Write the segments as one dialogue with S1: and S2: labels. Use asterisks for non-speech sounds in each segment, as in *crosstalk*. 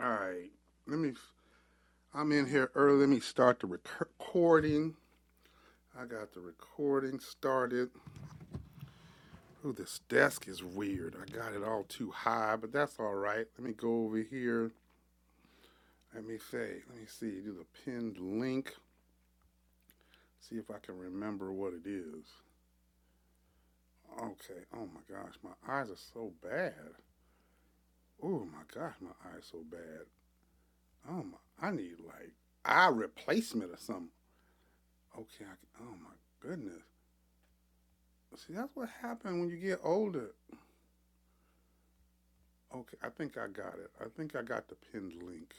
S1: All right. Let me. I'm in here early. Let me start the rec- recording. I got the recording started. Ooh, this desk is weird. I got it all too high, but that's all right. Let me go over here. Let me say. Let me see. Do the pinned link. See if I can remember what it is. Okay. Oh my gosh, my eyes are so bad. Oh my gosh, my eyes are so bad. Oh my. I need like eye replacement or something. Okay. I can, oh my goodness. See, that's what happened when you get older. Okay, I think I got it. I think I got the pinned link.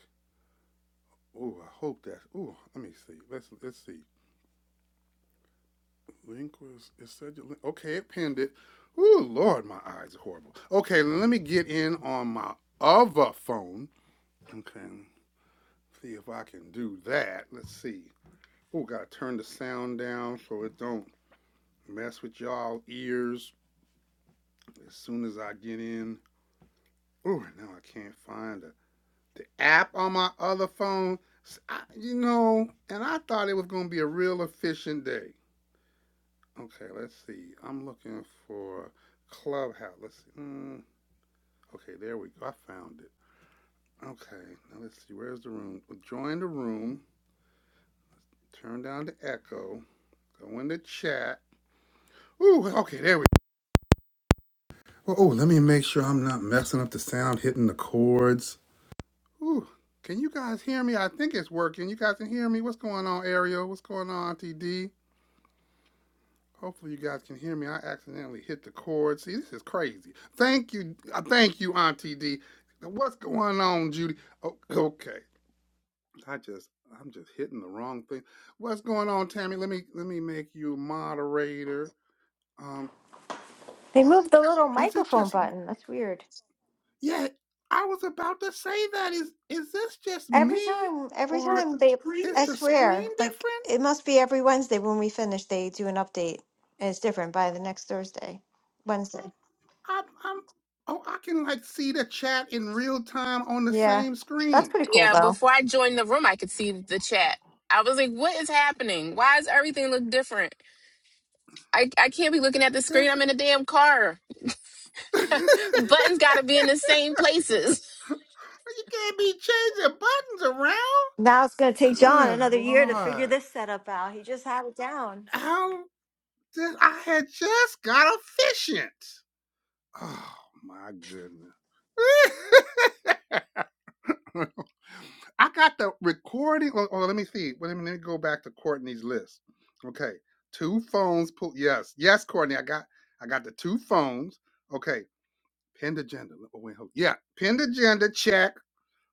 S1: Ooh, I hope that's. Ooh, let me see. Let's let's see. Link was it said you link. Okay, it pinned it. Ooh, Lord, my eyes are horrible. Okay, let me get in on my other phone. Okay, see if I can do that. Let's see. Ooh, gotta turn the sound down so it don't mess with y'all ears as soon as I get in. Ooh, now I can't find a the app on my other phone. S- I- you know, and I thought it was going to be a real efficient day. Okay, let's see. I'm looking for Clubhouse. Let's see. Mm, okay, there we go. I found it. Okay, now let's see. Where's the room? Well, Join the room. Turn down the echo. Go in the chat. Ooh, okay, there we go. Oh, let me make sure I'm not messing up the sound, hitting the chords. Ooh, can you guys hear me? I think it's working. You guys can hear me. What's going on, Ariel? What's going on, Auntie D? Hopefully you guys can hear me. I accidentally hit the cord. See, this is crazy. Thank you. uh, Thank you, Auntie D. What's going on, Judy? Oh, okay. I just I'm just hitting the wrong thing. What's going on, Tammy? Let me let me make you moderator. Um,
S2: They moved the little
S1: is it
S2: microphone
S1: just me?
S2: button. That's weird.
S1: Yeah, I was about to say that. Is is this just
S2: Every
S1: me?
S2: time, every
S1: Or
S2: time they,
S1: is
S2: That's
S1: the screen
S2: swear, like
S1: different?
S2: it must be every Wednesday when we finish, they do an update, and it's different by the next Thursday, Wednesday.
S1: I'm I'm oh I can like see the chat in real time on the
S2: Yeah,
S1: same
S2: that's
S1: screen
S2: pretty cool
S3: Yeah,
S2: though.
S3: before I joined the room, I could see the chat. I was like, what is happening? Why does everything look different? I, I can't be looking at the screen.
S1: This
S3: I'm in a damn car.
S1: *laughs* you
S3: Buttons got to be in the same places. *laughs*
S1: can't be changing buttons around.
S2: Now it's gonna take John
S1: Good
S2: another year to figure
S1: lord!
S2: this setup out. He just had it down.
S1: How did I had just got efficient? Oh my goodness! *laughs* I got the recording. Oh, oh, let me see. Wait a minute. Let me go back to Courtney's list. Okay, two phones. Pull. Yes, yes, Courtney. I got. I got the two phones. Okay, pinned agenda. Oh, wait, hold- Yeah, pinned agenda. Check.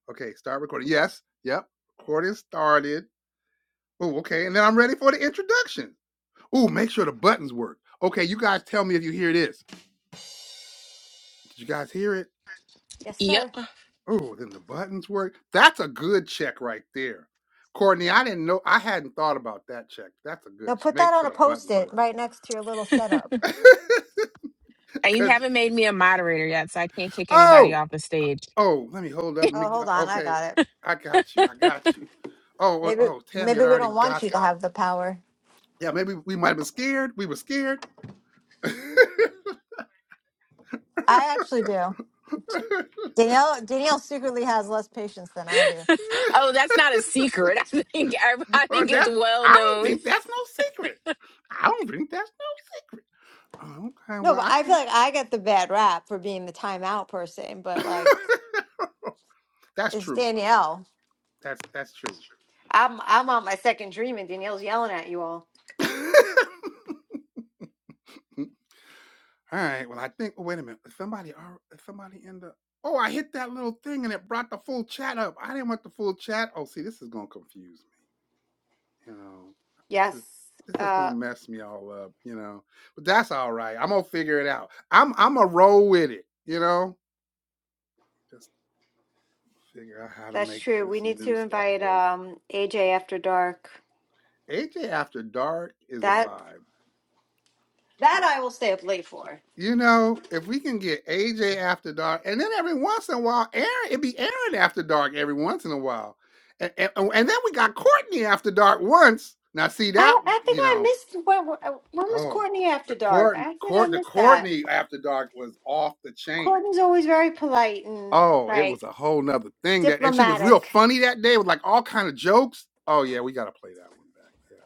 S1: Okay, start recording. Yes, yep, recording started. Oh, okay, and then I'm ready for the introduction. Oh, make sure the buttons work. Okay, you guys tell me if you hear this. Did you guys hear it?
S2: Yes,
S3: Yep.
S2: sir.
S1: Oh, then the buttons work. That's a good check right there. Courtney, I didn't know, I hadn't thought about that check. That's a
S2: Now
S1: good, ch-
S2: put that
S1: make
S2: on
S1: sure
S2: a
S1: the buttons
S2: post-it
S1: work.
S2: right next to your little setup.
S1: *laughs*
S3: And you
S1: Cause,
S3: haven't made me a moderator yet, so I can't kick anybody
S1: oh,
S3: off the stage.
S1: oh, let me hold up. Let me,
S2: Oh, hold on, I
S1: okay,
S2: got it.
S1: I got you, I got you. Oh, oh,
S2: Maybe,
S1: oh, Tammy
S2: maybe
S1: had
S2: we
S1: already
S2: don't want
S1: got
S2: you to
S1: there.
S2: have the power.
S1: Yeah, maybe we might have been scared. We were scared. *laughs*
S2: I actually do.
S1: *laughs*
S2: Danielle Danielle secretly has less patience than I do.
S3: Oh, that's not a secret. *laughs* I think every- I
S1: well,
S3: think it's
S1: that
S3: well
S1: I don't
S3: known.
S1: think that's no secret. I don't think that's no secret. Oh, Okay,
S2: No,
S1: well,
S2: but
S1: I
S2: I feel like
S1: think
S2: I get the bad rap for being the timeout person, but
S1: *laughs*
S2: like
S1: that's
S2: it's
S1: true.
S2: Danielle.
S1: That's that's true.
S2: I'm I'm on my second dream and Danielle's yelling at you all.
S1: *laughs* All right. Well, I think. oh, wait a minute. Somebody, al- somebody in the. Oh, I hit that little thing and it brought the full chat up. I didn't want the full chat. Oh, see, this is gonna confuse me. You know, this
S2: Yes.
S1: is this is gonna
S2: Uh
S1: mess me all up. You know, but that's all right. I'm gonna figure it out. I'm I'm a roll with it. You know, just figure out how to
S2: that's
S1: make
S2: true. We
S1: this
S2: need
S1: new
S2: to
S1: stuff
S2: invite
S1: work.
S2: um AJ after dark.
S1: AJ After Dark is a
S2: That
S1: vibe. Yeah.
S2: that I will stay up late for.
S1: You know, if we can get AJ After Dark, and then every once in a while, Aaron, it'd be Aaron After Dark every once in a while. And, and, and then we got Courtney After Dark once. Now, see,
S2: I,
S1: that,
S2: I think
S1: you
S2: I
S1: know,
S2: missed when when was
S1: oh,
S2: Courtney after
S1: the
S2: dark?
S1: court,
S2: I think I
S1: court, the
S2: missed that.
S1: Courtney After Dark was off the chain.
S2: Courtney's always very polite and
S1: Oh, it
S2: like
S1: was a whole nother thing that, and she was real
S2: diplomatic.
S1: funny that day with like all kind of jokes. Oh yeah, we gotta play that one back. yeah.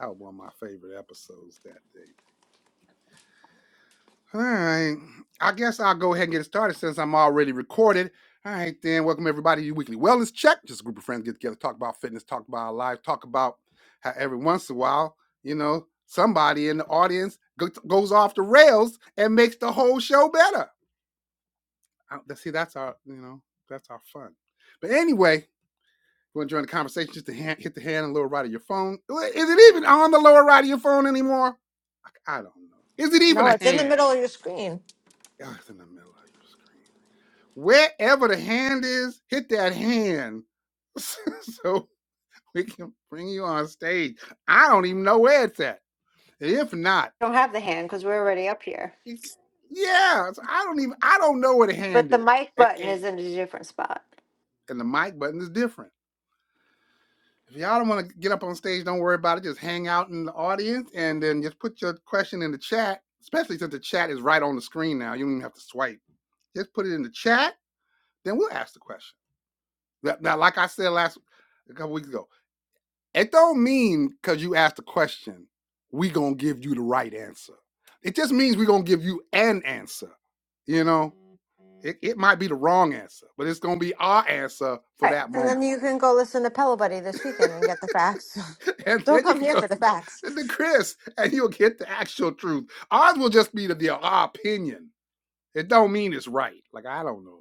S1: That was one of my favorite episodes that day. All right. I guess I'll go ahead and get started since I'm already recorded. All right, then. Welcome, everybody, to your weekly wellness check. Just a group of friends get together, talk about fitness, talk about our life, talk about how every once in a while, you know, somebody in the audience go- goes off the rails and makes the whole show better. Uh, See, that's our, you know, that's our fun. But anyway, want to join the conversation, just to hand, hit the hand on the lower right of your phone. Well, Is it even on the lower right of your phone anymore? I, don't know. Is it even
S2: No,
S1: a
S2: it's in the
S1: hand?
S2: middle of your screen.
S1: Oh, it's in the middle of your screen. Wherever the hand is, hit that hand *laughs* so we can bring you on stage. I don't even know where it's at. If not,
S2: don't have the hand because we're already up here.
S1: it, yeah, so I don't even I don't know where the
S2: But
S1: hand
S2: the
S1: is.
S2: mic
S1: It-
S2: button
S1: it-
S2: is in a different spot.
S1: and the mic button is different. If y'all don't want to get up on stage, don't worry about it. Just hang out in the audience and then just put your question in the chat, especially since the chat is right on the screen now. You don't even have to swipe. Just put it in the chat, then we'll ask the question. Now, like I said last a couple weeks ago, it don't mean because you asked a question, we gonna give you the right answer. It just means we gonna give you an answer. You know, it, it might be the wrong answer, but it's gonna be our answer for
S2: All right,
S1: that
S2: and then
S1: moment.
S2: you can go listen to Pillow Buddy this weekend and get the facts.
S1: *laughs* and
S2: *laughs* Don't
S1: then you
S2: come
S1: can
S2: here
S1: go
S2: for the facts.
S1: *laughs* to Chris, and you'll get the actual truth. Ours will just be the, the our opinion. It don't mean it's right. Like I don't know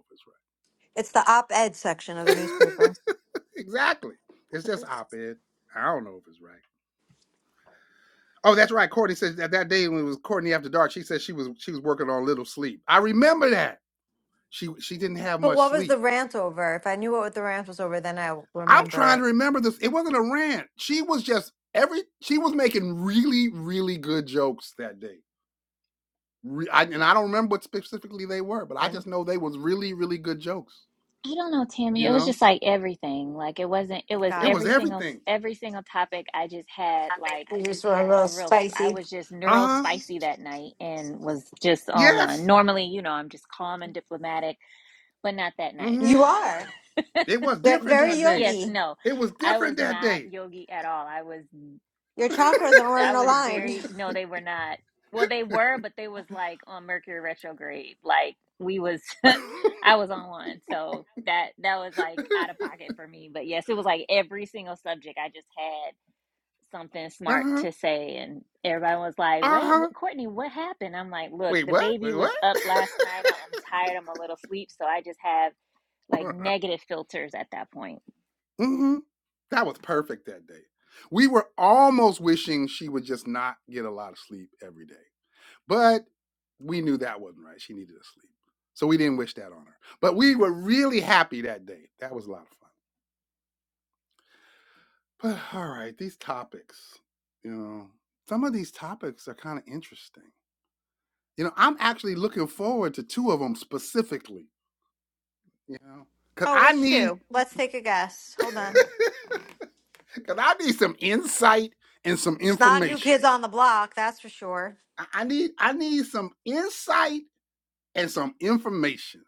S2: It's the op-ed section of
S1: if
S2: the
S1: it's right.
S2: newspaper.
S1: *laughs* exactly. It's just
S2: But
S1: op-ed. I don't know if it's right. Oh, that's right. Courtney said that that day when it was Courtney after dark, she said she was she was working on little sleep. I remember that. She she didn't have much
S2: what was the
S1: sleep.
S2: rant over? If I knew what the rant was over, then I
S1: I'm
S2: remember
S1: trying to
S2: it.
S1: remember this. It wasn't a rant. She was just every she was making really really good jokes that day Re- I, and I don't remember what specifically they were, but I
S2: Then
S1: just know they was really, really good jokes.
S4: I don't know, Tammy.
S1: You
S4: It was
S1: know,
S4: just like everything. Like it wasn't, it was
S1: it
S2: got
S1: was
S2: it.
S4: every single
S1: everything.
S4: every single topic I just had like
S2: You just were a little
S4: a real s- I
S2: spicy.
S4: was just neural
S1: Uh huh.
S4: spicy that night and was just on one.
S1: Yes.
S4: Normally, you know, I'm just calm and diplomatic, but not that night.
S1: Mm-hmm.
S2: You are
S4: *laughs*
S1: It was
S2: Ve-
S1: different
S2: very
S1: that day.
S4: Yes,
S2: yogi.
S4: no.
S1: It was
S4: I was
S1: different that
S4: not
S1: day.
S4: yogi at all. I was
S2: Your
S1: *laughs* uh
S2: chakras are
S4: I
S2: not
S4: was
S2: aligned.
S4: very no, they were not. Well, they were, but they was like on Mercury retrograde. Like we was, *laughs* I was on one, so that that was like out of pocket for me. But yes, it was like every single subject I just had something smart
S1: huh. Uh
S4: to say, and everybody was like, "Wait,
S1: huh.
S4: what, Courtney, what happened?" I'm like, "Look,
S1: Wait,
S4: the
S1: what?
S4: baby
S1: Wait,
S4: was
S1: what?
S4: up last night. I'm tired. I'm a little sleep, so I just have
S1: *laughs*
S4: like negative filters at that point."
S1: mm-hmm. That was perfect that day. We were almost wishing she would just not get a lot of sleep every day. But we knew that wasn't right. She needed to sleep. So we didn't wish that on her. But we were really happy that day. That was a lot of fun. But all right, these topics, you know, some of these topics are kind of interesting. You know, I'm actually looking forward to two of them specifically, you know, because
S2: Oh,
S1: I
S2: which
S1: need.
S2: two? Let's take a guess. Hold on.
S1: Cause *laughs* I need some insight and some
S2: It's not new kids
S1: information.
S2: on the block, that's for sure.
S1: I I need I need some insight and some information.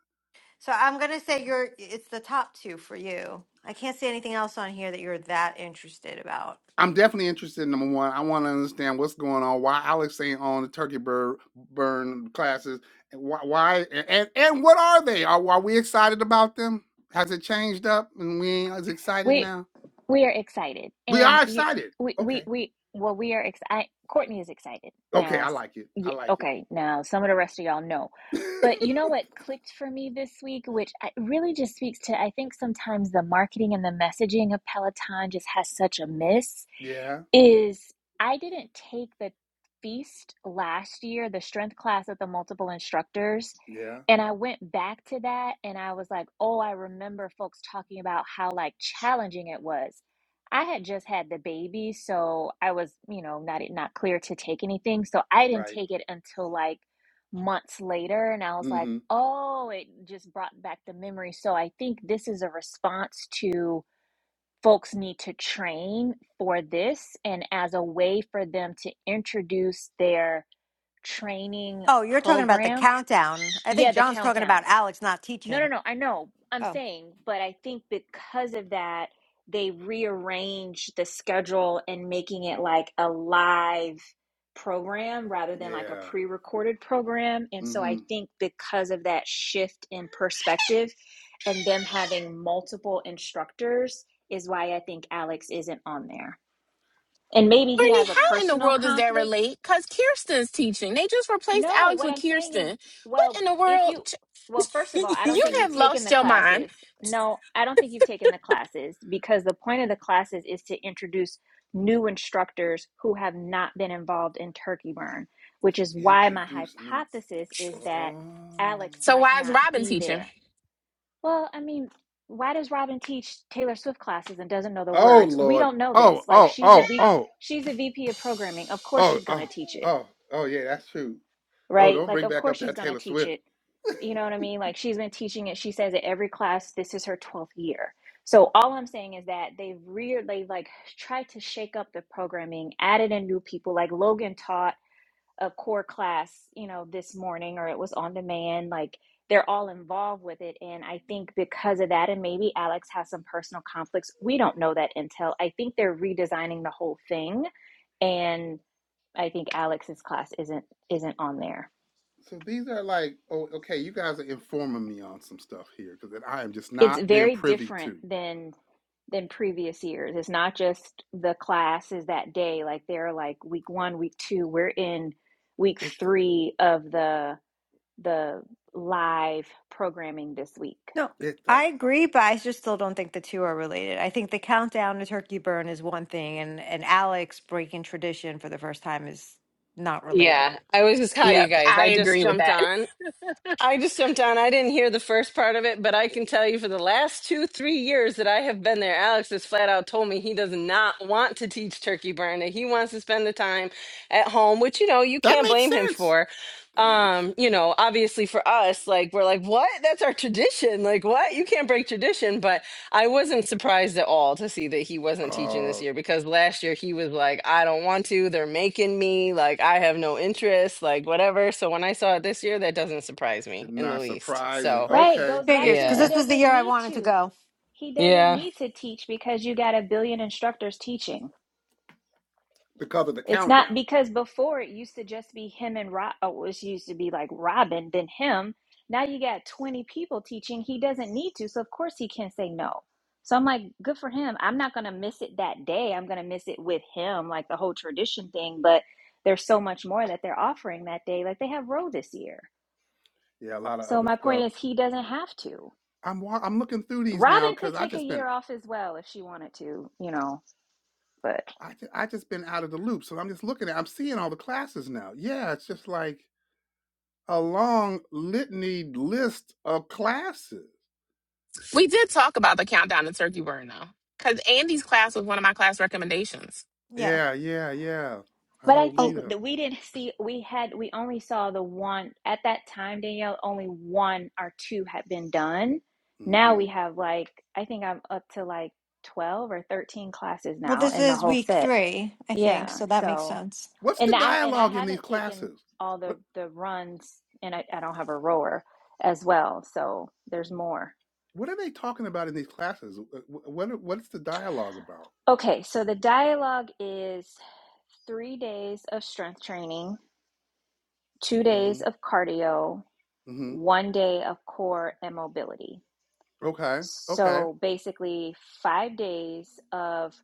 S2: So I'm gonna say you're. It's the top two for you. I can't see anything else on here that you're that interested about.
S1: I'm definitely interested in number one. I want to understand what's going on. Why Alex ain't on the turkey bird burn classes? And why? why and, and and what are they? Are, are we excited about them? Has it changed up and we ain't as excited
S4: Wait.
S1: now?
S4: We are excited,
S1: We
S4: and
S1: are
S4: you,
S1: excited.
S4: we, we,
S1: Okay.
S4: we. Well, we are excited. Courtney is excited
S1: Okay.
S4: now.
S1: I like it. I
S4: Yeah,
S1: like it.
S4: okay, now some of the rest of y'all know,
S1: *laughs*
S4: but you know what clicked for me this week, which I, really just speaks to I think sometimes the marketing and the messaging of Peloton just has such a miss
S1: yeah.
S4: is I didn't take the feast last year, the strength class at the multiple instructors.
S1: Yeah.
S4: And I went back to that and I was like, oh, I remember folks talking about how like challenging it was. I had just had the baby, so I was, you know, not e, not clear to take anything. So I didn't
S1: Right.
S4: take it until like months later and I was like,
S1: Mm-hmm.
S4: "Oh, it just brought back the memory." So I think this is a response to folks need to train for this and as a way for them to introduce their training
S2: Oh, you're talking about the
S4: program
S2: countdown. I
S4: yeah
S2: think
S4: the
S2: John's talking
S4: countdown
S2: about Alex not
S4: no, no,
S2: teaching.
S4: no. I know. I'm
S2: Oh
S4: saying, but I think because of that, they rearranged the schedule and making it like a live program rather than like a
S1: Yeah.
S4: pre-recorded program. And so I
S1: Mm-hmm.
S4: think because of that shift in perspective and them having multiple instructors is why I think Alex isn't on there. And maybe he
S3: Brittany,
S4: has a
S1: Um,
S3: how in the
S4: personal
S3: world does that
S4: conflict
S3: relate? Because Kirsten's teaching. They just replaced
S4: no,
S3: Alex
S4: what
S3: with
S4: I'm saying is,
S3: Kirsten. What
S4: well,
S3: in the
S4: if
S3: world?
S4: you, well, first of all,
S3: *laughs*
S4: I
S1: *laughs*
S4: don't
S3: You
S4: think you've
S3: have
S1: to
S4: taken
S3: lost
S4: the
S3: your mind.
S4: classes. No, I don't think you've taken the classes because the point of the classes is to introduce new instructors who have not been involved in turkey burn, which is why my
S1: introduce new.
S4: hypothesis is
S1: Oh.
S4: that Alex
S3: So
S4: might
S3: why is
S4: not
S3: Robin
S4: be
S3: teaching?
S4: there. Well, I mean, why does Robin teach Taylor Swift classes and doesn't know the
S1: Oh
S4: words? We
S1: Lord.
S4: don't know this.
S1: Oh.
S4: Like
S1: Oh.
S4: she's a
S1: Oh.
S4: V,
S1: Oh.
S4: she's a VP of programming. Of course
S1: Oh,
S4: she's going
S1: oh,
S4: to teach it
S1: oh, oh, yeah, that's true. Oh,
S4: right?
S1: don't
S4: Like,
S1: bring
S4: of
S1: back
S4: course
S1: up
S4: she's
S1: that
S4: going to
S1: Taylor
S4: teach
S1: Swift.
S4: it. You know
S1: *laughs*
S4: what I mean? Like, she's been teaching it. She says it every class. This is her 12th year. So, all I'm saying is that they've reared, they've like tried to shake up the programming, added in new people. Like, Logan taught a core class, you know, this morning or it was on demand. Like, they're all involved with it. And I think because of that, and maybe Alex has some personal conflicts, we don't know that intel. I think they're redesigning the whole thing. And I think Alex's class isn't isn't on there.
S1: so these are like, oh, okay, you guys are informing me on some stuff here because I am just
S4: it's
S1: not being
S4: very
S1: privy
S4: different
S1: to.
S4: than than previous years. It's not just the classes that day. Like they're like week one, week two. We're in week
S1: It's a,
S4: three of the the live programming this week.
S2: no,
S1: it's a,
S2: I agree, but I just still don't think the two are related. I think the countdown to turkey burn is one thing, and and Alex breaking tradition for the first time is not related.
S5: Yeah, I was just hi you
S3: Yep,
S5: guys.
S3: I
S5: I just
S3: agree with
S5: jumped
S3: that. *laughs*
S5: on. I just jumped on. I didn't hear the first part of it, but I can tell you for the last two, three years that I have been there, Alex has flat out told me he does not want to teach turkey burn, that he wants to spend the time at home, which you know, you
S1: that
S5: can't
S1: makes
S5: blame him
S1: sense.
S5: for.
S1: That makes
S5: Um,
S1: sense.
S5: you know, obviously for us, like we're like, what? That's our tradition. Like, what? You can't break tradition. But I wasn't surprised at all to see that he wasn't teaching
S1: Uh,
S5: this year because last year he was like, I don't want to. They're making me. Like, I have no interest, like, whatever. So when I saw it this year, that doesn't surprise me in the
S1: not
S5: least.
S1: surprising.
S5: So,
S4: Right.
S1: Okay,
S4: Goes back
S2: Figures,
S4: to
S2: because
S4: he
S5: yeah.
S2: this was the
S4: doesn't
S2: year I
S4: need
S2: wanted to
S4: to.
S2: go.
S4: He doesn't
S5: Yeah.
S4: need to teach because you got a billion instructors teaching.
S1: because of the
S4: It's not
S1: countdown.
S4: because before it used to just be him and Rob. Oh, it used to be like Robin, then him. Now you got 20 people teaching. He doesn't need to. So, of course, he can say no. So, I'm like, good for him. I'm not going to miss it that day. I'm going to miss it with him, like the whole tradition thing. But there's so much more that they're offering that day. Like they have row this year.
S1: Yeah, a lot of
S4: So,
S1: other
S4: my point
S1: stuff.
S4: is, he doesn't have to.
S1: I'm wa- I'm looking through these now
S4: Robin could
S1: because I
S4: take a
S1: just been
S4: year off as well if she wanted to, you know, but.
S1: I, ju- I just been out of the loop, so I'm just looking at I'm seeing all the classes now. Yeah, it's just like a long litany list of classes.
S3: We did talk about the countdown to turkey burn though, because Andy's class was one of my class recommendations.
S2: Yeah.
S1: Yeah, yeah, yeah. A
S4: But I
S1: whole
S4: think
S1: lead
S2: Oh,
S1: up.
S4: that we didn't see, we had, we only saw the one at that time, Danielle, only one or two had been done. Now
S1: hmm
S4: we have like, I think I'm up to like 12 or 13 classes
S2: well,
S4: now
S2: this
S4: in the
S2: is
S4: whole
S2: week
S4: set.
S2: three, I think,
S4: Yeah.
S2: so that makes
S4: So,
S2: sense.
S1: What's the
S4: and I, and I
S1: dialogue in these
S4: haven't taken
S1: classes?
S4: all the,
S1: What
S4: the runs and I, I don't have a rower as well. So there's more.
S1: What are they talking about in these classes? Wh- wh- What are- What's the dialogue about?
S4: Okay. So the dialogue is three days of strength training, two days
S1: hmm
S4: of cardio,
S1: hmm
S4: one day of core and mobility.
S1: Okay. Okay.
S4: So basically, five days of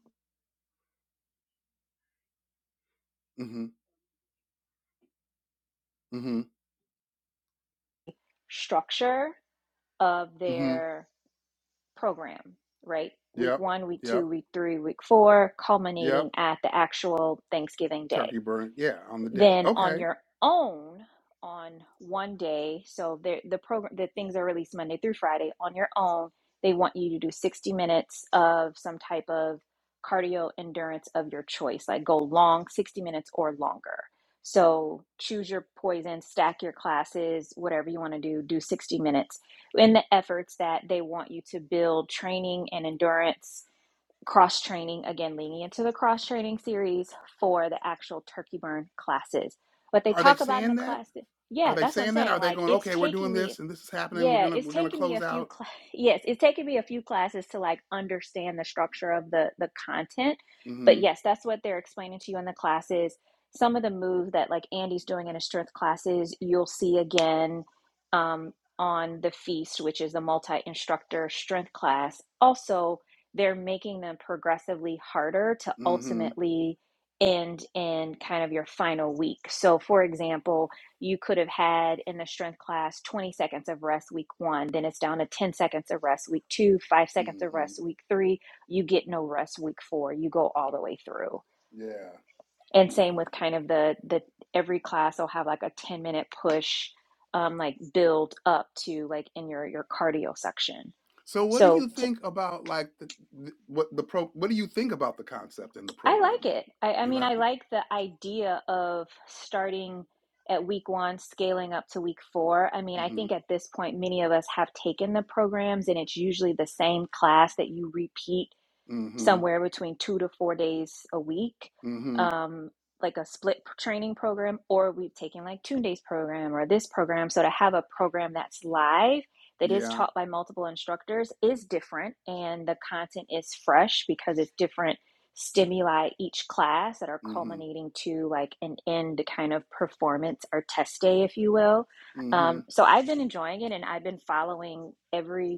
S1: hmm hmm
S4: structure of
S1: hmm
S4: their program, right? Week
S1: Yep.
S4: one, week two,
S1: Yep.
S4: week three, week four, culminating
S1: Yep.
S4: at the actual Thanksgiving day
S1: Turkey burn. Yeah, on the day.
S4: Then on
S1: Okay.
S4: your own on one day, so the the program the things are released Monday through Friday on your own, they want you to do 60 minutes of some type of cardio endurance of your choice, like go long 60 minutes or longer. So choose your poison, stack your classes, whatever you want to do, do 60 minutes in the efforts that they want you to build training and endurance cross training again leaning into the cross training series for the actual turkey burn classes what they
S1: Are they
S4: talk about in the
S1: saying that?
S4: class
S1: Are
S4: yeah
S1: they
S4: that's what i'm
S1: saying that?
S4: saying
S1: Are they
S4: like
S1: going?
S4: it's
S1: Okay, we're
S4: taking
S1: doing
S4: me
S1: this, and this is happening. We're
S4: yeah,
S1: gonna
S4: it's
S1: we're gonna
S4: taken me a
S1: close
S4: few
S1: out.
S4: cla- *laughs* yes, it's taken me a few classes to like understand the structure of the the content. But
S1: hmm
S4: yes, that's what they're explaining to you in the classes. Some of the moves that like Andy's doing in his strength classes, you'll see again um, on the feast, which is the multi-instructor strength class. Also, they're making them progressively harder to
S1: hmm
S4: ultimately end in kind of your final week. So, for example, you could have had in the strength class 20 seconds of rest week one, then it's down to 10 seconds of rest week two, five seconds of
S1: hmm
S4: rest week three. You get no rest week four. You go all the way through.
S1: Yeah.
S4: And same with kind of the the every class will have like a 10 minute push, um, like build up to like in your your cardio section.
S1: So what do
S4: So
S1: you
S4: t-
S1: think about like the, the what the pro what do you think about the concept and the
S4: I like
S1: programming?
S4: it. I, I
S1: You
S4: mean, I
S1: like it?
S4: like the idea of starting at week one, scaling up to week four. I mean, I think
S1: mm
S4: at this point, many of us have taken the programs, and it's usually the same class that you repeat
S1: Mhm.
S4: somewhere between two to four days a week,
S1: mm Mhm. mm Mhm.
S4: um, like a split p- training program, or we've taken like two days program or this program. So to have a program that's live that is
S1: Yeah.
S4: taught by multiple instructors is different, and the content is fresh because it's different stimuli each class that are
S1: mm Mhm.
S4: culminating to like an end kind of performance or test day, if you will.
S1: mm
S4: Um,
S1: Mhm.
S4: so I've been enjoying it, and I've been following every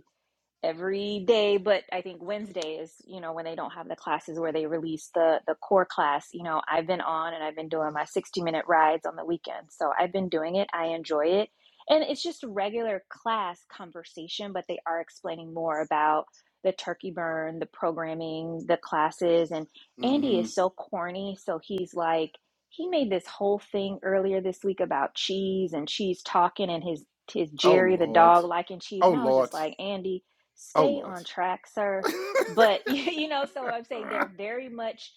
S4: every day but i think wednesday is you know when they don't have the classes where they release the the core class you know i've been on and i've been doing my 60 minute rides on the weekend so i've been doing it i enjoy it and it's just regular class conversation but they are explaining more about the turkey burn the programming the classes and
S1: mm
S4: andy is
S1: Mhm.
S4: so corny so he's like he made this whole thing earlier this week about cheese and cheese talking and his his
S1: Oh
S4: jerry the
S1: lord.
S4: dog liking cheese
S1: Oh
S4: and i was just
S1: lord.
S4: like andy
S1: Oh
S4: stay
S1: lord.
S4: on track, sir. But *laughs* you
S1: *laughs*
S4: know, so I'm saying they're very much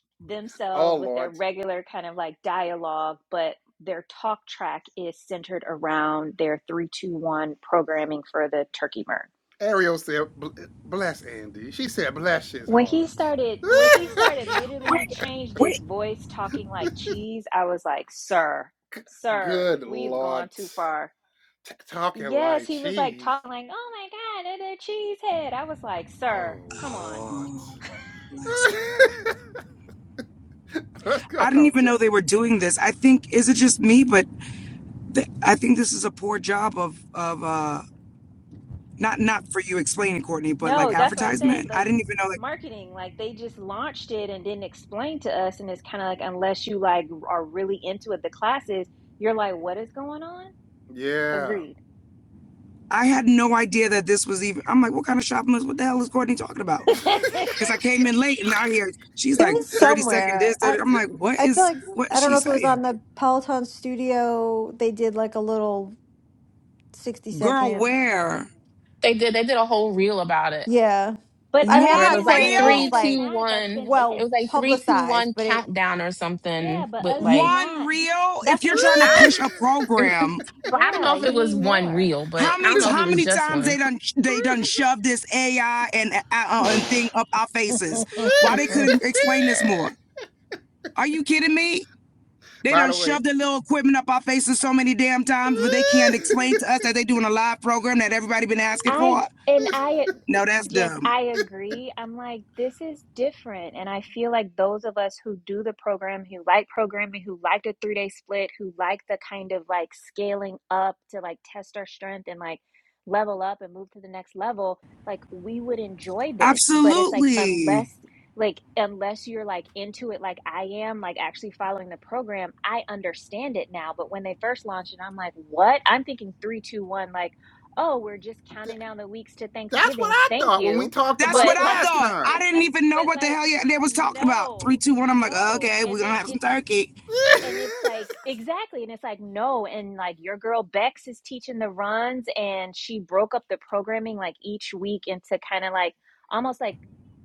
S1: oh
S4: themselves with their
S1: lord.
S4: regular kind of like dialogue, but their talk track is centered around their 321 programming for the turkey burn.
S1: Ariel said "Bl- eh, bless Andy. She said bless his
S4: When he
S1: heart.
S4: started, when he started,
S1: *laughs*
S4: literally he
S6: Wait,
S4: changed his
S6: wait.
S4: voice talking like cheese. I was like, sir,
S1: G-
S4: sir,
S1: Good
S4: we've gone
S1: lord.
S4: too far.
S1: T- talking
S4: Yes,
S1: like
S4: he was like
S1: cheese.
S4: talking like, oh my God, another cheesehead. I was like,
S1: Oh
S4: sir, come on
S6: Oh,
S1: lord.
S6: bless. it!
S1: *laughs* What's
S6: I
S1: going
S6: didn't
S1: on,
S6: even
S1: Jeff?
S6: know they were doing this. I think is it just me, but th- I think this is a poor job of of uh not not for you explaining Courtney, but like
S4: No, that's what I said.
S6: advertisement. I
S4: Like
S6: didn't even know like
S4: marketing, like they just launched it and didn't explain to us. And it's kind of like, unless you like are really into it, the classes, you're like, what is going on?
S1: Yeah. *laughs*
S4: Agreed.
S6: I had no idea that this was even. I'm like, what kind of shopping list? What the hell is Courtney talking about?
S4: *laughs*
S6: Because I came in late and I hear she's
S2: It
S6: like
S2: was
S6: 30 second
S2: somewhere.
S6: this.
S2: I
S6: 30. I'm like, what
S2: I feel
S6: is
S2: like
S6: what is
S2: I don't
S6: she
S2: know if it was
S6: saying?
S2: on the Peloton Studio. They did like a little sixty
S6: Girl,
S2: second.
S6: where
S3: They did they did a whole reel about it
S2: Yeah,
S4: But
S2: I mean,
S4: other
S2: I'm
S3: where it
S6: one
S4: than,
S3: was
S2: not
S3: like
S2: saying
S4: but
S2: it
S6: reel,
S4: other
S3: three,
S2: was
S4: than
S3: two,
S2: like
S4: that, that's
S3: one.
S4: been it.
S3: It
S2: well
S3: was like three, two,
S2: publicized,
S3: one
S2: but it
S3: countdown or
S4: Yeah,
S3: something
S4: but
S3: with
S4: other than
S3: like
S6: one
S4: that,
S6: reel.
S4: that's
S6: If
S4: what
S6: you're
S4: I'm
S6: trying to
S3: I
S4: saying.
S3: don't
S6: push a
S3: mm,
S6: program
S3: well, I don't
S4: Yeah,
S3: know if it
S4: you need
S3: was one
S4: more.
S3: reel, but
S6: How
S3: I
S6: many
S3: don't know if it
S6: how
S3: was
S6: many
S3: just
S6: times they
S3: one.
S6: done they done shoved this AI and uh,
S4: *laughs*
S6: uh, and thing up our faces? Why they couldn't explain this more? Are you kidding me? They
S1: By
S6: done
S1: the way,
S6: shoved their little equipment up our faces so many damn times, but they can't explain to us that they doing a live program that everybody been asking
S4: I
S6: for.
S4: d- and I
S6: No, that's
S4: Just,
S6: dumb.
S4: I agree. I'm like, this is different. And I feel like those of us who do the program, who like programming, who like the three day split, who like the kind of like scaling up to like test our strength and like level up and move to the next level, like we would enjoy this. But it's like, unless,
S6: Absolutely.
S4: like, unless you're like into it, like I am, like actually following the program, I understand it now. But when they first launched it, I'm like, what? I'm thinking three, two, one, like, oh, we're just counting down the weeks to
S1: *laughs* that's what
S4: Thanksgiving.
S1: I
S4: Thank
S1: thought when we
S4: you.
S1: talked
S6: That's
S1: about
S6: what
S1: it
S4: But
S6: I
S1: last
S4: like,
S6: thought.
S1: time.
S6: I didn't even
S4: *laughs*
S6: know
S4: but
S6: what the
S4: like,
S6: hell yeah- they was talking about. Three,
S4: no,
S6: two, one. I'm like,
S4: no.
S6: okay, we're
S4: And
S6: gonna
S4: then
S6: have some
S4: it's,
S6: turkey.
S4: and it's like, exactly. And it's like, no. And like, your girl Bex is teaching the runs and she broke up the programming like each week into kind of like almost like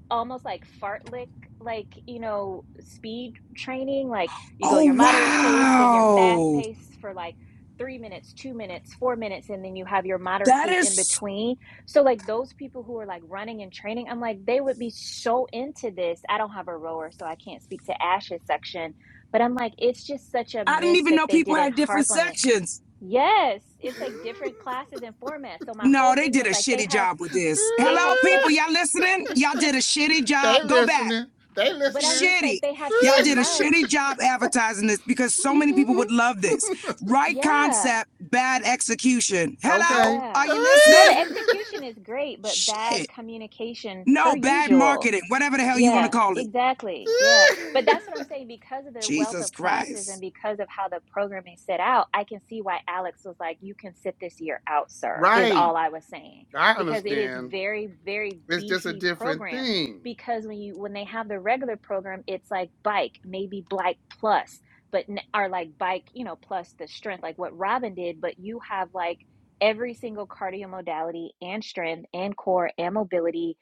S4: almost like fartlek like you know speed training like you go
S6: Oh
S4: your moderate pace then your fast
S6: wow,
S4: pace for like three minutes two minutes four minutes and then you have your moderate
S6: that
S4: pace in
S6: is
S4: between so like those people who are like running and training i'm like they would be so into this i don't have a rower so i can't speak to ash's section but i'm like it's just such a
S6: I didn't
S4: miss
S6: even
S4: that
S6: know
S4: they
S6: people
S4: didn't
S6: had different
S4: harp on it
S6: sections.
S4: yes it's like different classes and formats so my
S6: No,
S4: whole
S6: they
S4: thing
S6: did
S4: was
S6: a
S4: like they
S6: shitty
S4: have
S6: job with this.
S4: they
S6: Hello,
S4: have such
S6: people.
S1: *laughs*
S6: Y'all listening? Y'all did a shitty job.
S1: they
S6: Go back.
S1: listening. They
S4: but I'm
S1: listening.
S4: just
S6: Shitty.
S4: like they have
S6: Y'all
S4: so
S6: did a shitty
S4: much.
S6: job advertising this because so many people would love this. Right
S4: Yeah.
S6: concept, bad execution.
S1: *laughs*
S6: Hello?
S1: okay.
S6: Are
S4: Yeah.
S6: you
S4: No, the
S6: listening?
S4: execution is great, but bad
S6: Shit.
S4: communication per
S6: No, bad
S4: usual.
S6: marketing, whatever the hell you want to
S4: Yeah,
S6: call it.
S4: exactly. Yeah. But that's
S1: *laughs*
S4: what I'm saying. Because of the wealth
S6: Jesus
S4: of classes and
S6: Christ.
S4: because of how the programming set out, I can see why Alex was like, you can sit this year out, sir, is all
S1: Right.
S4: I was saying.
S1: I
S4: Because it is
S1: understand.
S4: very, very
S1: It's just a
S4: beefy
S1: different
S4: program.
S1: thing.
S4: Because when you when they have the regular program, it's like bike, maybe bike plus, but n- or like bike, you know, plus the strength, like what Robin did, but you have like every single cardio modality and strength and core and mobility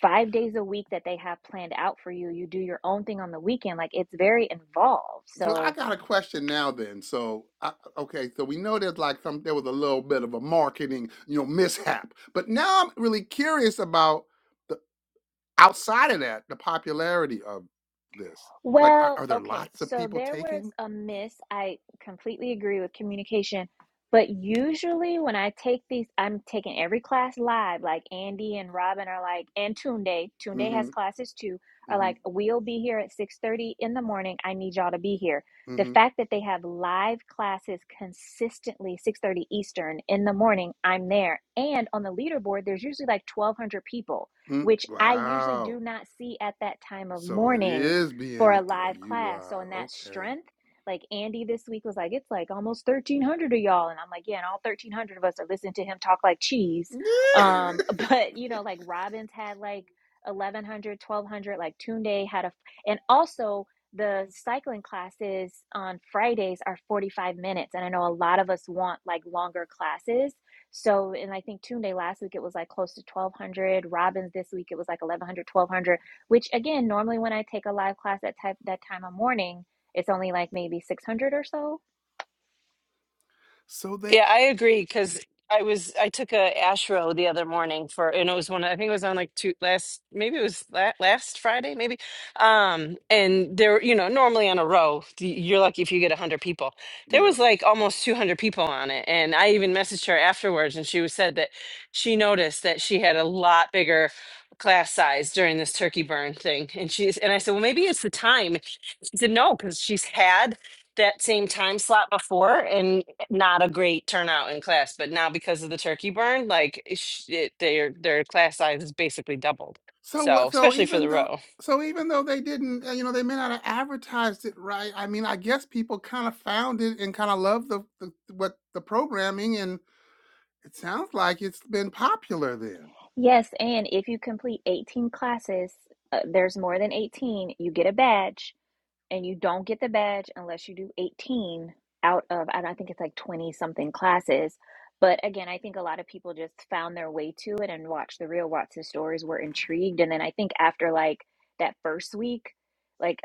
S4: five days a week that they have planned out for you. You do your own thing on the weekend. Like it's very involved.
S1: So I
S4: So
S1: got a question now then. So I, okay, so we know there's like some there was a little bit of a marketing, you know, mishap. But now I'm really curious about the outside of that, the popularity of this. Like are,
S4: Well,
S1: are there
S4: okay.
S1: lots of
S4: So
S1: people
S4: there was
S1: taking?
S4: a miss. I completely agree with communication, but usually when I take these, I'm taking every class live. Like Andy and Robin are like, and Tunde, Tunde
S1: hmm
S4: has classes too, are
S1: hmm
S4: like, we'll be here at 6:30 in the morning. I need y'all to be here. The
S1: hmm
S4: fact that they have live classes consistently 6:30 Eastern in the morning, I'm there. And on the leaderboard, there's usually like 1,200 people,
S1: mm
S4: which I usually do
S1: Wow.
S4: not see at that time of
S1: So it
S4: morning
S1: is
S4: for a
S1: being oh,
S4: live class. So
S1: utilized.
S4: in that
S1: Okay.
S4: strength, like Andy this week was like, it's like almost thirteen hundred of y'all, and I'm like, yeah, and all thirteen hundred of us are listening to him talk like cheese. Um, *laughs* but
S1: *laughs*
S4: you know, like Robbins had like 1100, 1200. like Tunde had a and also the cycling classes on Fridays are 45 minutes and I know a lot of us want like longer classes so and I think Tunde last week it was like close to 1200 Robbins this week it was like 1100, 1200 which again, normally when I take a live class at type, that time of morning, it's only like maybe 600 or so.
S1: so they
S5: Yeah, I agree because I was I took a Ashro the other morning for and it was one I think it was on like two last maybe it was la last Friday maybe um and there you know normally on a row th- you're lucky if you get 100 people there
S1: yeah.
S5: was like almost 200 people on it and I even messaged her afterwards and she was said that she noticed that she had a lot bigger class size during this turkey burn thing and she's and I said well maybe it's the time she said no because she's had that same time slot before and not a great turnout in class, but now because of the turkey burn, like it, sh- it, their their class size is basically doubled.
S1: So
S5: So
S1: what? So
S5: especially for
S1: even
S5: the
S1: though,
S5: row,
S1: so even though they didn't, uh, you know, they may not have advertised it right. I mean, I guess people kind of found it and kind of loved the, the what the programming, and it sounds like it's been popular then.
S4: Yes, and if you complete 18 classes, uh, there's more than 18, you get a badge, and you don't get the badge unless you do 18 out of, I don't I think it's like 20 something classes. But again, I think a lot of people just found their way to it and watched the real Watson stories, were intrigued. And then I think after like that first week, like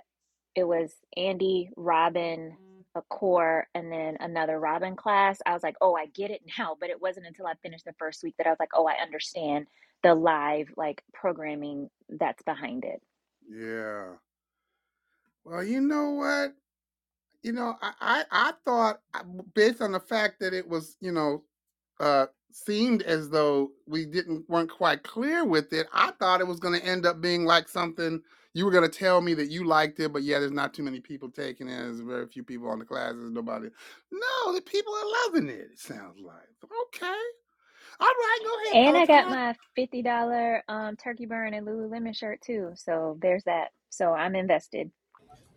S4: it was Andy, Robin, a core, and then another Robin class. I was like, oh, I get it *laughs* now. But it wasn't until I finished the first week that I was like, oh, I understand the live like programming that's behind it.
S1: Yeah. Well, you know what? You know, I I, I thought uh, based on the fact that it was, you know, uh, seemed as though we didn't weren't quite clear with it. I thought it was going to end up being like something you were going to tell me that you liked it, but yeah, there's not too many people taking it. There's very few people on the classes. Nobody. No, the people are loving it. It sounds like okay. All right, go
S4: And
S1: ahead,
S4: I got my $50 um, turkey burn and Lululemon shirt too. So there's that. So I'm invested.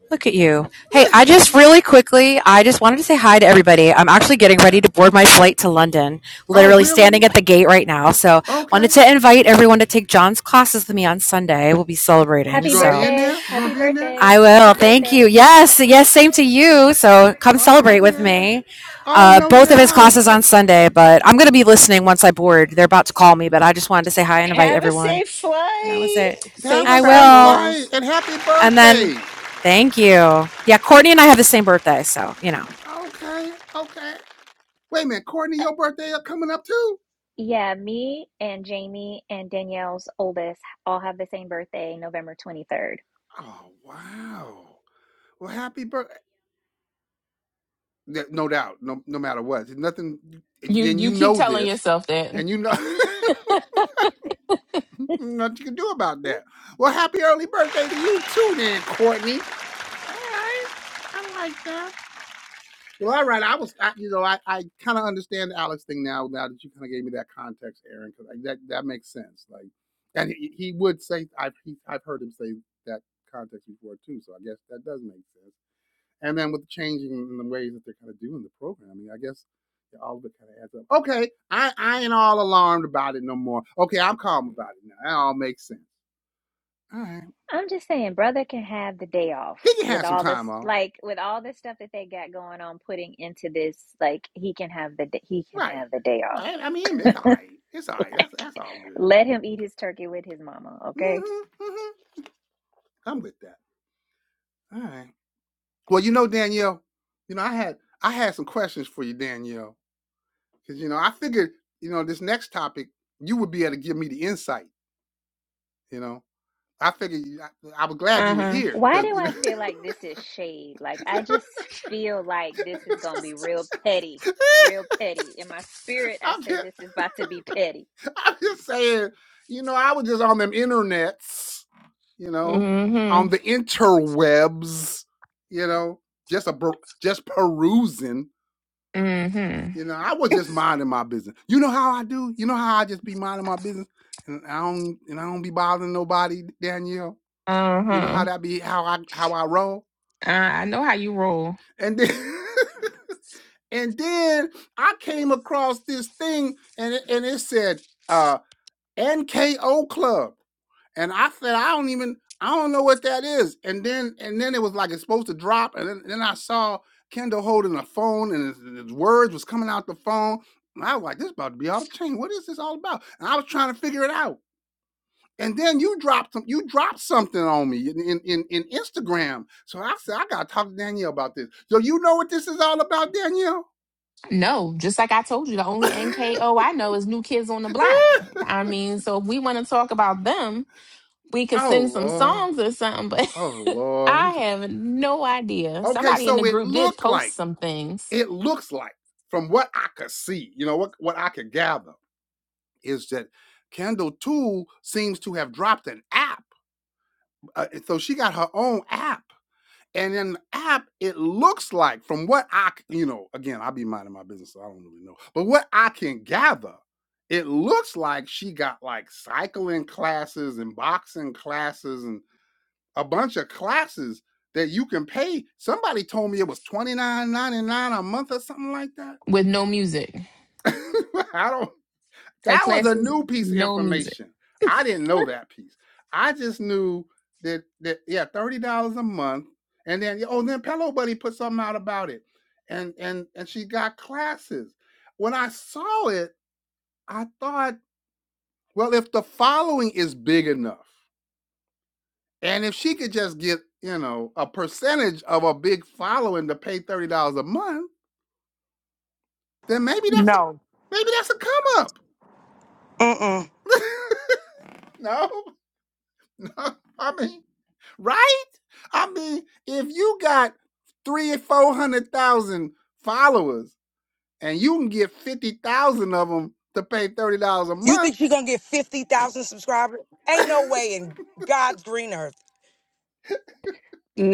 S7: Look at you. Hey, I just
S1: Peloton.
S7: really quickly, I just wanted to say hi to everybody. I'm actually getting
S1: *laughs*
S7: ready
S1: yeah.
S7: to board my flight to London,
S1: Oh,
S7: literally
S1: really?
S7: standing at the gate right now. So,
S1: Okay.
S7: wanted to invite everyone to take John's classes with me on Sunday. We'll be celebrating.
S1: You
S4: Happy
S1: gonna be
S7: So,
S1: in
S4: birthday.
S1: there? You gonna
S4: Happy
S1: be in there?
S4: birthday.
S7: I will.
S4: Happy
S7: Thank you.
S4: birthday.
S7: Yes, yes, same to you. So, come
S1: Oh
S7: celebrate with
S1: yeah.
S7: me.
S1: Oh
S7: Uh,
S1: no
S7: both of his
S1: doubt.
S7: classes on Sunday, but I'm going to be listening once I board. They're about to call me, but I just wanted to say hi and invite
S5: have a
S7: everyone.
S5: safe
S7: And that was it.
S5: flight.
S1: Have
S3: Safe
S1: a
S7: I
S1: safe
S7: will.
S1: flight
S3: travels.
S1: and happy
S7: And then,
S1: birthday.
S7: thank you. Yeah, Courtney and I have the same birthday, so you know.
S1: Okay, okay. Wait a minute, Courtney,
S4: Uh,
S1: your birthday are coming up too?
S4: Yeah, me and Jamie and Danielle's oldest all have the same birthday, November 23rd.
S1: Oh wow! Well, happy birthday! No doubt, no no matter what, there's nothing. And
S3: You
S1: then you
S3: you keep
S1: know
S3: telling
S1: this,
S3: yourself that.
S1: and you know *laughs* nothing you can do about that. Well, happy early birthday to you too, then, Courtney. All right, I like that. Well, all right. I was, I, you know, I, I kind of understand the Alex thing now. Now that you kind of gave me that context, Aaron, because that that makes sense. Like, and he, he would say, I've he, I've heard him say that context before too. So I guess that does make sense. And then with the changing in the ways that they're kind of doing the programming, I guess yeah, all of it kind of adds up. Okay, I I ain't all alarmed about it no more. Okay, I'm calm about it now. That all makes sense. All right,
S4: I'm just saying, brother can have the day off
S1: he can
S4: with
S1: have some
S4: all this,
S1: time off.
S4: like with all this stuff that they got going on, putting into this. Like he can have the he can
S1: Right,
S4: have the day
S1: right.
S4: off.
S1: I mean, it's all right. It's all right. That's that's all
S4: *laughs*
S1: good.
S4: Let him eat his turkey with his mama, okay?
S1: Mm-hmm. mm hmm I'm with that. All right. Well, you know, Danielle, you know, I had I had some questions for you, Danielle, because you know, I figured, you know, this next topic, you would be able to give me the insight. You know, I figured you- I, I was glad
S3: Uh
S1: you were
S3: huh.
S1: here
S4: Why
S1: because
S4: do
S1: you
S4: I
S1: know,
S4: feel like
S1: *laughs*
S4: this is shade? Like I just feel like this is gonna be real petty, real petty. In my spirit, I
S1: I'm
S4: say
S1: just
S4: this is about to be petty.
S1: I'm just saying, you know, I was just on them internets, you know, on
S3: Mm
S1: the interwebs, you know, just a per- just perusing
S3: hmm. Mm hmm.
S1: You know, I was just minding my business. You know how I do? You know how I just be minding my business and I don't and I don't be bothering nobody, Danielle.
S3: Uh
S1: You know
S3: huh.
S1: how that be how I how I roll?
S3: Uh, I know how you roll.
S1: And then *laughs* and then I came across this thing and it, and it said uh NKO Club. And I said, I don't even, I don't know what that is. And then, and then it was like it's supposed to drop. And then, then I saw Kendall holding a phone, and his, his words was coming out the phone. And I was like, this is about to be all the chain. What is this all about? And I was trying to figure it out. And then you dropped some, you dropped something on me in, in, in, in Instagram. So I said, I gotta talk to Danielle about this. So you know what this is all about, Danielle?
S3: No, just like I told you, the
S1: *laughs*
S3: only NKO I know is New Kids on the Block. I mean, so if we want to talk about them, we could
S1: oh
S3: sing some
S1: Lord.
S3: songs or something, but
S1: Oh
S3: *laughs*
S1: Lord.
S3: I have no idea.
S1: Okay,
S3: Somebody in the
S1: so it
S3: group did
S1: looked like.
S3: post some things
S1: It looks like, from what I could see, you know, what, what I could gather is that Kendall Tool seems to have dropped an app. Uh, so she got her own app. And in the app, it looks like, from what I, you know, again, I be minding my business, so I don't really know. But what I can gather, it looks like she got like cycling classes and boxing classes and a bunch of classes that you can pay. Somebody told me it was twenty nine ninety nine a month or something like that.
S3: with no music.
S1: *laughs* I don't.
S3: Her
S1: That was a
S3: classes,
S1: new piece of
S3: no music. *laughs*
S1: information. I didn't know that piece. I just knew that that yeah, thirty dollars a month, and then oh, then Pillow Buddy put something out about it, and and and she got classes. When I saw it, I thought, well, if the following is big enough, and if she could just get you know a percentage of a big following to pay thirty dollars a month, then maybe that's a maybe that's a come up. *laughs* no. *laughs* I mean, right? I mean, if you got three or four hundred thousand followers and you can get fifty thousand of them to pay thirty dollars a
S6: You
S1: month.
S6: think she's gonna get fifty thousand subscribers?
S1: *laughs*
S6: Ain't in God's green earth.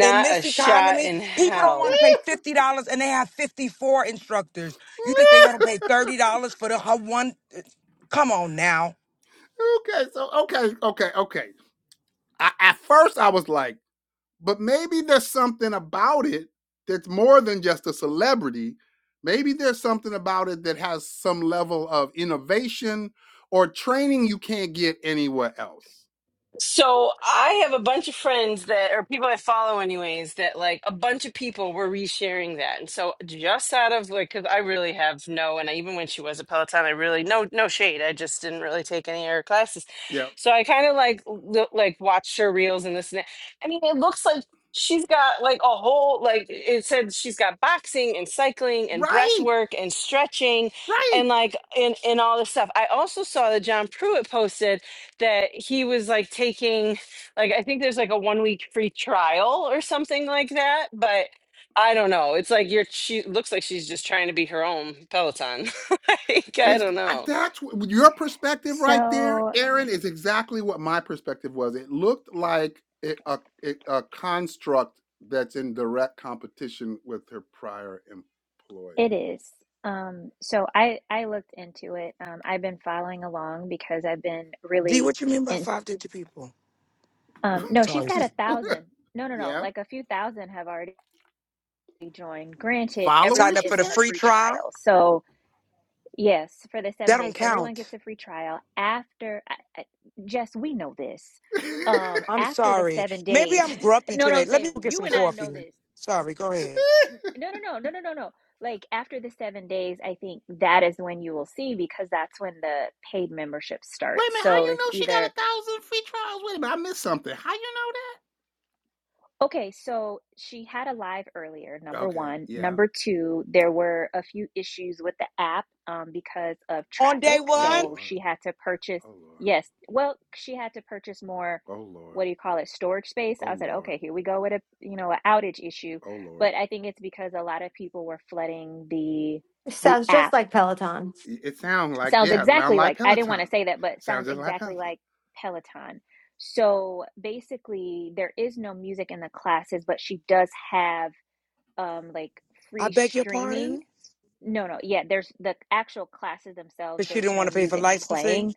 S6: in
S5: a
S6: this
S5: shot
S6: economy,
S5: in
S6: people don't want
S5: hell.
S6: to pay
S1: okay,
S6: fifty dollars, and they have fifty-four instructors. You think they're gonna pay thirty dollars for the her one? uh, Come on now.
S1: so okay, okay, okay. I, at first, I was like, but maybe there's something about it that's more than just a celebrity. Maybe there's something about it that has some level of innovation or training you can't get anywhere else.
S5: So I have a bunch of friends that or people I follow anyways that like a bunch of people were resharing that. And so just out of like cuz I really have no and I, even when she was at Peloton I really no no shade. I just didn't really take any of her classes.
S1: Yeah.
S5: So I kind of like look, like watched her reels and this and that. I mean it looks like she's got like a whole like it said she's got boxing and cycling and breath
S1: Right,
S5: work and stretching
S1: right.
S5: and like and and all this stuff. I also saw that John Pruitt posted that he was like taking like I think there's like a one week free trial or something like that, but I don't know. It's like you're she looks like she's just trying to be her own Peloton. *laughs* like I
S1: It's
S5: don't know.
S1: that's what- your perspective right there,
S4: So
S1: Aaron, is exactly what my perspective was. It looked like it, a it, a construct that's in direct competition with her prior
S4: it
S1: employer.
S4: is. Um, so I I looked into it. Um, I've been following along because I've been
S6: D,
S4: really
S6: what you mean by
S4: in.
S6: five digit people?
S1: *laughs*
S4: Um, no, she's
S6: Sorry.
S4: got a thousand. No, no, no.
S1: yeah,
S4: Like a few thousand have already joined. Granted,
S6: Sign
S4: everyone
S1: followers.
S6: up
S1: You
S6: for
S4: is
S6: the
S4: in
S1: said.
S4: a
S6: free
S4: free
S6: trial?
S4: trial, so. Yes, for the
S6: That
S4: seven
S6: don't
S4: days, everyone
S6: count.
S4: gets a free trial. After, I, I, Jess, we know this.
S1: *laughs*
S4: Um,
S1: Wait
S6: I'm
S4: after the
S6: sorry.
S4: seven
S6: Maybe I'm
S4: days, *laughs*
S6: grumpy
S4: no, no,
S6: today.
S4: I'm
S6: Let me
S4: saying
S6: go get
S4: you
S6: some
S4: and I
S6: coffee.
S4: know this.
S6: Sorry, go ahead.
S4: N- No, no, no, no, no, no, no. Like after the seven days, I think that is when you will see because that's when the paid membership
S1: a
S4: starts.
S1: minute. How
S4: So
S1: you
S4: it's
S1: know she
S4: either
S1: got a thousand free trials? Wait a minute. I missed something. How you
S4: Okay, so she had a live earlier,
S1: know that?
S4: number
S1: Okay.
S4: one.
S1: Yeah.
S4: Number two, there were a few issues with the app um, because of
S6: On day
S4: traffic.
S1: Oh
S6: one,
S4: So
S1: Lord.
S4: she had to purchase,
S1: Oh Lord.
S4: yes, well, she had to purchase more,
S1: Oh Lord.
S4: what do you call it, storage space.
S1: Oh Lord. Oh
S4: I said,
S1: Lord.
S4: okay, here we go with a, you know, an outage issue.
S1: Oh Lord.
S4: But I think it's because a lot of people were flooding the
S2: It
S4: the
S2: sounds just
S4: app
S2: like Peloton.
S1: It sounds like
S4: sounds
S1: yeah, sound
S4: exactly
S1: like
S4: like I didn't want to
S1: Peloton.
S4: say that, but sounds
S1: Sounds just like
S4: exactly
S1: Peloton.
S4: like Peloton. So basically, there is no music in the classes, but she does have um like
S6: I
S4: free
S6: beg your pardon.
S4: streaming. No, no, yeah, there's the actual classes themselves,
S6: But she
S4: there's
S6: didn't want
S4: no
S6: to pay for
S4: music
S6: licensing.
S4: playing.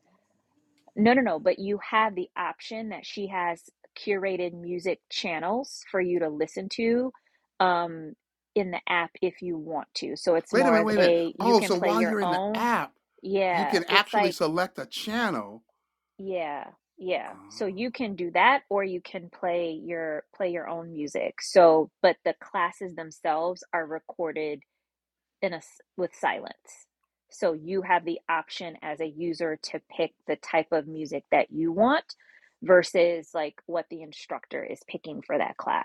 S4: No, no, no, but you have the option that she has curated music channels for you to listen to um in the app if you want to. So it's
S1: Wait a
S4: more
S1: minute,
S4: of
S1: wait a minute.
S4: a you
S1: Oh,
S4: can
S1: so
S4: play
S1: while
S4: your
S1: you're in the
S4: own
S1: app, you
S4: yeah,
S1: can
S4: it's
S1: actually
S4: like
S1: select a channel.
S4: yeah, yeah. So you
S1: Oh,
S4: can do that or you can play your play your own music. So, but the classes themselves are recorded in a s- with silence. So you have the option as a user to pick the type of music that you want versus like what the instructor is picking for that class.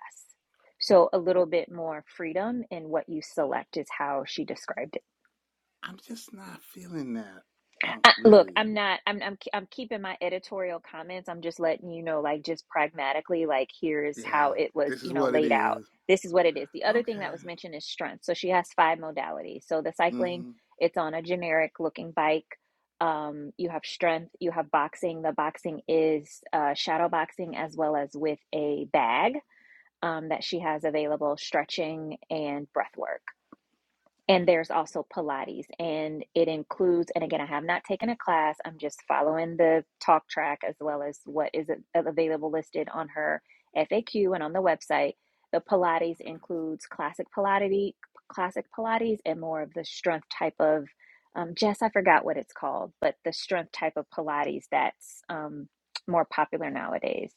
S4: So a little bit more freedom in what you select is how she described it.
S1: I'm just not feeling that. Oh,
S4: I, look,
S1: really?
S4: I'm not. I'm. I'm. I'm keeping my editorial comments. I'm just letting you know, like, just pragmatically, like, here's
S1: Yeah,
S4: how it was,
S1: this is
S4: you know,
S1: what it
S4: laid out.
S1: is.
S4: This is what it is. The other thing that
S1: Okay.
S4: was mentioned is strength. So she has five modalities. So the cycling,
S1: hmm
S4: it's on a generic looking bike. Um, you have strength. You have boxing. The boxing is uh, shadow boxing as well as with a bag um, that she has available, stretching and breath work. And there's also Pilates, and it includes, and again, I have not taken a class. I'm just following the talk track as well as what is available listed on her FAQ and on the website. The Pilates includes classic Pilates, classic Pilates, and more of the strength type of, um, Jess, I forgot what it's called, but the strength type of Pilates that's um, more popular nowadays.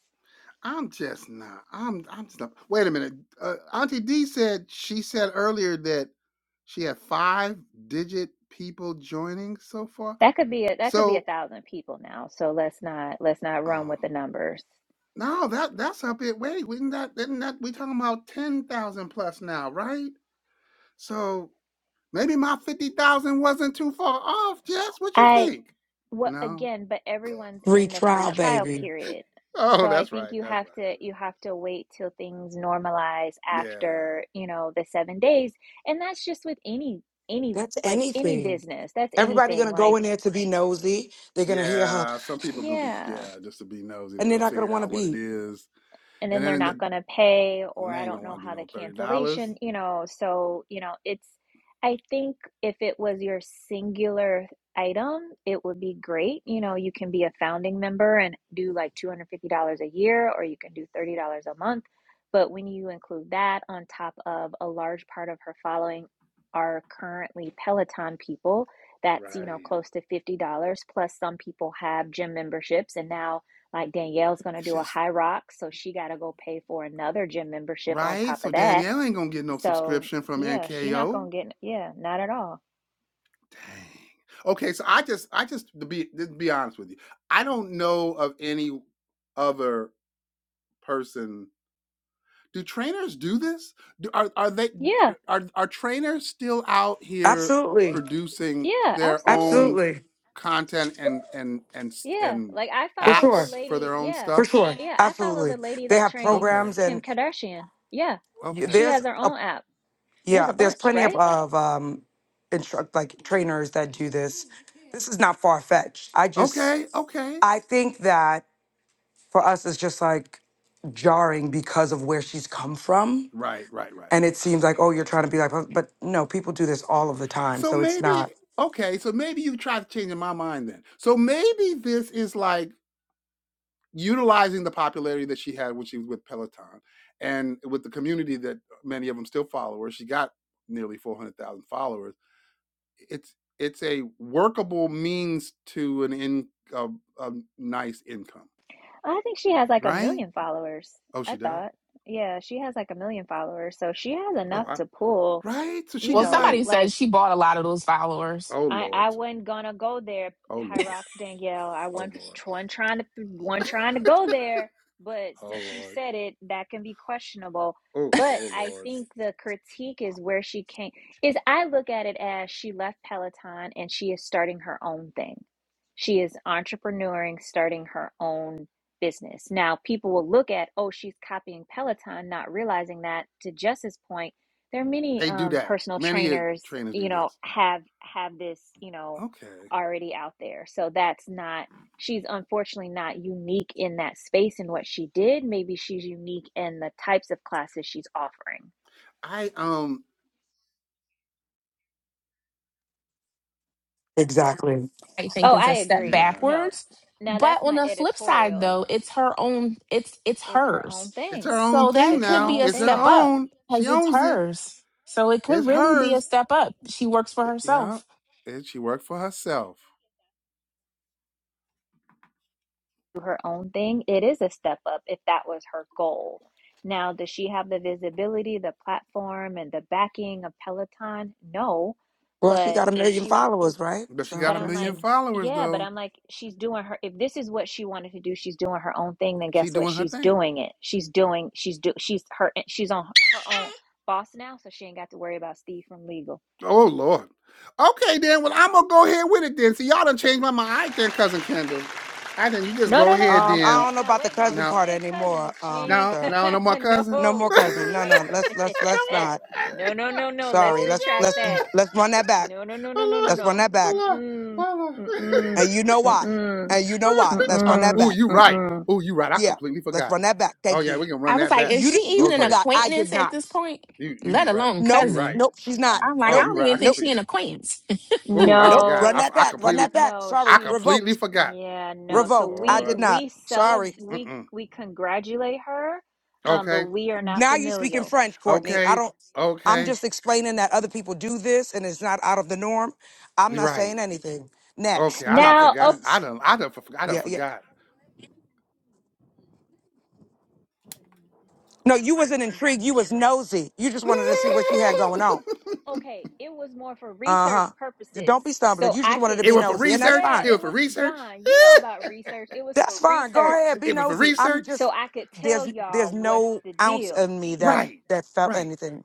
S1: I'm just not. I'm. I'm just not. Wait a minute. Uh, Auntie D said she said earlier that she had five digit people joining so far.
S4: That could be a, that could be a
S1: So,
S4: thousand people now. So let's not let's not run
S1: oh
S4: with the numbers.
S1: No, that that's a bit. Wait, we not isn't that we talking about ten thousand plus now, right? So maybe my fifty thousand wasn't too far off, Jess. What you
S4: I.
S1: think?
S4: Well,
S1: No. *laughs*
S4: again, but everyone's
S6: Free
S4: in the free
S6: trial,
S4: trial
S6: baby.
S4: period.
S1: Oh,
S4: So I
S1: that's
S4: think
S1: right.
S4: you
S1: That's
S4: have to you
S1: right.
S4: have to wait till things normalize
S1: that's right. Yeah.
S4: after, you know, the seven days. And that's just with any any
S6: That's
S4: like any
S6: anything.
S4: business. That's
S6: Everybody
S4: anything.
S6: gonna go in
S4: Like,
S6: there to be nosy. They're gonna hear her,
S1: Yeah. Some people gonna be
S4: yeah.
S1: yeah, just to be nosy, they
S6: and they're
S1: will
S6: not gonna
S1: figure
S6: want to
S1: out what it
S6: be.
S1: is,
S4: and
S1: and
S4: then they're
S1: then
S4: not
S1: the,
S4: going to pay
S1: then
S4: or
S1: they
S4: I
S1: ain't
S4: don't
S1: gonna
S4: know
S1: want to do
S4: how the
S1: no thirty dollars.
S4: cancellation, you know, so, you know, it's I think if it was your singular item, it would be great. You know, you can be a founding member and do like $250 a year or you can do $30 a month, but when you include that on top of a large part of her following are currently Peloton people, that's, you know,
S1: Right.
S4: close to $50 plus some people have gym memberships and now like Danielle's going to
S1: It's
S4: do a
S1: just
S4: high rock, so she got to go pay for another gym membership on
S1: right.
S4: top
S1: So
S4: of that.
S1: Danielle ain't gonna get no
S4: So,
S1: subscription from
S4: yeah, she not
S1: NKO.
S4: going to get, yeah, not at all.
S1: Dang. Okay, so I just I just to be to be honest with you, I don't know of any other person. Do trainers do this? Do, are are they
S4: Yeah,
S1: are are trainers still out here
S6: Absolutely,
S1: producing
S4: yeah,
S1: their
S4: absolutely.
S1: own
S6: absolutely,
S1: content and and and s-
S4: Yeah,
S1: and
S4: like I
S6: for
S4: follow the
S6: sure,
S1: apps for
S4: lady,
S1: their own
S4: yeah,
S6: for
S1: stuff?
S6: sure,
S4: yeah, I follow
S6: absolutely.
S4: the lady
S6: They
S4: that
S6: have
S4: trains
S1: Okay.
S6: programs,
S4: Kim
S6: and
S4: Kardashian. Yeah,
S6: y-
S4: she
S1: Okay.
S6: there's
S4: has her
S6: a
S4: own app. And there's
S6: yeah,
S4: a
S6: there's
S4: bunch,
S6: plenty of
S4: right?
S6: of um instruct like trainers that do this. This is not far fetched. I just
S1: Okay. Okay.
S6: I think that for us it's just like jarring because of where she's come from
S1: Right, right, right,
S6: and
S1: right.
S6: it seems like oh you're trying to be like but no people do this all of the time
S1: So
S6: so it's
S1: maybe
S6: not
S1: okay, so maybe you tried to change my mind then. So maybe this is like utilizing the popularity that she had when she was with Peloton and with the community that many of them still follow her, she got nearly 400,000 followers. It's it's a workable means to an in a, a nice income,
S4: I think she has like a
S1: right?
S4: million followers.
S1: Oh,
S4: I
S1: she does.
S4: thought. Yeah, she has like a million followers. So she has
S1: Oh,
S4: enough
S1: I,
S4: to pull,
S1: right. So
S4: you
S1: she
S3: Well,
S1: can like,
S4: know,
S3: somebody said
S4: like
S3: she bought a lot of those followers.
S1: oh
S4: I
S1: lord,
S4: I wasn't gonna go there,
S1: oh lord,
S4: Hyrox Danielle. I
S1: oh
S4: wasn't
S1: lord,
S4: one trying to one
S1: *laughs*
S4: trying to go there, but
S1: oh
S4: since you
S1: lord,
S4: said it, that can be questionable.
S1: oh
S4: But
S1: oh
S4: I
S1: lord.
S4: think the critique is where she came is I look at it as she left Peloton and she is starting her own thing. She is entrepreneuring, starting her own business. Now people will look at, oh, she's copying Peloton, not realizing that to Jess's point there are many
S1: They do
S4: um,
S1: that.
S4: personal
S1: Many of
S4: trainers
S1: trainers
S4: you
S1: do
S4: know
S1: this.
S4: have have this you know
S1: Okay.
S4: already out there so that's not she's unfortunately not unique in that space in what she did maybe she's unique in the types of classes she's offering
S1: I um
S6: exactly
S3: I think
S4: oh
S3: is
S4: i
S3: a step
S4: agree
S1: yeah
S4: no
S3: backwards.
S4: now
S3: But
S4: that's
S3: on
S4: my
S3: the flip side
S4: editorial
S1: yeah
S3: though, it's her own it's it's
S4: it's her
S3: hers.
S4: own
S1: It's
S4: thing
S1: her own
S3: So
S1: thing
S3: that
S4: it's her
S3: could
S1: now.
S3: be
S4: own
S3: a
S1: It's her
S3: step
S4: thing
S3: up
S1: own. She
S3: because it's
S1: owns it.
S3: hers. So it could
S1: It's
S3: really be a
S1: hers.
S3: step up. She works for
S1: Yeah.
S3: herself.
S1: And she worked for herself.
S4: her own thing, it is a step up if that was her goal. Now, does she have the visibility, the platform, and the backing of Peloton? No.
S6: well she
S4: But
S6: got a
S4: if
S6: million
S4: she,
S6: followers right
S1: But she
S6: so
S1: got
S4: but
S1: a
S4: I'm
S6: that's
S4: like,
S1: million
S6: um
S1: followers
S4: yeah, but
S1: though.
S4: I'm like, she's doing her, if this is what she wanted to do, she's doing her own thing, then
S1: She
S4: guess what?
S1: doing her
S4: She's
S1: thing.
S4: doing it. She's doing, she's do, she's her, she's on her own *laughs* boss now, so she ain't got to worry about Steve from legal.
S1: Oh Lord. Okay then. Well, I'm gonna go ahead with it then. See, y'all done changed my mind. I then, cousin Kendall. I think you just
S4: No,
S1: go
S4: no, no,
S1: ahead
S4: no, no, no.
S6: i
S1: then.
S6: don't
S4: Wait
S6: know
S4: now,
S6: about the
S4: wait now.
S6: cousin
S4: She
S1: No,
S6: part
S4: ain't
S6: anymore
S4: cousins. She
S6: um
S4: ain't.
S1: no,
S4: cou-
S6: sir
S1: no, no
S4: *laughs*
S1: more
S4: no,
S1: cousin.
S6: no
S1: *laughs*
S6: more
S1: no
S6: cousin
S4: no.
S6: no no
S4: Wait a
S6: let's let's let's
S1: more
S4: minute.
S6: not
S4: *laughs* no,
S1: cousin. *laughs*
S4: no, no, no.
S1: No
S4: Let's
S6: sorry let's
S4: retract
S6: let's
S4: that.
S1: more cousin.
S6: let's run that back
S4: No, no, no, no, no,
S1: Oh
S4: no,
S1: Lord.
S6: let's run that
S4: no.
S1: Oh
S6: back
S1: Lord.
S4: Mm-mm.
S1: Oh Lord. *laughs*
S4: Mm-mm.
S6: and you know why
S4: Mm-mm.
S6: and you know why let's
S1: *laughs* oh,
S6: run that
S4: Mm-mm.
S1: ooh,
S6: back
S1: you right.
S4: Mm-mm.
S1: Oh, you right. I
S6: yeah
S1: completely
S6: let's
S1: forgot.
S6: run that back
S1: Oh
S6: thank
S1: yeah,
S6: you
S1: we can run
S3: I was
S1: that
S3: like,
S1: back.
S3: is
S6: you
S3: she
S6: di- you
S3: even an
S1: Okay,
S6: forgot i did
S3: acquaintance at
S6: not
S3: this point?
S1: you you,
S3: Let
S1: you right.
S3: alone
S6: nope
S1: You right.
S3: cousin.
S6: nope she's not
S1: Yeah.
S3: I'm like,
S1: Oh,
S3: I
S6: nope
S1: you
S3: don't
S1: right.
S3: even
S1: I
S3: think
S6: nope
S3: she
S1: completely.
S3: an acquaintance. *laughs*
S1: Oh, I
S6: nope
S1: forgot.
S6: run
S1: I, f-
S6: that
S4: No,
S1: I
S6: back run
S1: completely.
S6: that back
S4: no.
S1: I
S6: sorry
S4: She's.
S1: completely
S6: revoked
S1: forgot.
S4: Yeah, no.
S1: Oh
S4: So
S6: Revoked. I
S4: we
S6: did
S1: Lord.
S6: not.
S4: we celebrate.
S6: Sorry.
S4: We
S1: Mm-mm.
S4: we congratulate her, um, but
S1: Okay.
S4: we are not
S6: Now you speak in
S4: familial.
S6: French, Courtney. I
S1: Okay.
S6: don't. I'm
S1: Okay.
S6: just explaining that other people do this and it's not out of the norm. I'm
S1: You
S6: not
S1: Right.
S6: saying anything.
S1: Okay.
S6: Next
S1: I done
S6: topic,
S4: Now,
S1: forgot. I
S6: please.
S1: done. I done. For, I done
S6: Yeah, yeah.
S1: forgot.
S6: No, you wasn't intrigued. You was nosy. You
S1: *laughs*
S6: just wanted to see what she had going on.
S4: okay, it was more for
S6: Uh
S4: research
S6: huh.
S4: purposes.
S6: Don't be stumbling.
S4: So
S6: You
S4: I
S6: just wanted to
S4: could,
S1: it
S6: be
S1: was for
S6: nosy, and that's
S1: research.
S4: yeah,
S6: fine.
S1: It
S4: it
S1: was for
S4: was
S1: research.
S4: John, you know about research. It was
S6: That's
S4: for
S6: fine. Go
S4: research.
S6: ahead,
S1: *laughs*
S6: be
S1: it was for
S6: nosy. I'm
S1: research.
S4: So
S6: just
S4: I could tell
S6: there's there's
S4: y'all what's
S6: no
S4: the
S6: ounce
S4: deal.
S6: in me that
S1: Right.
S6: that felt
S1: Right.
S6: anything.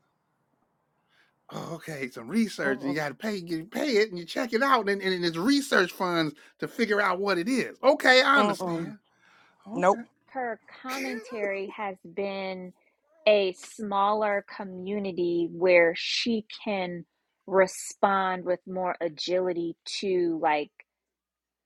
S1: Oh, okay, some research, and
S6: Mm-mm.
S1: you got to pay, you pay it, and you check it out, and, and it's research funds to figure out what it is. Okay, I
S6: Mm-mm.
S1: understand.
S6: Nope.
S1: Okay,
S4: Her
S1: *laughs*
S4: commentary has been a smaller community where she can respond with more agility to like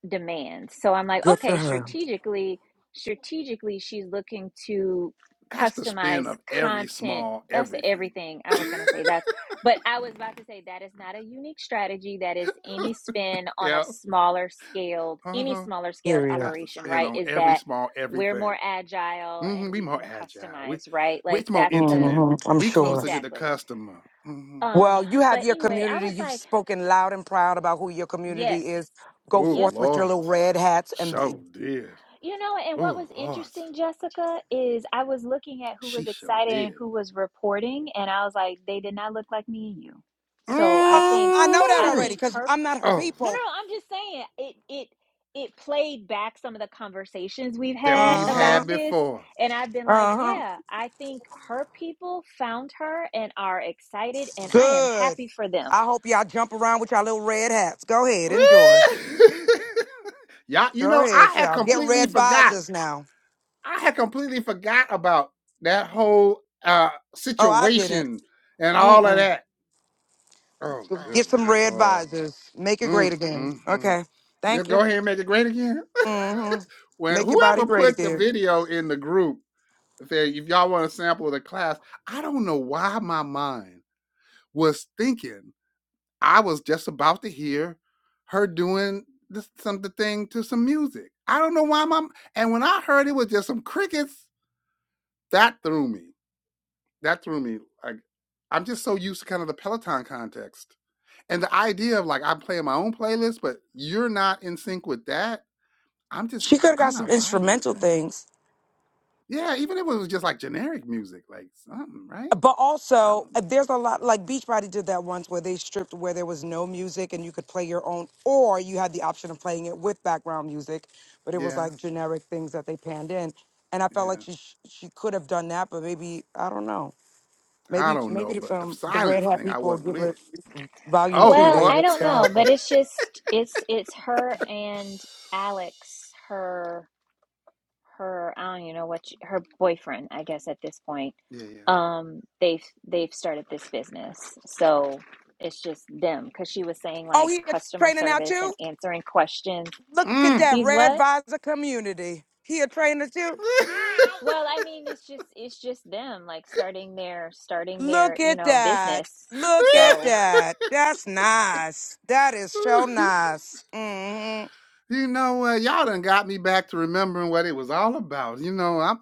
S4: demands. So I'm like,
S6: Good for
S4: okay,
S6: her.
S4: strategically, strategically, she's looking to
S1: that's the
S4: customize
S1: spin of every
S4: content.
S1: small
S4: That's
S1: everything.
S4: everything I
S1: *laughs*
S4: was going to say. That's, but I was about to say that is not a unique strategy. That is any spin on a
S1: yeah,
S4: smaller scaled,
S1: uh
S4: any
S1: huh.
S4: smaller scaled
S6: Period.
S1: That's the
S4: operation,
S1: spin
S4: right?
S1: on
S4: Is
S1: every
S4: that
S1: small
S4: we're
S1: everything.
S4: more agile
S1: hmm
S4: and
S1: we
S4: we
S1: more
S4: can
S1: agile. We,
S4: customize, right?
S1: we
S4: Like
S1: it's more
S4: that's the,
S1: intimate.
S6: hmm I'm
S1: We
S6: sure.
S1: closer to the
S4: exactly.
S1: customer. hmm
S4: Um,
S6: Well, you have
S4: but
S6: your
S4: anyway, I
S6: community.
S4: was
S6: You've
S4: like,
S6: spoken loud and proud about who your
S4: yes,
S6: community is. Go
S1: Oh
S4: Yep.
S6: forth with your
S1: Lord,
S6: little red hats and be.
S1: so did.
S4: You know, and what
S1: Oh
S4: was
S1: Lord,
S4: interesting, Jessica, is I was looking at who
S1: she
S4: was
S1: so
S4: excited and
S1: did.
S4: who was reporting, and I was like, they did not look like me and you. So I
S6: Uh,
S4: think,
S6: I know that
S4: I
S1: Mm.
S6: already
S4: think
S6: because
S4: her.
S6: I'm not her
S1: Oh
S4: No, no,
S6: people.
S4: no. I'm just saying it. It it played back some of the conversations we've
S1: that
S4: had
S6: Uh
S1: we've
S6: huh.
S4: about
S1: had
S4: this,
S1: before.
S4: and I've been like,
S6: Uh huh.
S4: yeah, I think her people found her and are excited, and I am
S6: Good.
S4: happy for them.
S6: I hope y'all jump around with y'all little red hats. Go ahead. Enjoy.
S1: *laughs* Y'all, you
S6: Go
S1: know,
S6: ahead,
S1: I had
S6: y'all. Get
S1: completely
S6: red
S1: forgot.
S6: visors now.
S1: I had completely forgot about that whole uh
S6: Oh, I didn't.
S1: situation and all of
S6: Mm-mm.
S1: that. Oh, good
S6: Get some red
S1: lord.
S6: visors. Make it great
S1: Mm,
S6: again.
S1: mm, mm.
S6: Okay. Thank
S1: Just go
S6: you.
S1: ahead and make it great again.
S6: Mm
S1: *laughs*
S6: hmm.
S1: when
S6: Make your body
S1: whoever
S6: great
S1: put the
S6: again.
S1: video in the group said, if y'all want to sample the class, I don't know why my mind was thinking I was just about to hear her doing this, some the thing to some music. I don't know why my and when I heard it was just some crickets, that threw me. That threw me. Like I'm just so used to kind of the Peloton context and the idea of like I'm playing my own playlist, but you're not in sync with that. I'm just
S6: She could have
S1: i I'm
S6: got some
S1: not vibing with
S6: instrumental
S1: that.
S6: things.
S1: Yeah, even if it was just like generic music, like something, right?
S6: But
S1: I
S6: also,
S1: don't
S6: uh,
S1: know.
S6: there's a lot like Beachbody did that once where they stripped where there was no music and you could play your own, or you had the option of playing it with background music, but it was
S1: Yeah,
S6: like generic things that they panned in. And I felt like
S1: yeah.
S6: she sh- she could have done that, but maybe I don't know.
S1: I
S6: Maybe
S1: don't know,
S6: maybe the,
S1: but the
S6: um, the red
S1: silence
S6: hat
S1: thing I
S6: people will
S1: wasn't
S6: give
S1: with.
S6: it volume
S1: Oh
S6: two.
S4: Well,
S6: They
S1: Lord.
S4: I don't
S6: they'll
S4: know,
S6: help her.
S4: but it's just it's it's her and Alex, her her I don't even know what she, her boyfriend I guess at this point
S1: *laughs* yeah, yeah.
S4: um they've they've started this business so it's just them because she was saying
S6: Oh,
S4: like
S6: he a
S4: customer
S6: trainer now
S4: service
S6: too.
S4: and answering questions
S6: Look at
S1: Mm.
S6: that
S4: he's
S6: red
S4: what
S6: visor community. He a trainer too.
S4: Hi. well I mean it's just it's just them like starting their starting their
S6: Look
S4: you
S6: at
S4: know
S6: that.
S4: business
S6: Look at
S4: so
S6: that. That's nice. That is so
S1: *laughs*
S6: nice. Mm-hmm.
S1: you know what? Y'all done got me back to remembering what it was all about. You know, I'm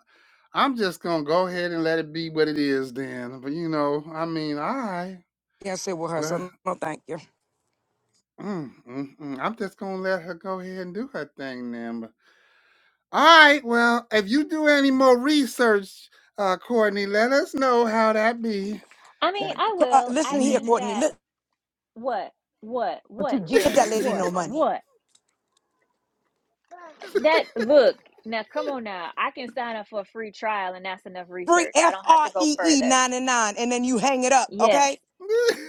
S1: I'm just gonna go ahead and let it be what it is then. But you know, I mean, all right.
S6: Can't sit with her,
S1: Well,
S6: so no thank you.
S1: mm, mm, mm. I'm just gonna let her go ahead and do her thing then. But, all right. Well, if you do any more research, uh, Courtney, let us know how that be.
S4: I mean
S1: And-
S6: Court,
S4: I
S6: uh,
S4: will I
S6: listen here,
S4: think
S1: mhm.
S6: Courtney.
S4: that
S6: Look,
S4: what what
S6: don't
S4: what
S6: you give
S4: Jess
S6: that lady no
S4: what
S6: money.
S4: what That look now, come on now. I can sign up for a free trial, and that's enough
S6: Free
S4: research. I
S6: F
S4: don't have
S6: R
S4: to go
S6: E E
S4: further.
S6: 99 and then you hang it up,
S4: Yes,
S6: okay?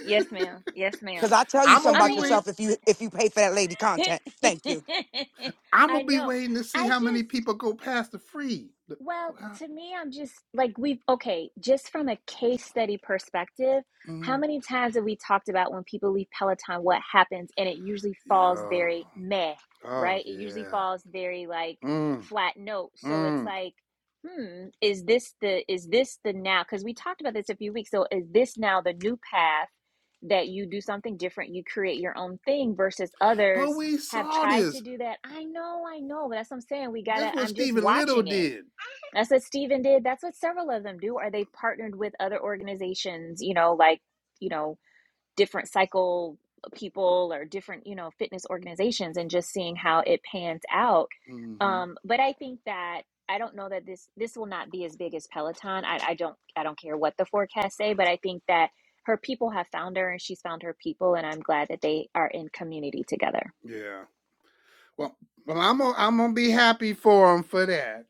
S4: yes, ma'am. Yes,
S6: Cause
S4: ma'am.
S6: I'll tell you
S1: I'm
S6: something
S1: gonna
S4: I
S1: be
S6: about
S1: waiting.
S4: mean,
S6: yourself if you if you pay for that lady content. Thank you.
S4: *laughs*
S1: I'm
S4: I
S1: gonna be
S4: know.
S1: waiting to see
S4: I
S1: how many
S4: just
S1: people go past the free. The-
S4: Well,
S1: well,
S4: to me, I'm just like, we've, okay, just from a case study perspective, how
S1: mm,
S4: many times have we talked about when people leave Peloton, what happens? And it usually falls
S1: Yo,
S4: very meh,
S1: oh
S4: right? It usually
S1: yeah,
S4: falls very like
S1: mm,
S4: flat note. So it's
S1: mm.
S4: like, hmm, is this the, is this the now? Because we talked about this a few weeks. So is this now the new path that you do something different? You create your own thing versus
S1: But
S4: others
S1: we
S4: have
S1: saw
S4: tried to
S1: this.
S4: do that. I know, I know, but that's what I'm saying. We gotta,
S1: That's what
S4: I'm just
S1: Stephen Little
S4: watching it
S1: did.
S4: that's what Stephen did. That's what several of them do. Are they partnered with other organizations, you know, like, you know, different cycle people or different, you know, fitness organizations and just seeing how it pans out.
S1: hmm
S4: Um, but I think that I don't know that this this will not be as big as Peloton. I, I don't I don't care what the forecasts say, but I think that her people have found her and she's found her people and I'm glad that they are in community together.
S1: Yeah. Well, well, I'm gonna I'm gonna be happy for him for that.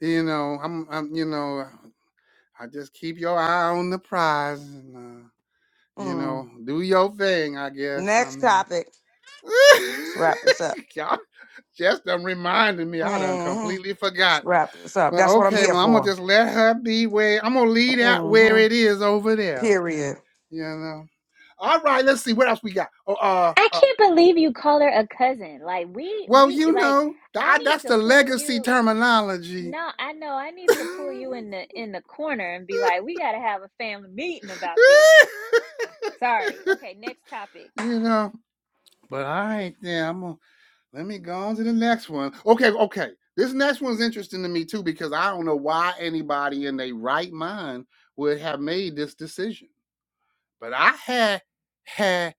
S1: You know, I'm I'm you know, uh, I just keep your eye on the prize and uh, you
S6: Mm.
S1: know, do your thing. I guess. I
S6: Next
S1: mean.
S6: topic. Let's wrap this up.
S1: *laughs* Y'all just done reminded me. I done
S6: Mm-hmm.
S1: completely
S6: Let's
S1: forgot.
S6: wrap this up.
S1: But
S6: That's what I'm
S1: okay,
S6: here
S1: well, I'm gonna
S6: for.
S1: just let her be where I'm gonna leave that where
S6: hmm
S1: it is over there.
S6: Period.
S1: You know. All right, let's see what else we got. Oh, uh,
S4: I
S1: uh
S4: can't believe you call her a cousin. Like we
S1: well,
S4: we
S1: you
S4: like
S1: know, th-
S4: I
S1: I-
S4: need
S1: that's
S4: to
S1: the
S4: pull
S1: legacy
S4: you
S1: terminology.
S4: no, I know I
S1: *laughs*
S4: need to pull you in the in the corner and be like, we gotta have a family meeting about this. Sorry. Okay, next topic.
S1: you know. But all right, then I'm gonna Let me go on to the next one. Okay, okay. This next one's interesting to me too because I don't know why anybody in their right mind would have made this decision. But I had had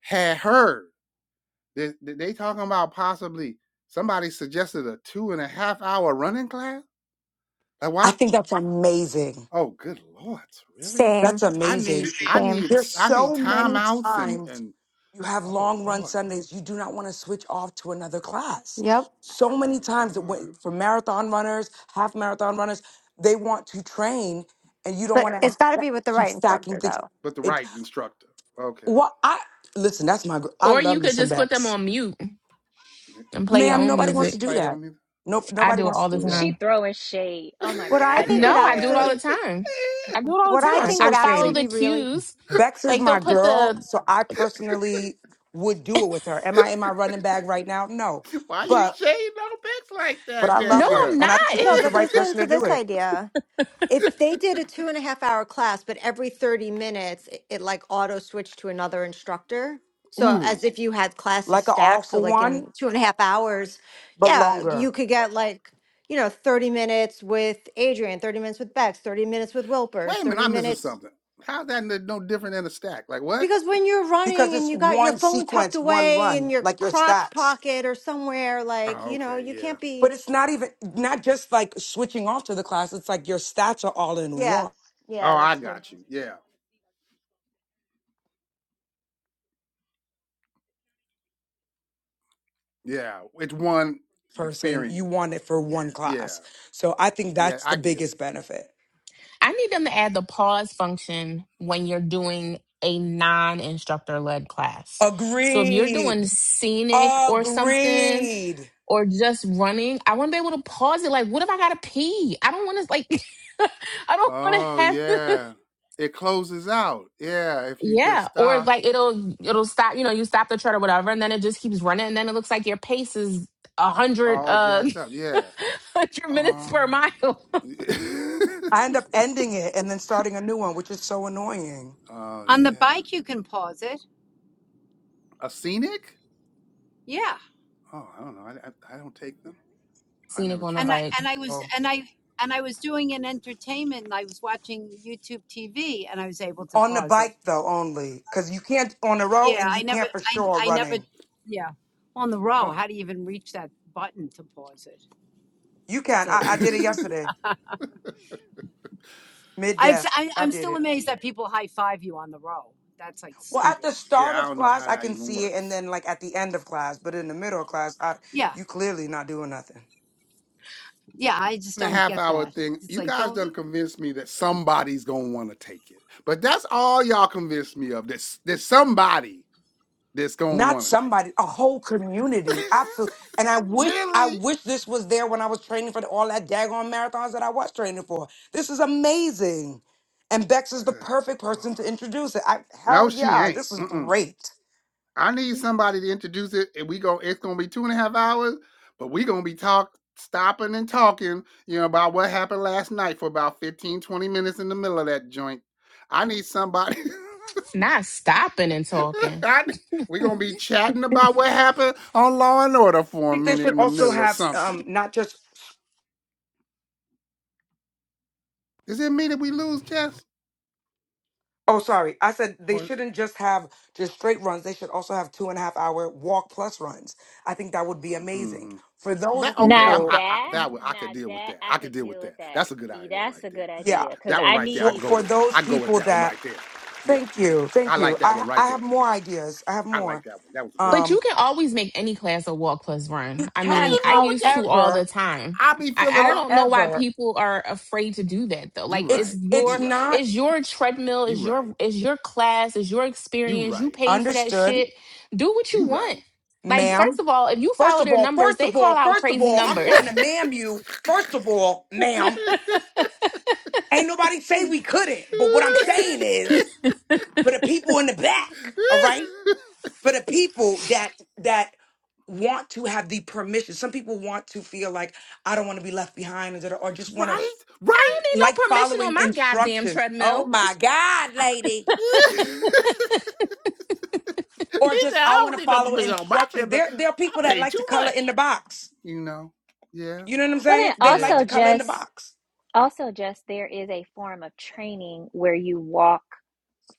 S1: had heard that that they talking about possibly somebody suggested a two and a half hour running class. Like
S6: I
S1: why?
S6: think that's amazing.
S1: Oh, good lord, really?
S6: That's
S2: Same,
S1: I
S6: amazing.
S1: need I
S2: same.
S1: need
S6: There's
S1: I need
S6: so many
S1: timeouts and
S6: times
S1: and
S6: you have
S1: oh
S6: long run
S1: lord,
S6: Sundays, you do not want to switch off to another class.
S2: Yep.
S1: oh
S6: So many times that
S1: lord.
S6: when, for marathon runners, half marathon runners, they want to train and you don't
S2: But
S6: want
S2: it's got to
S6: to
S2: be with the
S6: keep
S2: right
S6: stacking
S2: instructor,
S6: things.
S2: though.
S1: But the
S6: It
S1: right instructor. Okay.
S6: what I listen, that's my gr- I
S3: or you
S6: love me
S3: could
S6: some
S3: just put them
S6: backs.
S3: on mute and play your
S6: Ma'am,
S3: own
S6: nobody
S1: I'm
S6: wants
S1: just
S6: to
S3: music.
S6: do
S1: playing
S6: that.
S1: on me.
S6: No,
S3: I
S6: nobody
S3: do it
S6: wants
S3: all
S6: to
S3: the
S6: do that.
S4: She
S3: time.
S4: throwing shade.
S1: *laughs*
S4: Oh my
S2: What I
S3: I,
S4: god,
S2: think would
S3: no, I do it
S4: Danielle.
S3: all
S2: actually,
S3: the time. I do it all
S2: what
S3: the
S6: You
S2: I
S6: are
S3: time.
S2: think
S6: so
S3: I
S2: would
S6: shady.
S2: actually
S3: follow the
S2: be really
S3: cues
S6: Bex is
S3: like they'll
S6: my
S3: put
S6: girl,
S3: the
S6: so I personally would do it with her. Am I in my running bag right now? No,
S1: Why you
S6: but
S1: shading on Bex like
S6: but
S1: that,
S6: I love
S3: No,
S6: her,
S3: I'm
S1: Danielle?
S3: not.
S6: and I
S1: *laughs*
S6: think
S3: *laughs*
S2: No,
S6: she's the
S2: but
S6: right
S2: listen
S6: person
S2: to
S6: to do
S2: this
S6: it.
S2: idea. If they did a two and a half hour class, but every 30 minutes it, it like auto switched to another instructor. So
S1: Ooh,
S2: as if you had classes
S6: Like an all
S2: stacked. So
S6: for
S2: like
S6: one,
S2: in two and a half hours,
S6: but
S2: yeah,
S6: longer
S2: you could get like, you know, 30 minutes with Adrian, 30 minutes with Bex, 30 minutes with Wilpers,
S1: wait a minute,
S2: 30
S1: I'm missing
S2: minutes.
S1: something. How's that no different than a stack? Like what?
S2: Because when you're
S6: because
S2: running
S6: it's
S2: and you got your
S6: one
S2: phone tucked
S6: sequence, one
S2: away in
S6: run,
S2: your
S6: like your
S2: crotch
S6: stats.
S2: pocket or somewhere, like,
S1: Oh,
S2: you know,
S1: okay,
S2: you
S1: yeah.
S2: can't
S6: But
S2: be.
S6: it's not even not just like switching off to the class. It's like your stats are all in
S2: Yeah.
S6: one
S1: Oh,
S2: Yeah,
S1: I
S2: that's true.
S1: got you. Yeah, yeah. It's one
S6: person. You
S1: experience.
S6: want it for one
S1: Yeah,
S6: class, so I think
S1: yeah.
S6: that's the
S1: I get it.
S6: biggest benefit.
S3: I need them to add the pause function when you're doing a non instructor led class. So if you're doing
S6: Agreed.
S3: scenic or something
S6: Agreed.
S3: or just running, I want to be able to pause it. Like, what if I got to pee? I don't want to, like, *laughs* I don't want to
S1: Oh,
S3: have to. *laughs*
S1: yeah. It closes out. Yeah, if you just
S3: Yeah, or
S1: stop,
S3: like it'll it'll stop. You know, you stop the tread or whatever, and then it just keeps running, and then it looks like your pace is a hundred
S1: all
S3: uh
S1: jacked up.
S3: *laughs*
S1: Yeah.
S3: one hundred minutes
S1: Oh.
S3: per mile.
S6: I
S1: *laughs*
S6: end up ending it and then starting a new one, which is so annoying.
S1: Oh
S8: On the
S1: yeah,
S8: bike you can pause it.
S1: a scenic?
S8: Yeah.
S1: Oh, I don't know. I, I, I don't take them.
S3: *laughs*
S1: I
S3: Scenic
S1: never
S3: on a
S8: And I
S1: tried
S3: bike.
S8: and
S1: that.
S8: I was
S6: So,
S8: and I and I was doing an entertainment and I was watching YouTube TV and I was able to
S6: on the
S8: pause it.
S6: bike though only, because you can't on the road
S8: Yeah,
S6: and you
S8: I never
S6: can't for
S8: I
S6: sure
S8: I never
S6: running.
S8: yeah. Well, On the row, how do you even reach that button to pause it?
S6: You
S8: It's
S6: can.
S8: like
S6: I, I did it
S1: Oh,
S6: yesterday, mid
S8: I've
S6: death.
S8: I,
S6: I
S8: I'm
S6: did
S8: still
S6: it.
S8: amazed that people high five you on the row. That's like
S6: Well, at the
S8: stupid.
S1: *laughs*
S6: start
S1: yeah. I
S6: of
S1: don't know
S6: class,
S1: how
S6: I
S1: that
S6: can
S1: even
S6: see it, and
S1: works.
S6: then like at the end of class, but in the middle of class, I
S8: Yeah.
S6: you clearly not doing nothing.
S8: Yeah, I just
S1: And a
S8: don't
S1: half
S8: get
S1: hour
S8: that.
S1: thing.
S8: It's
S1: You
S8: like
S1: guys
S8: don't
S1: done convinced me that somebody's gonna want to take it, but that's all y'all convinced me of. This there's somebody that's gonna
S6: not
S1: want to take
S6: somebody, a whole community.
S1: it.
S6: Absolutely. And I
S1: *laughs*
S6: wish, I
S1: really?
S6: wish this was there when I was training for all that daggone marathons that I was training for. This is amazing. And Bex is the
S1: Good
S6: perfect
S1: lord.
S6: person to introduce it. I, hell
S1: No, she
S6: yeah,
S1: ain't.
S6: this is
S1: Mm-mm.
S6: great.
S1: I need somebody to introduce it, and we go. It's gonna be two and a half hours, but we gonna be talk, stopping and talking, you know, about what happened last night for about 15, 20 minutes in the middle of that joint. I need somebody.
S3: not stopping and
S1: *laughs*
S3: talking.
S1: I, we gonna be chatting about what happened on Law and Order
S6: I
S1: for a
S6: think they
S1: minute
S6: should
S1: in the
S6: also
S1: middle of
S6: have
S1: something.
S6: um not just
S1: Does it mean that we lose, Jess?
S6: oh sorry, I said they
S1: Or is it-
S6: shouldn't just have just straight runs. They should also have two and a half hour walk plus runs. I think that would be amazing.
S1: mhm.
S6: For those
S1: that okay?
S4: Now
S1: I'm
S6: people,
S1: I, I,
S4: that,
S1: that one, I
S4: now
S1: could deal with
S4: that
S1: that.
S4: I
S1: I could
S4: could
S1: deal with
S4: deal with
S1: that.
S4: that.
S1: That's a good
S4: Yeah,
S1: idea
S4: That's
S1: right
S4: a
S1: there.
S4: good
S6: yeah.
S4: idea because
S1: That one
S4: I
S1: right there, I
S6: For
S4: need.
S1: go
S6: for
S1: with.
S6: those
S1: I go with
S6: people
S1: that one
S6: that
S1: right there. Yeah.
S6: Thank you. Thank
S1: I
S6: you.
S1: like that
S6: I
S1: one right
S6: I
S1: there.
S6: have more ideas. I have
S1: I like
S6: more.
S1: that one. That was a good one.
S3: But you
S6: Um
S3: can always make any class a walk plus
S6: you
S3: run. I
S1: But
S6: can
S3: mean,
S1: you
S3: I
S1: know, but
S3: used
S1: then
S3: to all the
S6: however,
S3: time.
S1: I be
S3: I,
S1: feeling
S3: I
S1: up.
S3: don't know why
S6: however,
S3: people are afraid to do that though.
S1: You
S3: Like it's
S6: it's
S1: right. You
S6: it's
S3: your
S1: right.
S6: not
S3: it's your treadmill,
S1: You
S3: it's
S1: right.
S3: your it's your class, it's your
S1: You
S3: experience. You
S1: right.
S3: pay for that
S6: understood,
S3: shit. Do what you
S1: You
S3: want.
S1: right.
S3: Like,
S1: You right.
S3: first
S6: ma'am.
S3: of all, if you
S6: First
S3: follow
S6: of
S3: their
S6: all,
S3: numbers,
S6: first
S3: they
S6: of
S3: call
S6: all,
S3: out
S6: first of
S3: crazy
S6: all, I'm
S3: numbers. *laughs*
S6: trying to
S3: I
S6: ma'am you. First of
S1: *laughs*
S6: all, ma'am, ain't nobody say we couldn't. But what I'm saying is for the people in the back, all right? For the people that that want to have the permission. Some people want to feel like I don't want to be left behind or, or just want to
S1: right? Right?
S3: don't need
S6: like
S3: no permission on
S6: following
S3: my goddamn
S6: instructions.
S3: treadmill.
S6: Oh my God,
S1: *laughs* I-
S6: lady.
S1: he
S6: Or just
S1: said,
S6: I
S1: I
S6: want
S1: don't
S6: to
S1: need no
S6: follow
S1: permission on my
S6: instructions.
S1: trip. but
S6: There, there are
S1: I
S6: people that
S1: paid
S6: like to
S1: too
S6: color in
S1: much.
S6: the box.
S1: You know? Yeah.
S6: You know what I'm
S4: Well,
S6: saying?
S4: then
S6: They like
S4: also
S6: to
S1: Yeah.
S6: color in the
S4: just
S6: box.
S4: also just there is a form of training where you walk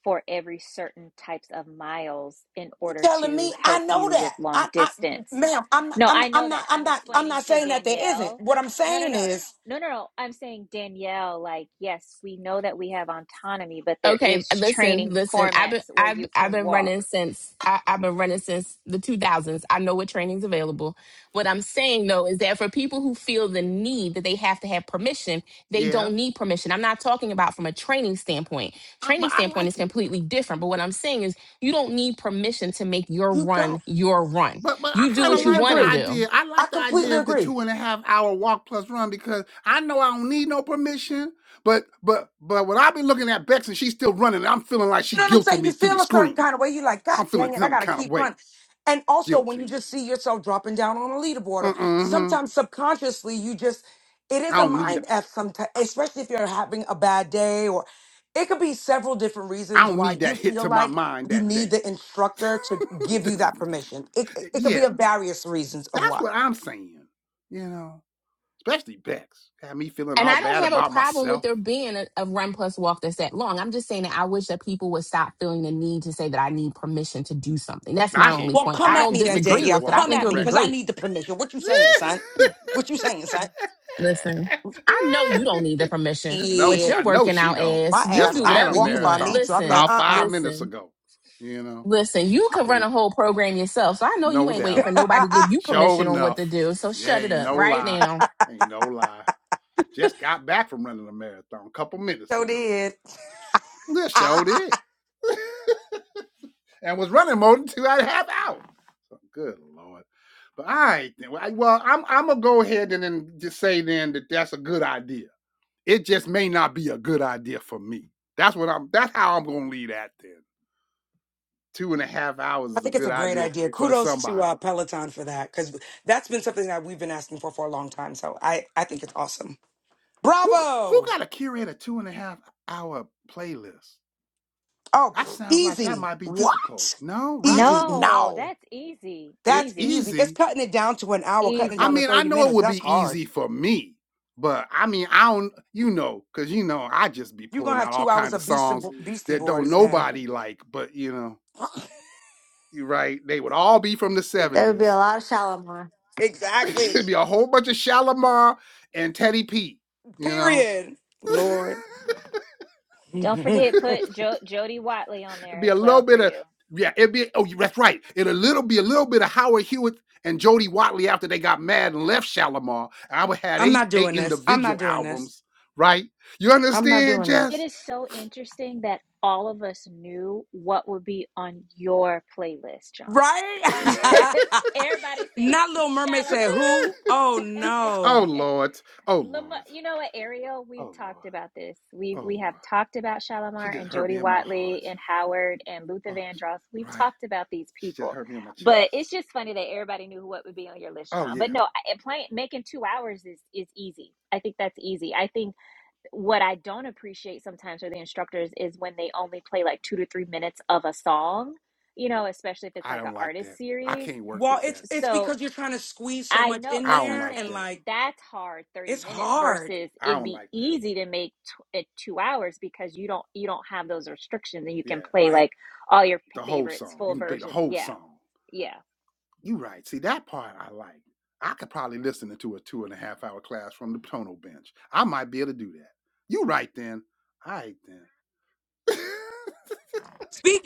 S4: for every certain types of miles in order
S6: telling
S4: to
S6: me I
S4: help
S6: know
S4: you with
S6: that.
S4: long
S6: I, I
S4: distance.
S6: ma'am, I'm not,
S4: No,
S6: I'm
S4: I know
S6: I'm
S4: that.
S6: not I'm
S4: I'm
S6: not I'm
S4: explaining
S6: not
S4: to
S6: saying that there isn't.
S4: Danielle.
S6: What I'm
S4: No, no,
S6: saying
S4: no, no.
S6: is
S4: No, no, no. I'm saying Danielle, like, yes, we know that we have autonomy, but there
S3: Okay,
S4: is training
S3: listen, listen. I've been
S4: formats where
S3: I've
S4: you
S3: I've
S4: can
S3: been
S4: walk.
S3: running since I, I've been running since the two thousands. I know what training's available. What I'm saying though is that for people who feel the need that they have to have permission, they
S1: Yeah.
S3: don't need permission. I'm not talking about from a training standpoint.
S1: I- but
S3: Training
S1: I
S3: standpoint is
S1: like it.
S3: completely different. But what I'm saying is you don't need permission to make your
S6: you don't.
S3: run your run.
S1: But but I
S3: You do
S1: kind of
S3: what you
S6: Completely
S1: like
S3: want
S1: the
S3: to
S6: agree.
S3: do.
S1: idea. I
S6: I
S1: like the
S6: completely
S1: idea of the
S6: agree.
S1: two and a half hour walk plus run because I know I don't need no permission. But but but when I've been looking at Bex and she's still running, I'm feeling like
S6: You
S1: she
S6: know what I'm
S1: guilted
S6: saying? You
S1: me through the
S6: feel a certain
S1: screen.
S6: kind of way. You're like, God
S1: I'm feeling
S6: dang it, I
S1: some
S6: gotta
S1: kind of
S6: keep
S1: way,
S6: running. And also when you
S1: guilting me.
S6: just see yourself dropping down on a leaderboard, or
S1: Uh-uh.
S6: sometimes subconsciously you just it is
S1: I
S6: a
S1: don't need
S6: mind F sometimes,
S1: I
S6: especially if you're having a bad day or it could be several different
S1: I
S6: reasons
S1: don't
S6: why
S1: need
S6: you
S1: that hit
S6: feel
S1: to my
S6: like
S1: mind
S6: you
S1: that
S6: need
S1: day.
S6: the instructor to give
S1: *laughs*
S6: you that permission. It it it could be
S1: yeah,
S6: of various reasons of
S1: that's
S6: why.
S1: what I'm saying. You know, especially Bex had me feeling
S3: And
S1: all
S3: I don't
S1: bad
S3: have a
S1: about
S3: problem with
S1: myself.
S3: there being a, a run plus walk that's that long. I'm just saying that I wish that people would stop feeling the need to say that I need permission to do something. That's my
S1: I hear
S3: only
S6: Well,
S1: you.
S3: point.
S6: come
S3: I
S1: I
S6: at
S3: don't
S1: hear
S6: me
S1: you.
S6: then,
S1: We could
S3: disagree
S1: just
S6: Danielle.
S3: with it. I
S1: walk
S6: Come
S1: on
S3: think it
S1: the
S6: at
S3: would
S6: me,
S3: be
S6: cause
S1: regular
S6: I
S1: one.
S3: great.
S6: need the permission. What
S1: *laughs*
S6: you saying, son? What you saying, son?
S3: Listen, I know you don't need the permission.
S1: no,
S3: What
S6: Yeah,
S1: she.
S3: you're
S1: I know
S3: working
S1: she
S3: out
S1: don't.
S3: as,
S6: my
S3: you
S1: Just
S6: ass.
S3: do
S6: I'll
S1: ran
S3: whatever
S1: a
S6: walk
S3: you
S6: if I
S3: want.
S6: need
S1: marathon
S6: to. I'll be like,
S3: Listen,
S1: about
S6: uh,
S1: five minutes
S3: listen,
S1: ago. You know,
S3: listen. You can run
S1: it,
S3: a whole program yourself. So I know you
S1: no
S3: ain't waiting
S1: doubt.
S3: for nobody to
S6: uh
S3: give you
S1: Sure
S3: permission on what to
S1: enough,
S3: do. So
S1: yeah,
S3: shut it
S1: ain't
S3: up
S1: no
S3: right
S1: lie,
S3: now.
S1: ain't no lie. Just got back from running a marathon a couple
S6: *laughs*
S1: minutes
S6: so
S1: ago.
S6: did.
S1: This show
S6: *laughs*
S1: did, *laughs* and was running more than two and a half hours. So good lord. But all right, then. well, I- well, I'm I'm gonna go ahead and then just say then that that's a good idea. It just may not be a good idea for me. That's what I'm that's how I'm gonna leave that then. Two and a half hours
S6: I
S1: is a
S6: think it's
S1: good
S6: a great
S1: idea
S6: idea.
S1: for
S6: Kudos to uh,
S1: somebody.
S6: Peloton for that because that's been something that we've been asking for for a long time. So I, I think it's awesome.
S1: Who who
S6: Bravo.
S1: gotta curate a two and a half hour playlist?
S6: Oh,
S1: That
S6: pff,
S1: sounds like that
S6: easy.
S1: might be difficult.
S6: What?
S1: No, right?
S6: Easy.
S4: No,
S6: No,
S4: that's easy.
S1: It
S6: that's
S4: Easy.
S6: easy. It's
S1: easy.
S6: cutting it down to an hour, cutting it
S1: I
S6: down to
S4: Easy.
S1: mean, I
S6: 30
S1: know it
S6: minutes.
S1: would
S6: That's
S1: be
S6: hard.
S1: easy for me, but I mean, I don't, you know, because you know, I just be
S6: You're going to
S1: pulling
S6: have
S1: out all
S6: two hours
S1: kinds of
S6: of Beastie,
S1: songs
S6: Bo- Beastie
S1: that don't
S6: Boys. And...
S1: nobody like, but you know,
S6: *laughs*
S1: right? They would all be from the
S2: There would be
S1: 70s.
S2: a lot of Shalimar.
S1: *laughs*
S6: exactly.
S1: It'd be a whole bunch of Shalimar and Teddy P. You know,
S6: Period. Lord.
S1: *laughs*
S4: Don't
S6: *laughs*
S4: forget
S1: it'd
S4: put jo- Jody Watley on there
S1: be
S4: as
S1: a little
S4: well for
S1: bit of
S4: you.
S1: yeah. It'd be oh yeah, that's right. It'd a little be a little bit of Howard Hewitt and Jody Watley after they got mad and left Shalimar. I would have
S6: I'm
S1: eight
S6: not
S1: they
S6: doing this. I'm not
S1: individual
S6: doing this.
S1: albums, right? You
S6: I'm
S1: understand,
S4: It
S1: Jess?
S4: is so interesting that all of us knew what would be on your playlist, John. *laughs*
S6: right. *laughs*
S4: Everybody said
S6: Not Little Mermaid said
S4: Shalimar.
S6: who? Oh
S1: *laughs* oh
S6: no.
S1: Lord, oh
S4: *laughs* Lamar,
S1: Lord,
S4: you know what, Ariel? We've
S1: oh Lord,
S4: talked about this. We
S1: oh
S4: we
S1: Lord.
S4: have talked about
S1: She
S4: Shalimar
S1: just
S4: and
S1: hurt
S4: Jody
S1: me in my
S4: Watley
S1: heart.
S4: and Howard and Luther
S1: Oh,
S4: Vandross. We've
S1: right.
S4: talked about these
S1: She just
S4: people,
S1: hurt me in my
S4: but it's
S1: chest.
S4: just funny that everybody knew what would be on your list,
S1: Oh
S4: John.
S1: yeah.
S4: But no, I- playing making two hours is is easy. I think that's easy. I think what I don't appreciate sometimes for the instructors is when they only play like two to three minutes of a song, you know, especially if it's
S1: I
S4: like an
S1: don't like
S4: artist
S1: that. I
S4: series.
S1: can't work
S6: Well,
S1: with
S6: it's
S1: that.
S6: it's
S4: So
S6: because you're trying to squeeze so
S4: I
S6: much
S4: know
S6: in
S1: I
S4: that's what
S1: don't
S4: I'm
S6: there
S1: like
S6: and
S4: saying.
S1: that.
S6: like
S4: That's hard 30
S6: it's
S4: minutes
S6: hard.
S4: versus
S1: I
S4: it'd
S1: don't
S4: be
S1: like that.
S4: easy to make t- it two hours because you don't you don't have those restrictions and you can
S1: Yeah,
S4: play
S6: Right.
S4: like all your p-
S1: the whole
S4: favorites,
S1: song.
S4: full
S1: You can play the
S4: versions.
S1: whole
S4: Yeah,
S1: song.
S4: yeah.
S1: You right. See that part I like. I could probably listen to a two and a half hour class from the tonal bench. I might be able to do that. You right then. All right then. *laughs*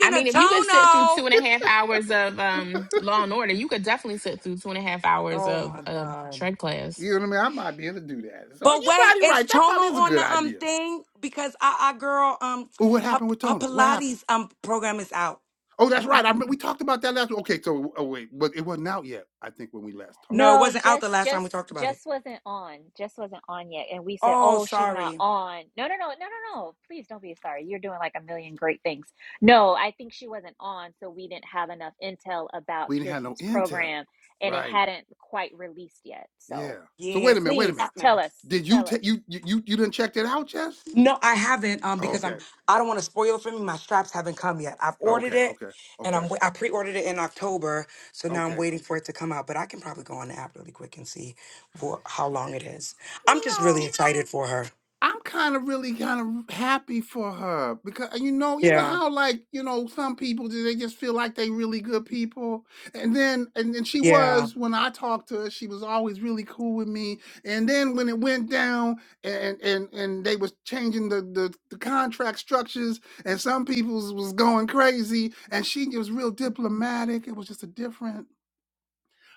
S3: I mean,
S6: of
S3: if you could sit through two
S6: Tono.
S3: and a half hours of um, Law and Order, you could definitely sit through two and a half hours
S6: Oh
S3: of
S6: my
S3: uh,
S6: God.
S3: tread class.
S1: you know what I mean? I might be able to do that. So
S6: But
S1: you
S6: wait,
S1: probably
S6: it's
S1: right. That
S6: Tono
S1: probably is a
S6: on
S1: good
S6: the um
S1: idea.
S6: thing because I, I girl um
S1: Oh, what
S6: her,
S1: happened with
S6: her
S1: Tonal? What happened?
S6: Pilates um program is out.
S1: Oh, that's right. I remember we talked about that last. week. Okay, so oh wait, but it wasn't out yet. I think when we last talked.
S6: No, it
S4: No,
S6: wasn't out the
S4: just
S6: last time
S4: just
S6: we talked about it.
S4: just wasn't on. Just wasn't on yet. And we said,
S6: Oh,
S4: "Oh, she's not
S6: sorry.
S4: on." No, no, no, no, no, no. Please don't be sorry. You're doing like a million great things. No, I think she wasn't on, so we didn't have enough intel about
S1: We didn't have no
S4: Kirsten's
S1: intel.
S4: program, and it
S1: Right.
S4: hadn't quite released yet. So
S1: Yeah. So wait a
S6: Yes,
S1: minute. Wait
S6: it's
S1: a
S6: out
S1: minute.
S4: please
S6: now.
S4: tell us,
S1: Did you
S4: tell us.
S1: take you you you you didn't check that out, Jess?
S6: No, I haven't. Um,
S1: Oh,
S6: because
S1: okay.
S6: I'm I don't want to spoil it for me. My straps haven't come yet. I've ordered
S1: Okay.
S6: it,
S1: Okay.
S6: and
S1: Okay.
S6: I'm wa- I pre-ordered it in October, so now I'm
S1: Okay.
S6: waiting for it to come out. But I can probably go on the app really quick and see for how long it is. I'm just really
S1: No.
S6: excited for her.
S1: I'm kind of really kind of happy for her because you know, you know
S6: Yeah,
S1: how like you know some people ju- they just feel like they really good people, and then and then she
S6: yeah,
S1: was when I talked to her, she was always really cool with me, and then when it went down and and and they was changing the the, the contract structures, and some people's was going crazy, and she was real diplomatic. It was just a different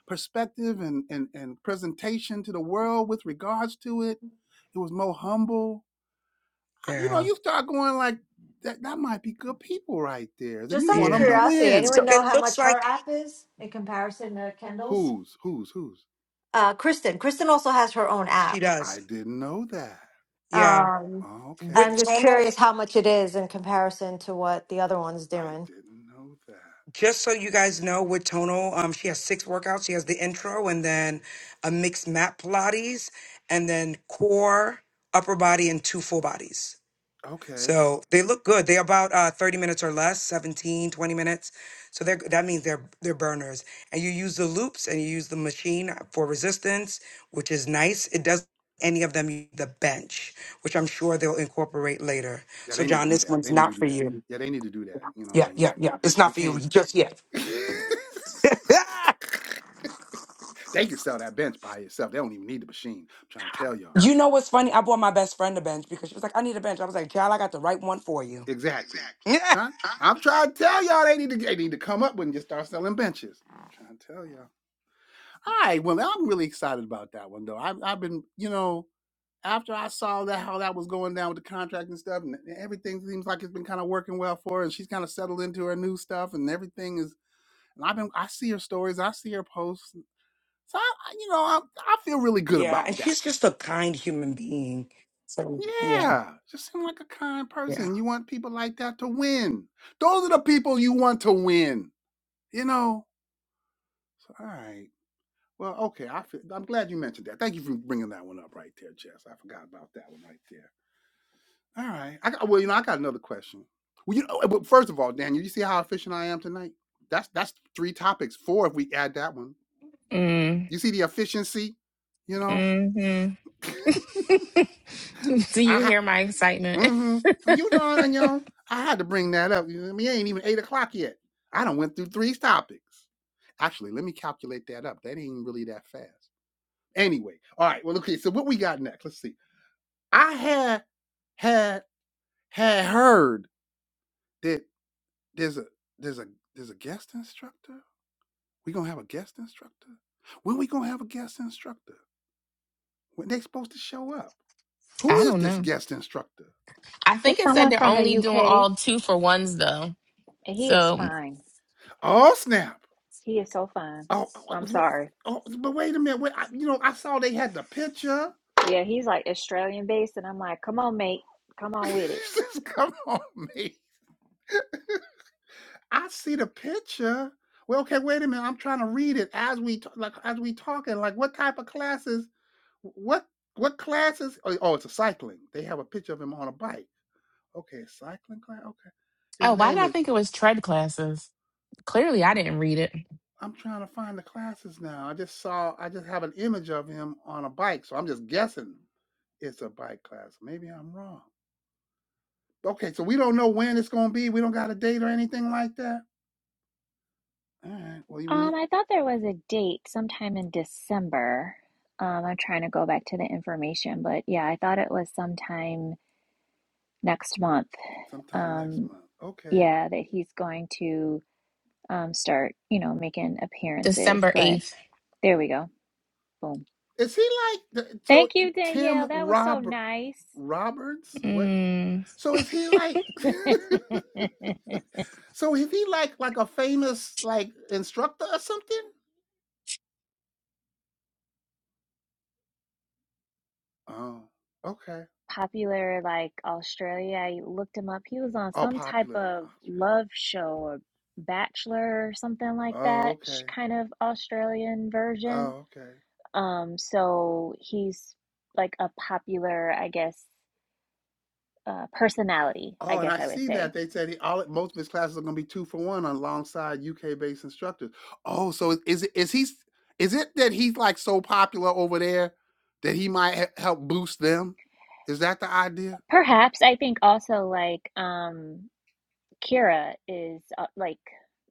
S1: perspective and and and presentation to the world with regards to it. It was more humble you know,
S6: yeah,
S1: you start going like that. That might be good people right there. Then
S2: Just
S1: you
S2: out of
S1: want them to
S6: yeah.
S2: curiosity,
S1: win.
S6: So
S2: anyone know
S6: it
S2: how
S6: looks
S2: much her
S6: like
S2: app is in comparison to Kendall's?
S1: Who's who's who's?
S2: Uh, Kristen. Kristen also has her own
S6: she
S2: app.
S6: does.
S1: I didn't know that.
S6: Yeah,
S2: Um,
S1: Oh, okay,
S6: with
S2: I'm just
S6: tonal
S2: curious how much it is in comparison to what the other one's
S1: I
S2: doing.
S1: didn't know that.
S6: Just so you guys know, with Tono, um, she has six workouts. She has the intro and then a mixed mat Pilates and then core, upper body, and two full bodies.
S1: Okay,
S6: So they look good. They're about uh, 30 minutes or less, 17, 20 minutes. So they're, that means they're they're burners. And you use the loops and you use the machine for resistance, which is nice. It does any of them use the bench, which I'm sure they'll incorporate later.
S1: yeah,
S6: So
S1: they need to
S6: John,
S1: do
S6: this
S1: that.
S6: one's
S1: They need to
S6: not
S1: do
S6: for
S1: that.
S6: you.
S1: Yeah, they need to do that. You know, what
S6: Yeah,
S1: I mean,
S6: yeah, yeah. It's
S1: you
S6: not for you
S1: can't.
S6: just yet.
S1: *laughs* they can sell that bench by itself. They don't even need the machine. I'm trying to tell y'all
S6: You know what's funny? I bought my best friend a bench because she was like, I need a bench. I was like, child, I got the right one for you.
S1: exactly.
S6: Yeah,
S1: Trying. I'm trying to tell y'all they need to they need to come up with and just start selling benches. I'm trying to tell y'all. All right. Well, I'm really excited about that one though. I've I've been, you know, after I saw that how that was going down with the contract and stuff, and everything seems like it's been kind of working well for her, and she's kind of settled into her new stuff, and everything is. And I've been, I see her stories, I see her posts, so I, I- you know, I, I feel really good
S6: yeah.
S1: about
S6: and
S1: that.
S6: she's just a kind human being. So yeah,
S1: Yeah, just seem like a kind
S6: yeah.
S1: person. You want people like that to win. Those are the people you want to win. You know. So, All right. Well, okay. I feel, I'm glad you mentioned that. Thank you for bringing that one up right there, Jess. I forgot about that one right there. All right. I got, well, you know, I got another question. Well, you know, uh, but first of all, Daniel, you see how efficient I am tonight? That's that's three topics, four if we add that one.
S3: Mm,
S1: You see the efficiency, you know?
S3: mm-hmm.
S1: *laughs*
S3: *laughs* Do you
S1: I, ha-
S3: hear my excitement?
S1: mhm.
S3: *laughs*
S1: you know, and you know, I had to bring that up. You know, what I mean, it ain't even eight o'clock yet. I done went through three topics. Actually, let me calculate that up. That ain't really that fast. Anyway, all right. Well, okay. So what we got next? Let's see. I had had had heard that there's a there's a there's a guest instructor. We gonna have a guest instructor. When we gonna have a guest instructor? When they supposed to show up? Who
S3: I
S1: is
S3: don't
S1: this
S3: know.
S1: guest instructor?
S3: I think
S4: It's
S3: it said
S4: someone
S3: they're
S4: from
S3: only
S4: the
S3: doing
S4: UK,
S3: all two for ones though.
S4: and he is
S3: So,
S4: fine.
S1: Oh snap!
S4: He is so fine.
S1: Oh, oh,
S4: I'm
S1: what-
S4: sorry.
S1: oh, but wait a minute. Wait, I, you know, I saw they had the picture.
S4: Yeah, he's like Australian based, and I'm like, come on, mate, come on with it.
S1: *laughs* Come on, man. I see the picture. Well, okay, wait a minute. I'm trying to read it as we t- like as we talking. Like, what type of classes? What what classes? Oh, oh, it's a cycling. They have a picture of him on a bike. Okay, cycling class. Okay, his
S3: oh, why did
S1: name
S3: I
S1: is.
S3: think it was tread classes? Clearly, I didn't read it.
S1: I'm trying to find the classes now. I just saw. I just have an image of him on a bike, so I'm just guessing it's a bike class. Maybe I'm wrong. Okay, so we don't know when it's gonna be. We don't got a date or anything like that. All right. Well, you mean
S4: Um, I thought there was a date sometime in December. Um, I'm trying to go back to the information, but yeah, I thought it was sometime next month.
S1: sometime next
S4: Um,
S1: month? Okay.
S4: yeah, that he's going to um, start, you know, making appearances.
S3: December
S4: But
S3: eighth.
S4: there we go. Boom.
S1: Is he like the, so
S4: Thank you, Danielle.
S1: Tim
S4: That was so
S1: Robert
S4: nice.
S1: Roberts? What?
S3: Mm.
S1: So is he like? *laughs* so is he like like a famous like instructor or something? Oh, okay.
S4: Popular, like Australia. I looked him up. He was on
S1: Oh,
S4: some type
S1: popular. in
S4: of
S1: Oxford.
S4: love show or Bachelor or something like
S1: Oh,
S4: that, sh-
S1: okay.
S4: kind of Australian version.
S1: Oh, okay.
S4: Um, so he's like a popular, I guess, uh, personality, I
S1: Oh, and
S4: guess
S1: I
S4: I would
S1: see that
S4: say.
S1: they said he, all most of his classes are going to be two for one alongside UK based instructors. Oh, so is is it- is he is it that he's like so popular over there that he might he- help boost them? Is that the idea?
S4: Perhaps I think also like um, Kira is uh, like,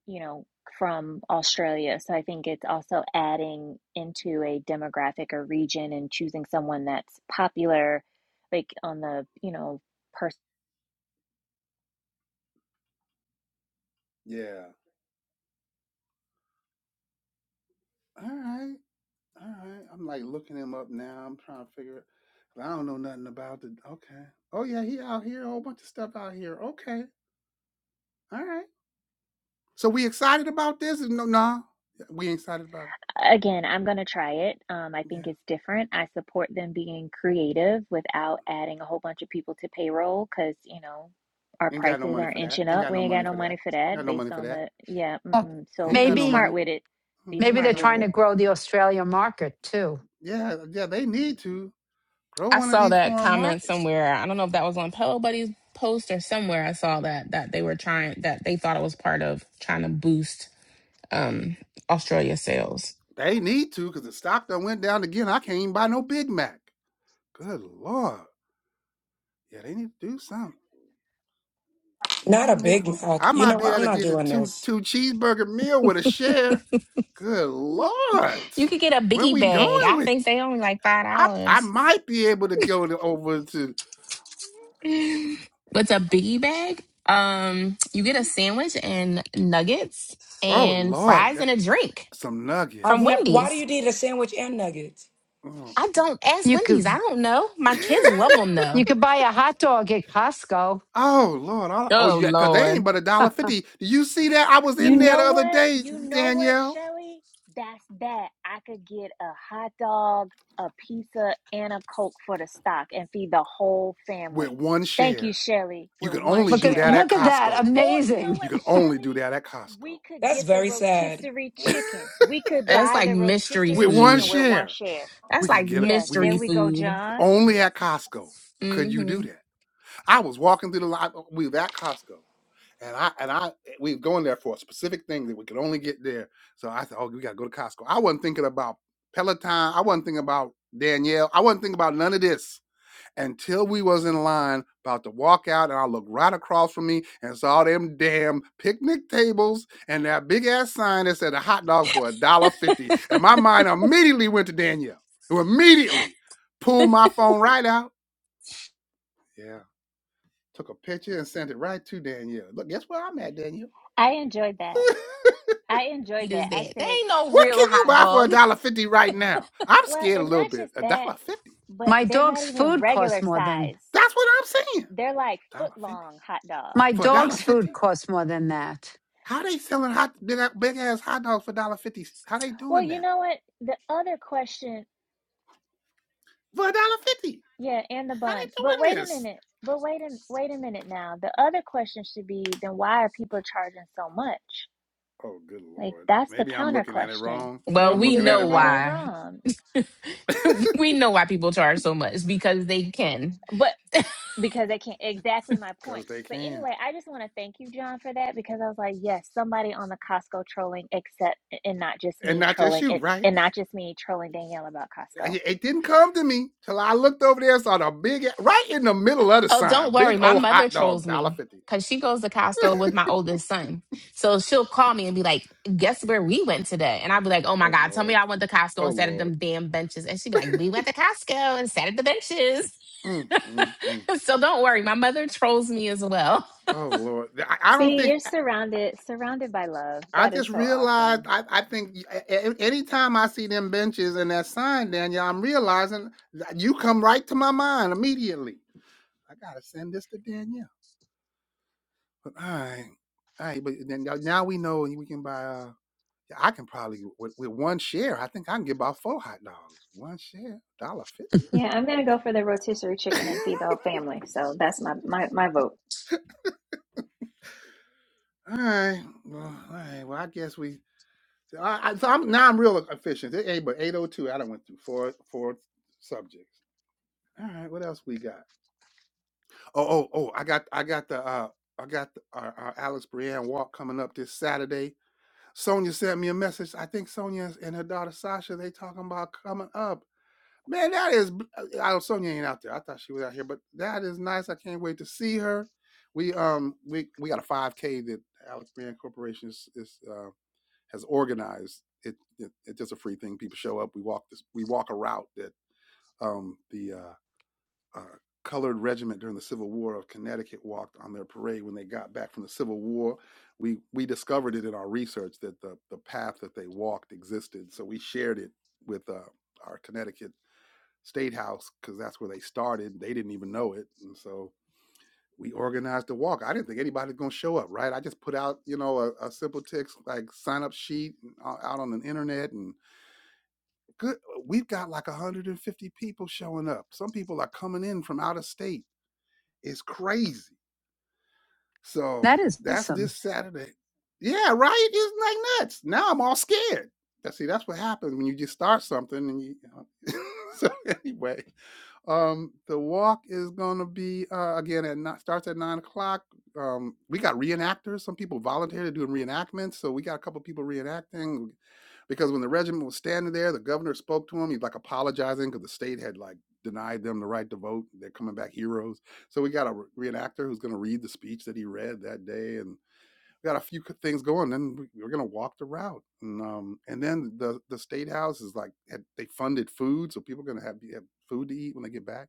S4: you know, from Australia. So I think it's also adding into a demographic or region and choosing someone that's popular, like on the, you know, per.
S1: Yeah. All right. All right. I'm like looking him up now. I'm trying to figure it. I don't know nothing about the okay. Oh yeah, he out here, a whole bunch of stuff out here. Okay. All right. So we excited about this? No, no. We ain't excited about
S4: Again, I'm going to try it. Um, I
S1: it.
S4: think
S1: Yeah.
S4: it's different. I support them being creative without adding a whole bunch of people to payroll because, you know, our
S1: Ain't got no
S4: prices
S1: money
S4: are
S1: for that.
S4: inching
S1: Ain't
S4: up.
S1: got
S4: We
S1: no
S4: ain't got
S1: money
S4: no
S1: for
S4: money
S1: that.
S4: for that
S1: Got no money
S4: based
S1: for
S4: on
S1: that.
S4: the, yeah,
S8: Well,
S4: mm-mm. So
S1: Ain't
S4: be
S1: got no
S8: maybe
S4: smart
S1: money.
S4: with it. Be
S1: Mhm,
S8: maybe
S1: Ain't got
S4: smart
S8: they're
S1: no
S4: with
S8: trying
S1: money.
S4: it.
S8: to grow the Australian market too.
S1: Yeah, yeah, they need to grow
S3: I
S1: one of
S3: saw
S1: these
S3: that
S1: foreign
S3: comment
S1: markets.
S3: somewhere. I don't know if that was on Pillow Buddy's post or somewhere. I saw that that they were trying that they thought it was part of trying to boost um Australia sales.
S1: They need to, because the stock done went down again. I can't even buy no Big Mac. Good Lord. Yeah, they need to do something.
S6: Not
S1: Yeah,
S6: a
S1: man.
S6: Big
S1: I
S6: Mac. You
S1: might
S6: know
S1: be
S6: what?
S1: able
S6: I'm
S1: to
S6: not
S1: get a
S6: doing
S1: two
S6: this.
S1: two cheeseburger meal with a share. Good lord.
S3: You could get a
S1: Where
S3: biggie
S1: we
S3: bag.
S1: going
S3: I
S1: with
S3: think they only like five
S1: I I
S3: dollars. *laughs*
S1: might be able to go to, over to
S3: What's a biggie bag? Um, you get a sandwich and nuggets
S1: oh
S3: and
S1: lord,
S3: fries and
S1: that,
S3: a drink
S1: some
S6: I've
S3: from
S1: nuggets.
S6: never. Why do
S3: Wendy's.
S6: you need a sandwich and nuggets?
S1: Mm.
S3: I don't ask
S8: You
S3: Wendy's.
S8: could.
S3: I don't know. My
S1: *laughs*
S3: kids love them
S8: You
S3: though.
S8: could buy a hot dog at Costco.
S1: Oh lord, I, oh
S3: Oh
S1: yeah, cause they ain't
S3: Lord,
S1: but a
S8: Huh,
S1: dollar fifty. Do you see that? I was
S4: You
S1: in there the
S4: know
S1: other
S4: what?
S1: day,
S4: You know what,
S1: Danielle,
S4: Shelly? That's that. I could get a hot dog, a pizza, and a Coke for the stock and feed the whole
S1: with
S4: family.
S1: one
S4: Thank you,
S1: share.
S4: Shelly,
S1: You
S4: with
S1: can
S4: one
S1: only
S8: Look
S1: do
S8: at
S4: share
S1: that
S4: at
S1: at
S8: look at
S4: Costco.
S8: that.
S1: Costco.
S4: Or you know
S8: Amazing.
S1: You
S4: what,
S1: can only
S4: Shelly?
S1: do that at Costco.
S4: We could
S6: That's
S4: get the
S6: very sad.
S4: rotisserie chicken. We could
S3: that's
S4: buy
S3: like
S4: the
S3: mystery
S4: rotisserie
S1: With one
S3: food.
S4: chicken with one
S1: share,
S4: share.
S1: we
S3: That's
S1: can
S3: like
S1: get a-
S4: Yeah,
S1: we can get.
S4: there
S3: mystery
S4: we go,
S3: food.
S4: John.
S1: Only at Costco could you
S3: Mm-hmm.
S1: do that. I was walking through the line. We were at Costco, and I and I eh, we were going there for a specific thing that we could only get there. So I said, "Oh, we got to go to Costco." I wasn't thinking about Peloton. I wasn't thinking about Danielle. I wasn't thinking about none of this until we was in line about to walk out, and I looked right across from me and saw them damn picnic tables and that big ass sign that said a hot dog for a dollar fifty. And my mind immediately went to Danielle, who immediately pulled my phone right out yeah. Took a picture and sent it right to Danielle. Look, guess where I'm at, Danielle?
S4: I enjoyed that.
S1: *laughs*
S4: I enjoyed
S3: Eat is
S4: that. I
S3: that. They
S4: said,
S3: ain't no
S1: what
S3: real
S1: can you
S3: hot
S1: buy for a
S3: dog.
S1: dollar fifty right now? I'm
S4: well,
S1: scared a
S4: and
S1: little
S4: not
S1: bit.
S4: just
S1: A
S4: that,
S1: dollar fifty.
S4: but
S8: My
S4: they're not
S8: dog's
S4: even
S8: food costs
S4: regular
S8: more than
S4: size.
S1: That's what I'm saying.
S4: They're like
S1: A
S4: foot
S1: dollar fifty.
S4: long hot
S8: my
S4: dogs.
S1: For a dollar
S8: dog's
S4: Like,
S8: food
S1: fifty.
S8: costs more than that.
S1: How they selling hot big ass hot dogs for a dollar fifty? How they
S4: *laughs* well,
S1: doing
S4: you
S1: that?
S4: know what? The other question,
S1: For a dollar fifty.
S4: yeah, and the
S1: How
S4: bun. But
S1: they
S4: wait
S1: doing
S4: a
S1: this?
S4: minute. But wait a wait a minute now. The other question should be then why are people charging so much?
S1: Oh good
S4: Like
S1: lord.
S4: that's the
S1: Maybe I'm
S4: counter
S1: looking at it
S4: question.
S1: wrong.
S3: Well,
S1: I'm
S4: Maybe
S3: we
S4: you're
S1: looking at
S3: know
S1: it
S4: looking at it
S1: wrong.
S3: why.
S4: wrong.
S3: *laughs* we know why people charge so much because they can.
S4: But because they can't exactly my point.
S1: Cause they
S4: But
S1: can.
S4: anyway, I just want to thank you, John, for that because I was like, yes, somebody on the Costco trolling except and not just
S1: And
S4: me
S1: not just
S4: trolling
S1: you,
S4: it
S1: right?
S4: and not just me trolling Danielle about
S1: Uh,
S4: Costco.
S1: yeah, It didn't come to me till I looked over there and saw the big, right in the middle of the
S3: Oh, don't
S1: sign,
S3: worry.
S1: big
S3: My
S1: old
S3: mother
S1: hot dog, one
S3: trolls
S1: dollar
S3: me
S1: fifty.
S3: because she goes to Costco with my oldest son. So she'll call me and be like, Guess where we went today? And I'll be like, Oh my
S1: Oh
S3: God, tell me
S1: Lord,
S3: I went to Costco
S1: oh
S3: and sat at
S1: Lord,
S3: them damn benches. And she'd be like, We went to Costco and sat at the benches.
S1: mm, mm, mm.
S3: *laughs* so don't worry. My mother trolls me as well.
S1: oh Lord. I, I don't
S4: See,
S1: think
S4: you're
S1: I
S4: surrounded surrounded by love. That
S1: just
S4: is so
S1: realized.
S4: awesome.
S1: I, I think anytime I see them benches and that sign, Danielle, I'm realizing that you come right to my mind immediately. I gotta send this to Danielle. all right, all right. But then now we know, and we can buy. uh, Yeah, I can probably with, with one share. I think I can get about four hot dogs. One share, dollar fifty.
S4: Yeah, I'm gonna go for the rotisserie chicken and feed the whole family. So that's my my my vote.
S1: *laughs* all right, well, all right. Well, I guess we. So, I, I- so I'm now I'm real efficient. It ain't but eight oh two. I done went through four four subjects. All right, what else we got? Oh oh oh! I got I got the uh I got the, our, our Alice Brienne walk coming up this Saturday. Sonia sent me a message. I think Sonia and her daughter Sasha they talking about coming up. Man, that is. b- uh, I Sonya ain't out there. I thought she was out here, but that is nice. I can't wait to see her. We um we we got a 5K that Alex Brand Corporation is, is uh, has organized. It, it it's just a free thing. People show up. We walk this. We walk a route that um the uh, uh, colored regiment during the Civil War of Connecticut walked on their parade when they got back from the Civil War. We we discovered it in our research that the the path that they walked existed. So we shared it with uh, our Connecticut State House because that's where they started. They didn't even know it, and so we organized the walk. I didn't think anybody's going to show up, right? I just put out, you know, a, a simple text like sign up sheet out on the internet, and good. We've got like 150 people showing up. Some people are coming in from out of state. It's crazy. So
S8: That is
S1: that's
S8: awesome.
S1: this Saturday. Yeah, right. It's like nuts. Now I'm all scared. That's see, that's what happens when you just start something and you. you know. *laughs* so anyway, Um, the walk is gonna be uh, again at not starts at nine o'clock. Um, we got reenactors. Some people volunteered to do reenactments, so we got a couple people reenacting because when the regiment was standing there, the governor spoke to him. He's like apologizing because the state had like denied them the right to vote. They're coming back heroes. So we got a re- reenactor who's going to read the speech that he read that day, and got a few things going. Then we, we we're gonna walk the route, and um, and then the the state house is like had, they funded food, so people are gonna have, have food to eat when they get back.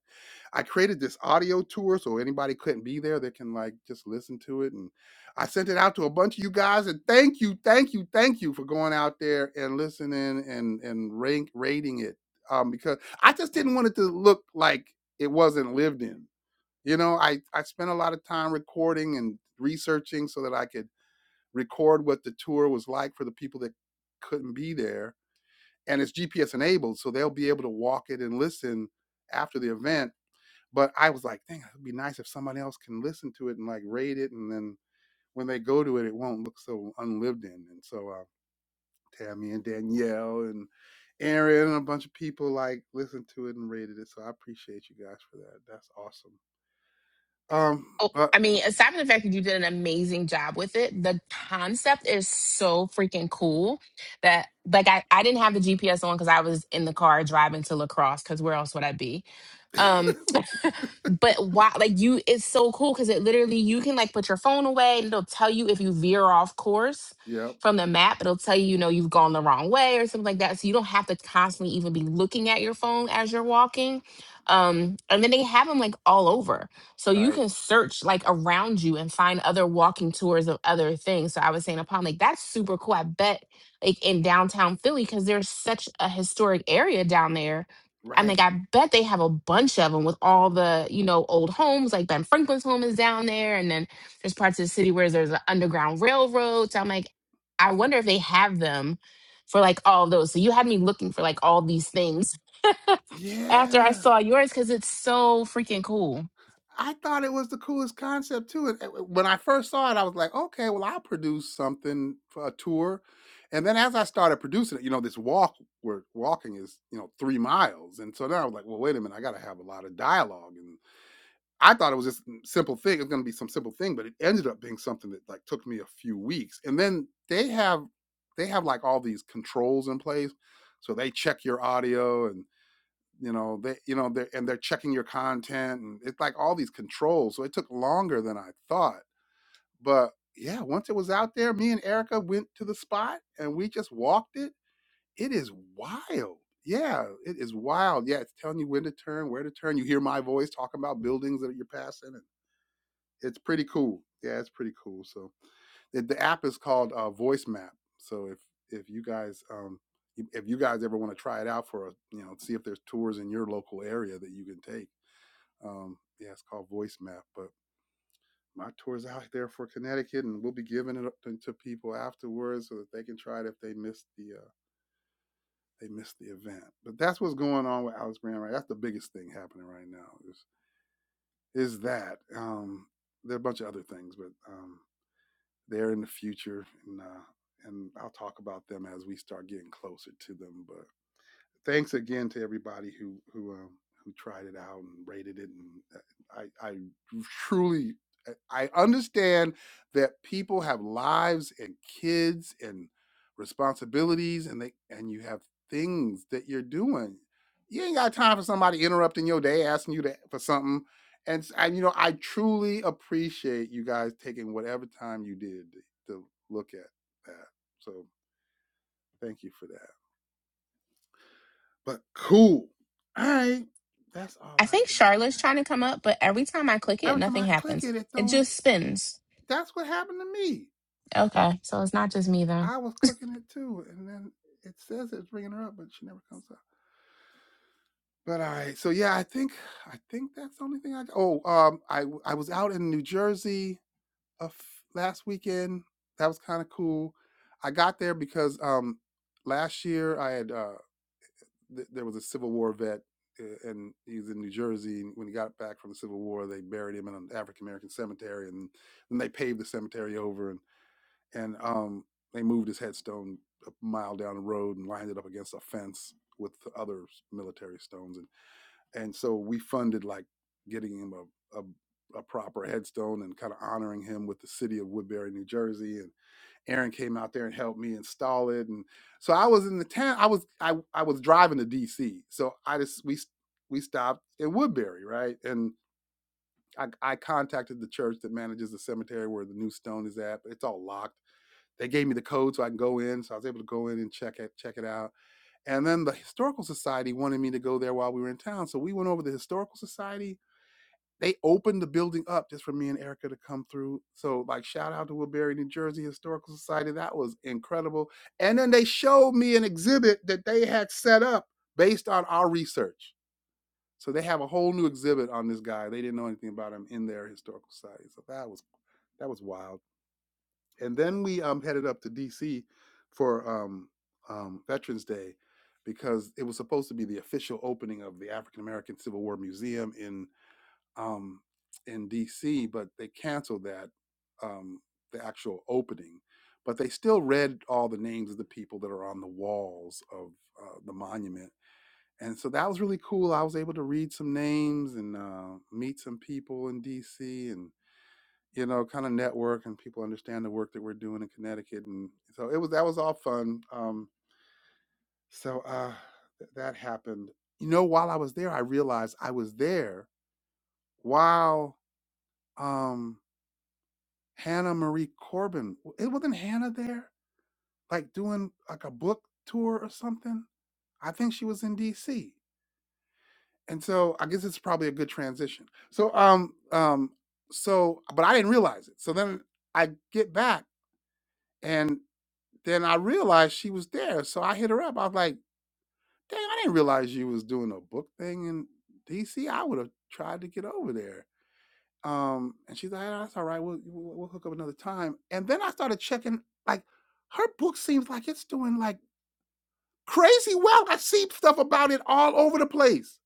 S1: I created this audio tour, so anybody couldn't be there, they can like just listen to it. And I sent it out to a bunch of you guys, and thank you, thank you, thank you for going out there and listening and and rank, rating it, um, because I just didn't want it to look like it wasn't lived in. You know, I I spent a lot of time recording and researching so that I could record what the tour was like for the people that couldn't be there. And it's GPS enabled, so they'll be able to walk it and listen after the event. But I was like, dang, it'd be nice if somebody else can listen to it and like rate it. And then when they go to it, it won't look so unlived in. And so uh, Tammy and Danielle and Aaron and a bunch of people like listened to it and rated it. So I appreciate you guys for that. That's awesome. Um,
S3: Oh,
S1: but
S3: I mean, aside from the fact that you did an amazing job with it, the concept is so freaking cool that like I, I didn't have the GPS on because I was in the car driving to lacrosse because where else would I be?
S1: *laughs*
S3: Um but why like you it's so cool because it literally you can like put your phone away and it'll tell you if you veer off course
S1: yep,
S3: from the map it'll tell you you know you've gone the wrong way or something like that so you don't have to constantly even be looking at your phone as you're walking um and then they have them like all over so you
S1: right,
S3: can search like around you and find other walking tours of other things so i was saying upon like that's super cool i bet like in downtown philly because there's such a historic area down there I'm like,
S1: right,
S3: I bet they have a bunch of them with all the, you know, old homes. Like Ben Franklin's home is down there. And then there's parts of the city where there's an underground railroad. So I'm like, I wonder if they have them for like all those. So you had me looking for like all these things after I
S1: yeah.
S3: saw yours because it's so freaking cool.
S1: I thought it was the coolest concept too. And- and When I first saw it, I was like, okay, well, I'll produce something for a tour. And then as I started producing it, you know, this walk we're walking is, you know, three miles. And so then I was like, well, wait a minute, I got to have a lot of dialogue. And I thought it was just a simple thing. It's going to be some simple thing, but it ended up being something that like took me a few weeks. And then they have, they have like all these controls in place. So they check your audio and you know they you know they're and they're checking your content and it's like all these controls so it took longer than i thought but yeah once it was out there me and erica went to the spot and we just walked it it is wild yeah it is wild yeah it's telling you when to turn where to turn you hear my voice talking about buildings that you're passing and it's pretty cool yeah it's pretty cool so the, the app is called uh, voice map so if if you guys um if if you guys ever want to try it out for a you know see if there's tours in your local area that you can take um, yeah, it's called Voice Map, but my tour's out there for Connecticut, and we'll be giving it up to to people afterwards so that they can try it if they missed the uh, they missed the event. But that's what's going on with Alex Brand, right? That's the biggest thing happening right now is is that. Um, there are a bunch of other things, but um, they're in the future, and uh, and I'll talk about them as we start getting closer to them. But. thanks again to everybody who who um, who tried it out and rated it. And uh, I I truly I I understand that people have lives and kids and responsibilities, and they and you have things that you're doing. You ain't got time for somebody interrupting your day, asking you to, for something. And, s- and you know, I truly appreciate you guys taking whatever time you did to, to look at that. So thank you for that. But cool. All right. That's all
S3: I
S1: I
S3: think
S1: got on
S3: Charlotte's
S1: that.
S3: trying to come up, but every time I click it,
S1: Every time
S3: nothing
S1: I click
S3: happens.
S1: it, it
S3: It
S1: don't.
S3: just spins.
S1: That's what happened to me.
S3: Okay. So it's not just me then.
S1: I was clicking it too, and then it says it's bringing her up, but she never comes up. But all right. So yeah, I think I think that's the only thing I. Oh, um, I I was out in New Jersey a f- last weekend. That was kind of cool. I got there because um last year I had uh th- there was a Civil War vet, uh, and he was in New Jersey. And when he got back from the Civil War, they buried him in an African American cemetery, and then they paved the cemetery over, and and um, they moved his headstone a mile down the road and lined it up against a fence with other military stones, and and so we funded like getting him a a, a proper headstone and kind of honoring him with the city of Woodbury, New Jersey, and. Aaron came out there and helped me install it, and so I was in the town. I was I I was driving to D.C. So I just we we stopped at Woodbury, right? And I I contacted the church that manages the cemetery where the new stone is at, but it's all locked. They gave me the code so I can go in, so I was able to go in and check it check it out. And then the historical society wanted me to go there while we were in town, so we went over to the historical society they opened the building up just for me and Erica to come through. So, like, shout out to Woodbury, New Jersey Historical Society. That was incredible. And then they showed me an exhibit that they had set up based on our research. So they have a whole new exhibit on this guy. They didn't know anything about him in their historical society. So that was that was wild. And then we um, headed up to DC for um, um, Veterans Day because it was supposed to be the official opening of the African American Civil War Museum in um, in DC, but they canceled that, um, the actual opening. But they still read all the names of the people that are on the walls of uh, the monument. And so that was really cool. I was able to read some names and uh, meet some people in DC and, you know, kind of network and people understand the work that we're doing in Connecticut. And so it was, that was all fun. Um, so uh, th- that happened. You know, while I was there, I realized I was there while. Um, Hannah Marie Corbin. It wasn't Hannah there, like doing like a book tour or something. I think she was in D.C. And so I guess it's probably a good transition. So um um so but I didn't realize it. So then I get back and then I realized she was there. So I hit her up. I was like, dang, I didn't realize you was doing a book thing in D.C. I would have tried to get over there. Um, and she's like, "Ah, "That's all right. We'll, we'll we'll hook up another time." And then I started checking. Like, her book seems like it's doing like crazy well. I see stuff about it all over the place.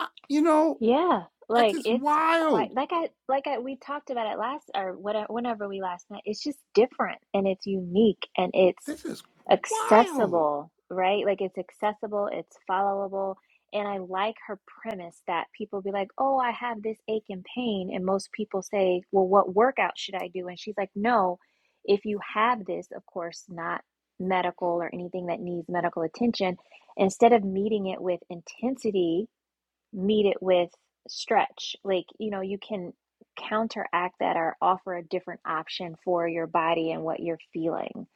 S1: I, you know,
S4: Yeah,
S1: that
S4: like
S1: is
S4: it's quite
S1: wild.
S4: like I like I we talked about it last or whatever whenever we last met. It's just different and it's unique and it's
S1: This is wild. *laughs*
S4: accessible, right? Like it's accessible, it's followable, and I like her premise that people be like, "Oh, I have this ache and pain," and most people say, "Well, what workout should I do?" And she's like, "No, if you have this, of course, not medical or anything that needs medical attention, instead of meeting it with intensity." meet it with stretch. Like, you know, you can counteract that or offer a different option for your body and what you're feeling.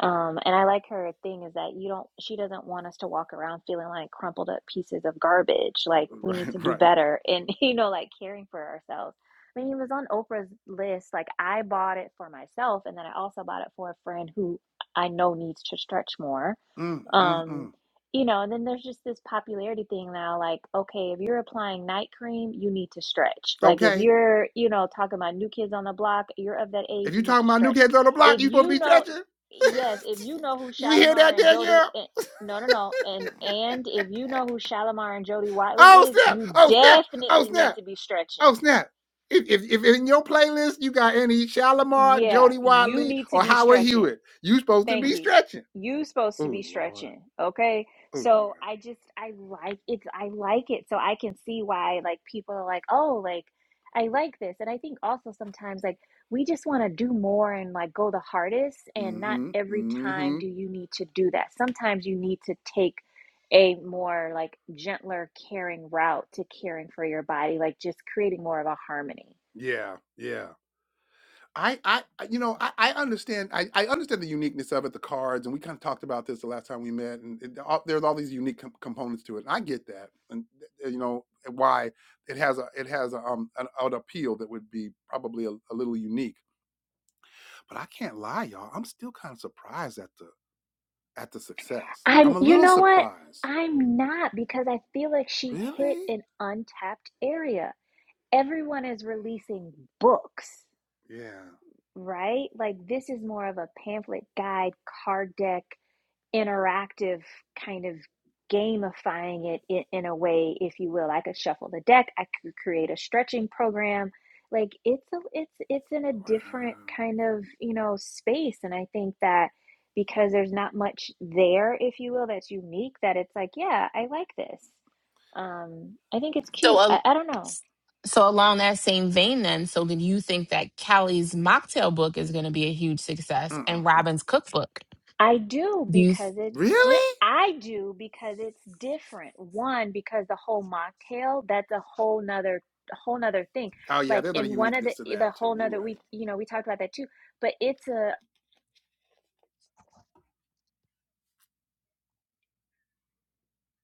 S4: Um, and I like her thing is that you don't, she doesn't want us to walk around feeling like crumpled up pieces of garbage. Like, we need to
S1: Right,
S4: do
S1: right.
S4: better in *laughs* you know, like caring for ourselves. I mean, it was on Oprah's list. Like, I bought it for myself, and then I also bought it for a friend who I know needs to stretch more
S1: Mm, mm,
S4: um,
S1: mm.
S4: you know, and then there's just this popularity thing now, like, okay, if you're applying night cream, you need to stretch. Like if
S1: Okay.
S4: you're, you know, talking about new kids on the block, you're of that
S1: If
S4: age, you
S1: you
S4: need
S1: talking
S4: to
S1: about new
S4: stretch.
S1: kids on the
S4: If
S1: block, you supposed to be
S4: you know,
S1: stretching.
S4: yes, if you know who
S1: *laughs* you hear
S4: Shalimar
S1: that,
S4: and Jody
S1: Danielle?
S4: and no, no, no. And and if you know who Shalimar and Jody Watley
S1: Oh
S4: is,
S1: snap!
S4: you
S1: Oh snap! Oh
S4: definitely need
S1: snap!
S4: to be stretching.
S1: Oh snap! If, if if in your playlist you got any Shalimar,
S4: Yeah,
S1: Jody
S4: you
S1: Watley,
S4: need to
S1: or
S4: be
S1: Howard
S4: stretching
S1: Hewitt, you supposed to be
S4: Thank you.
S1: stretching.
S4: You supposed to
S1: Oh
S4: be
S1: lord,
S4: stretching, okay?
S1: oh lord.
S4: So I just I like it. I like it. So I can see why like people are like, "Oh, like I like this." And I think also sometimes like we just want to do more and like go the hardest and not
S1: Mm-hmm.
S4: every time
S1: Mm-hmm.
S4: do you need to do that. Sometimes you need to take a more like gentler caring route to caring for your body, like just creating more of a harmony.
S1: Yeah, yeah. I I I- you know I I understand I I understand the uniqueness of it, the cards, and we kind of talked about this the last time we met, and it, all, there's all these unique com- components to it, and I get that, and th- th- you know why it has a it has a um an, an appeal that would be probably a, a little unique But I can't lie, y'all. I'm still kind of surprised at the at the success.
S4: I'm,
S1: I'm a
S4: you
S1: little
S4: know what?
S1: surprised.
S4: I'm not because I feel like she hit
S1: Really?
S4: an untapped area. Everyone is releasing books,
S1: Yeah.
S4: right? Like this is more of a pamphlet, guide, card deck, interactive kind of gamifying it in, in a way if you will i could shuffle the deck i could create a stretching program like it's a it's it's in a
S1: Wow.
S4: different kind of you know space and i think that because there's not much there if you will that's unique that it's like yeah i like this um i think it's
S3: So.
S4: cute
S3: uh,
S4: i, I don't know
S3: So along that same vein then, so then you think that Callie's mocktail book is going to be a huge success and
S1: Mm-mm-mm.
S3: Robin's cookbook?
S4: I do
S3: Do you? th-
S4: because it's di-
S1: Really?
S4: I do because it's different. One, because the whole mocktail, that's a whole nother a whole nother thing.
S1: Oh yeah,
S4: Like
S1: there's a
S4: in one of the
S1: uniqueness to
S4: the
S1: that too.
S4: whole
S1: You're
S4: nother we
S1: right.
S4: you know, we talked about that too. But it's a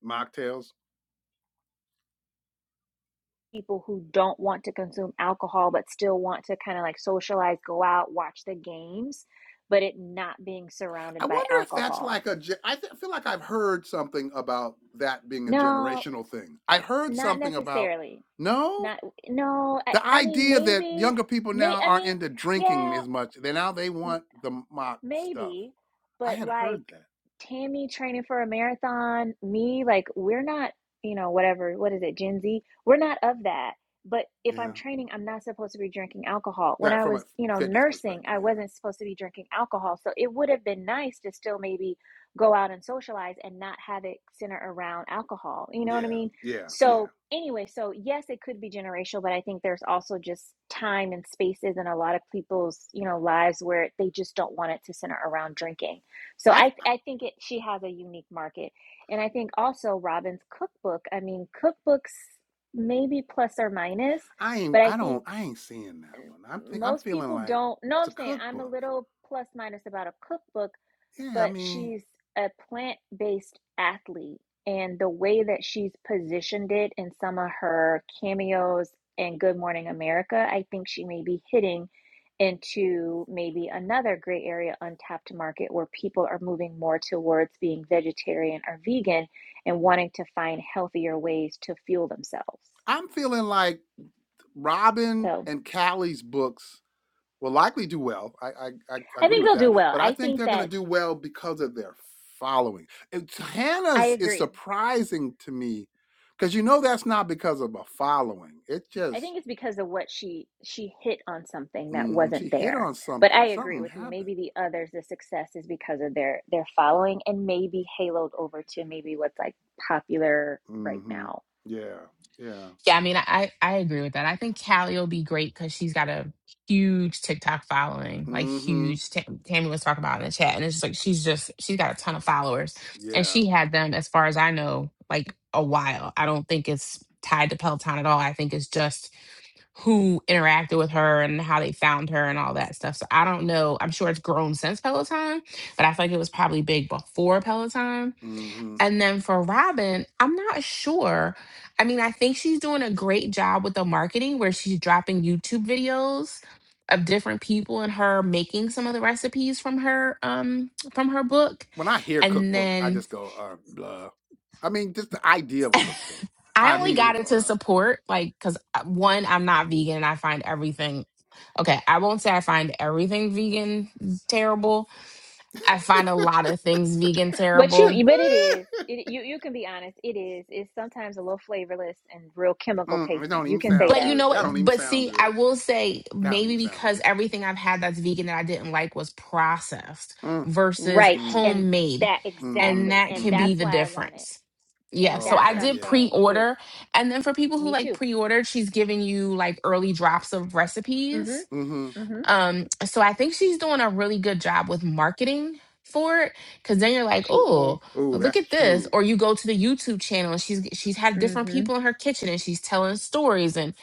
S1: Mocktails.
S4: people who don't want to consume alcohol but still want to kind of like socialize, go out, watch the games, but it not being
S1: I
S4: surrounded by
S1: wonder if that's
S4: alcohol.
S1: like a. ge- I th- feel like I've heard something about that being a
S4: No,
S1: generational thing. I heard
S4: not
S1: something about
S4: necessarily.
S1: no.
S4: Not no, I,
S1: The
S4: I mean
S1: idea that
S4: maybe
S1: younger people now
S4: may I
S1: aren't
S4: mean
S1: into drinking
S4: yeah
S1: as much, they now they want the mock stuff.
S4: Maybe,
S1: I
S4: but
S1: had heard
S4: like
S1: that.
S4: Tammy training for a marathon, me, like we're not, you know, whatever, what is it, Gen Z? We're not of that. But if I'm
S1: Yeah.
S4: training, I'm not supposed to be drinking alcohol. When
S1: That
S4: I
S1: from a
S4: was, you know,
S1: fitness
S4: nursing,
S1: perspective,
S4: I
S1: yeah.
S4: wasn't supposed to be drinking alcohol. So it would have been nice to still maybe go out and socialize and not have it center around alcohol. You know what I
S1: Yeah,
S4: mean?
S1: yeah, yeah.
S4: So, anyway, so yes, it could be generational, but I think there's also just time and spaces in a lot of people's, you know, lives where they just don't want it to center around drinking. So
S1: I
S4: I I think it she has a unique market. And I think also Robin's cookbook, I mean, cookbooks maybe plus or minus,
S1: I ain't
S4: but I
S1: I don't
S4: think
S1: I ain't seeing that one. I'm think I'm
S4: most
S1: feeling
S4: people
S1: like
S4: don't know what
S1: it's
S4: I'm
S1: a
S4: saying. I'm a
S1: cookbook.
S4: little plus minus about a cookbook
S1: Yeah, I
S4: but
S1: mean,
S4: she's a plant based athlete. And the way that she's positioned it in some of her cameos in Good Morning America, I think she may be hitting into maybe another gray area untapped market where people are moving more towards being vegetarian or vegan and wanting to find healthier ways to fuel themselves.
S1: I'm feeling like Robin
S4: So
S1: and Callie's books will likely do well. I I, I
S4: I
S1: agree
S4: think
S1: with
S4: they'll do
S1: that,
S4: well.
S1: but I
S4: I
S1: think
S4: think
S1: they're going
S4: that
S1: to do well because of their following. It's,
S4: I
S1: Hannah's is
S4: agree.
S1: surprising to me because you know that's not because of a following. It
S4: I
S1: just
S4: think it's because of what she she hit on something that
S1: mhm, she
S4: wasn't
S1: hit
S4: there.
S1: on
S4: But
S1: something.
S4: I agree
S1: Something
S4: with you.
S1: happened.
S4: Maybe the others, the success is because of their their following, and maybe haloed over to maybe what's like popular right
S1: Mhm.
S4: now.
S1: Yeah. Yeah.
S3: yeah, I mean, I I agree with that. I think Callie will be great because she's got a huge TikTok following, like
S1: Mhm.
S3: huge. Tam- Tammy was talking about it in the chat, and it's just like she's just she's got a ton of followers, and
S1: Yeah.
S3: she had them as far as I know, like a while. I don't think it's tied to Peloton at all. I think it's just who interacted with her and how they found her and all that stuff. So I don't know. I'm sure it's grown since Peloton, but I feel like it was probably big before Peloton.
S1: Mhm.
S3: And then for Robin, I'm not sure. I mean, I think she's doing a great job with the marketing where she's dropping YouTube videos of different people and her making some of the recipes from her um from her book
S1: When I hear
S3: and
S1: cookbook, I
S3: then
S1: just go, uh, blah. I mean, just the idea of a cookbook.
S3: I
S1: I
S3: only
S1: immediately
S3: got it
S1: go,
S3: to
S1: uh.
S3: support, like, because one, I'm not vegan and I find everything. Okay, I won't say I find everything vegan terrible. I find a lot of things vegan
S4: But you,
S1: *laughs*
S3: terrible.
S4: but it is. It, you you can be honest. It is. It's sometimes a little flavorless and real chemical
S1: mm, it
S4: tasting.
S1: don't
S4: You
S1: even
S4: can say
S1: sound
S3: But you
S4: that,
S1: good.
S3: know
S1: That
S3: what?
S1: don't even
S3: But
S1: sound
S3: see, I
S1: good.
S3: will say
S1: That don't
S3: maybe
S1: even sound
S3: because
S1: good.
S3: everything I've had that's vegan that I didn't like was processed
S1: Mm,
S3: versus
S4: right?
S1: mm,
S4: And
S3: homemade.
S4: that
S1: mm-hmm,
S3: And
S4: exactly.
S3: that
S4: And
S3: could
S1: mm-hmm.
S3: be
S4: that's
S3: the
S4: why I want it.
S3: difference. Yeah,
S4: And
S3: so
S4: that's
S3: I
S4: what
S1: Okay,
S4: I'm
S3: did
S1: yeah.
S3: pre
S4: saying. Is
S3: order. And then for people who
S4: me
S3: like
S4: too.
S3: pre order, she's giving you like early drops of recipes
S4: Mm-hmm.
S1: Mm-hmm.
S4: Mm-hmm.
S3: Um, so I think she's doing a really good job with marketing for it because then you're like,
S4: She
S3: oh,
S4: is.
S1: Oh,
S3: look
S1: that's
S3: at this.
S1: true.
S3: Or you go to the YouTube channel and she's she's had different
S4: Mm-hmm.
S3: people in her kitchen and she's telling stories and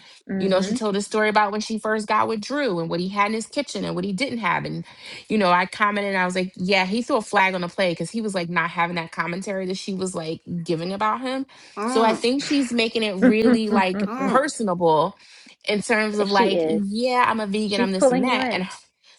S3: you know,
S4: Mm-hmm.
S3: she told a story about when she first got with Drew and what he had in his kitchen and what he didn't have. And, you know, I commented, and I was like, yeah, he threw a flag on the play because he was like not having that commentary that she was like giving about him. So I
S1: Mm,
S3: think she's making it
S4: *laughs*
S3: really like
S1: mm.
S3: personable in terms of
S4: she
S3: like,
S4: is.
S3: yeah, I'm a vegan,
S4: She's
S3: I'm this, and
S4: pulling you
S3: that. And
S4: in.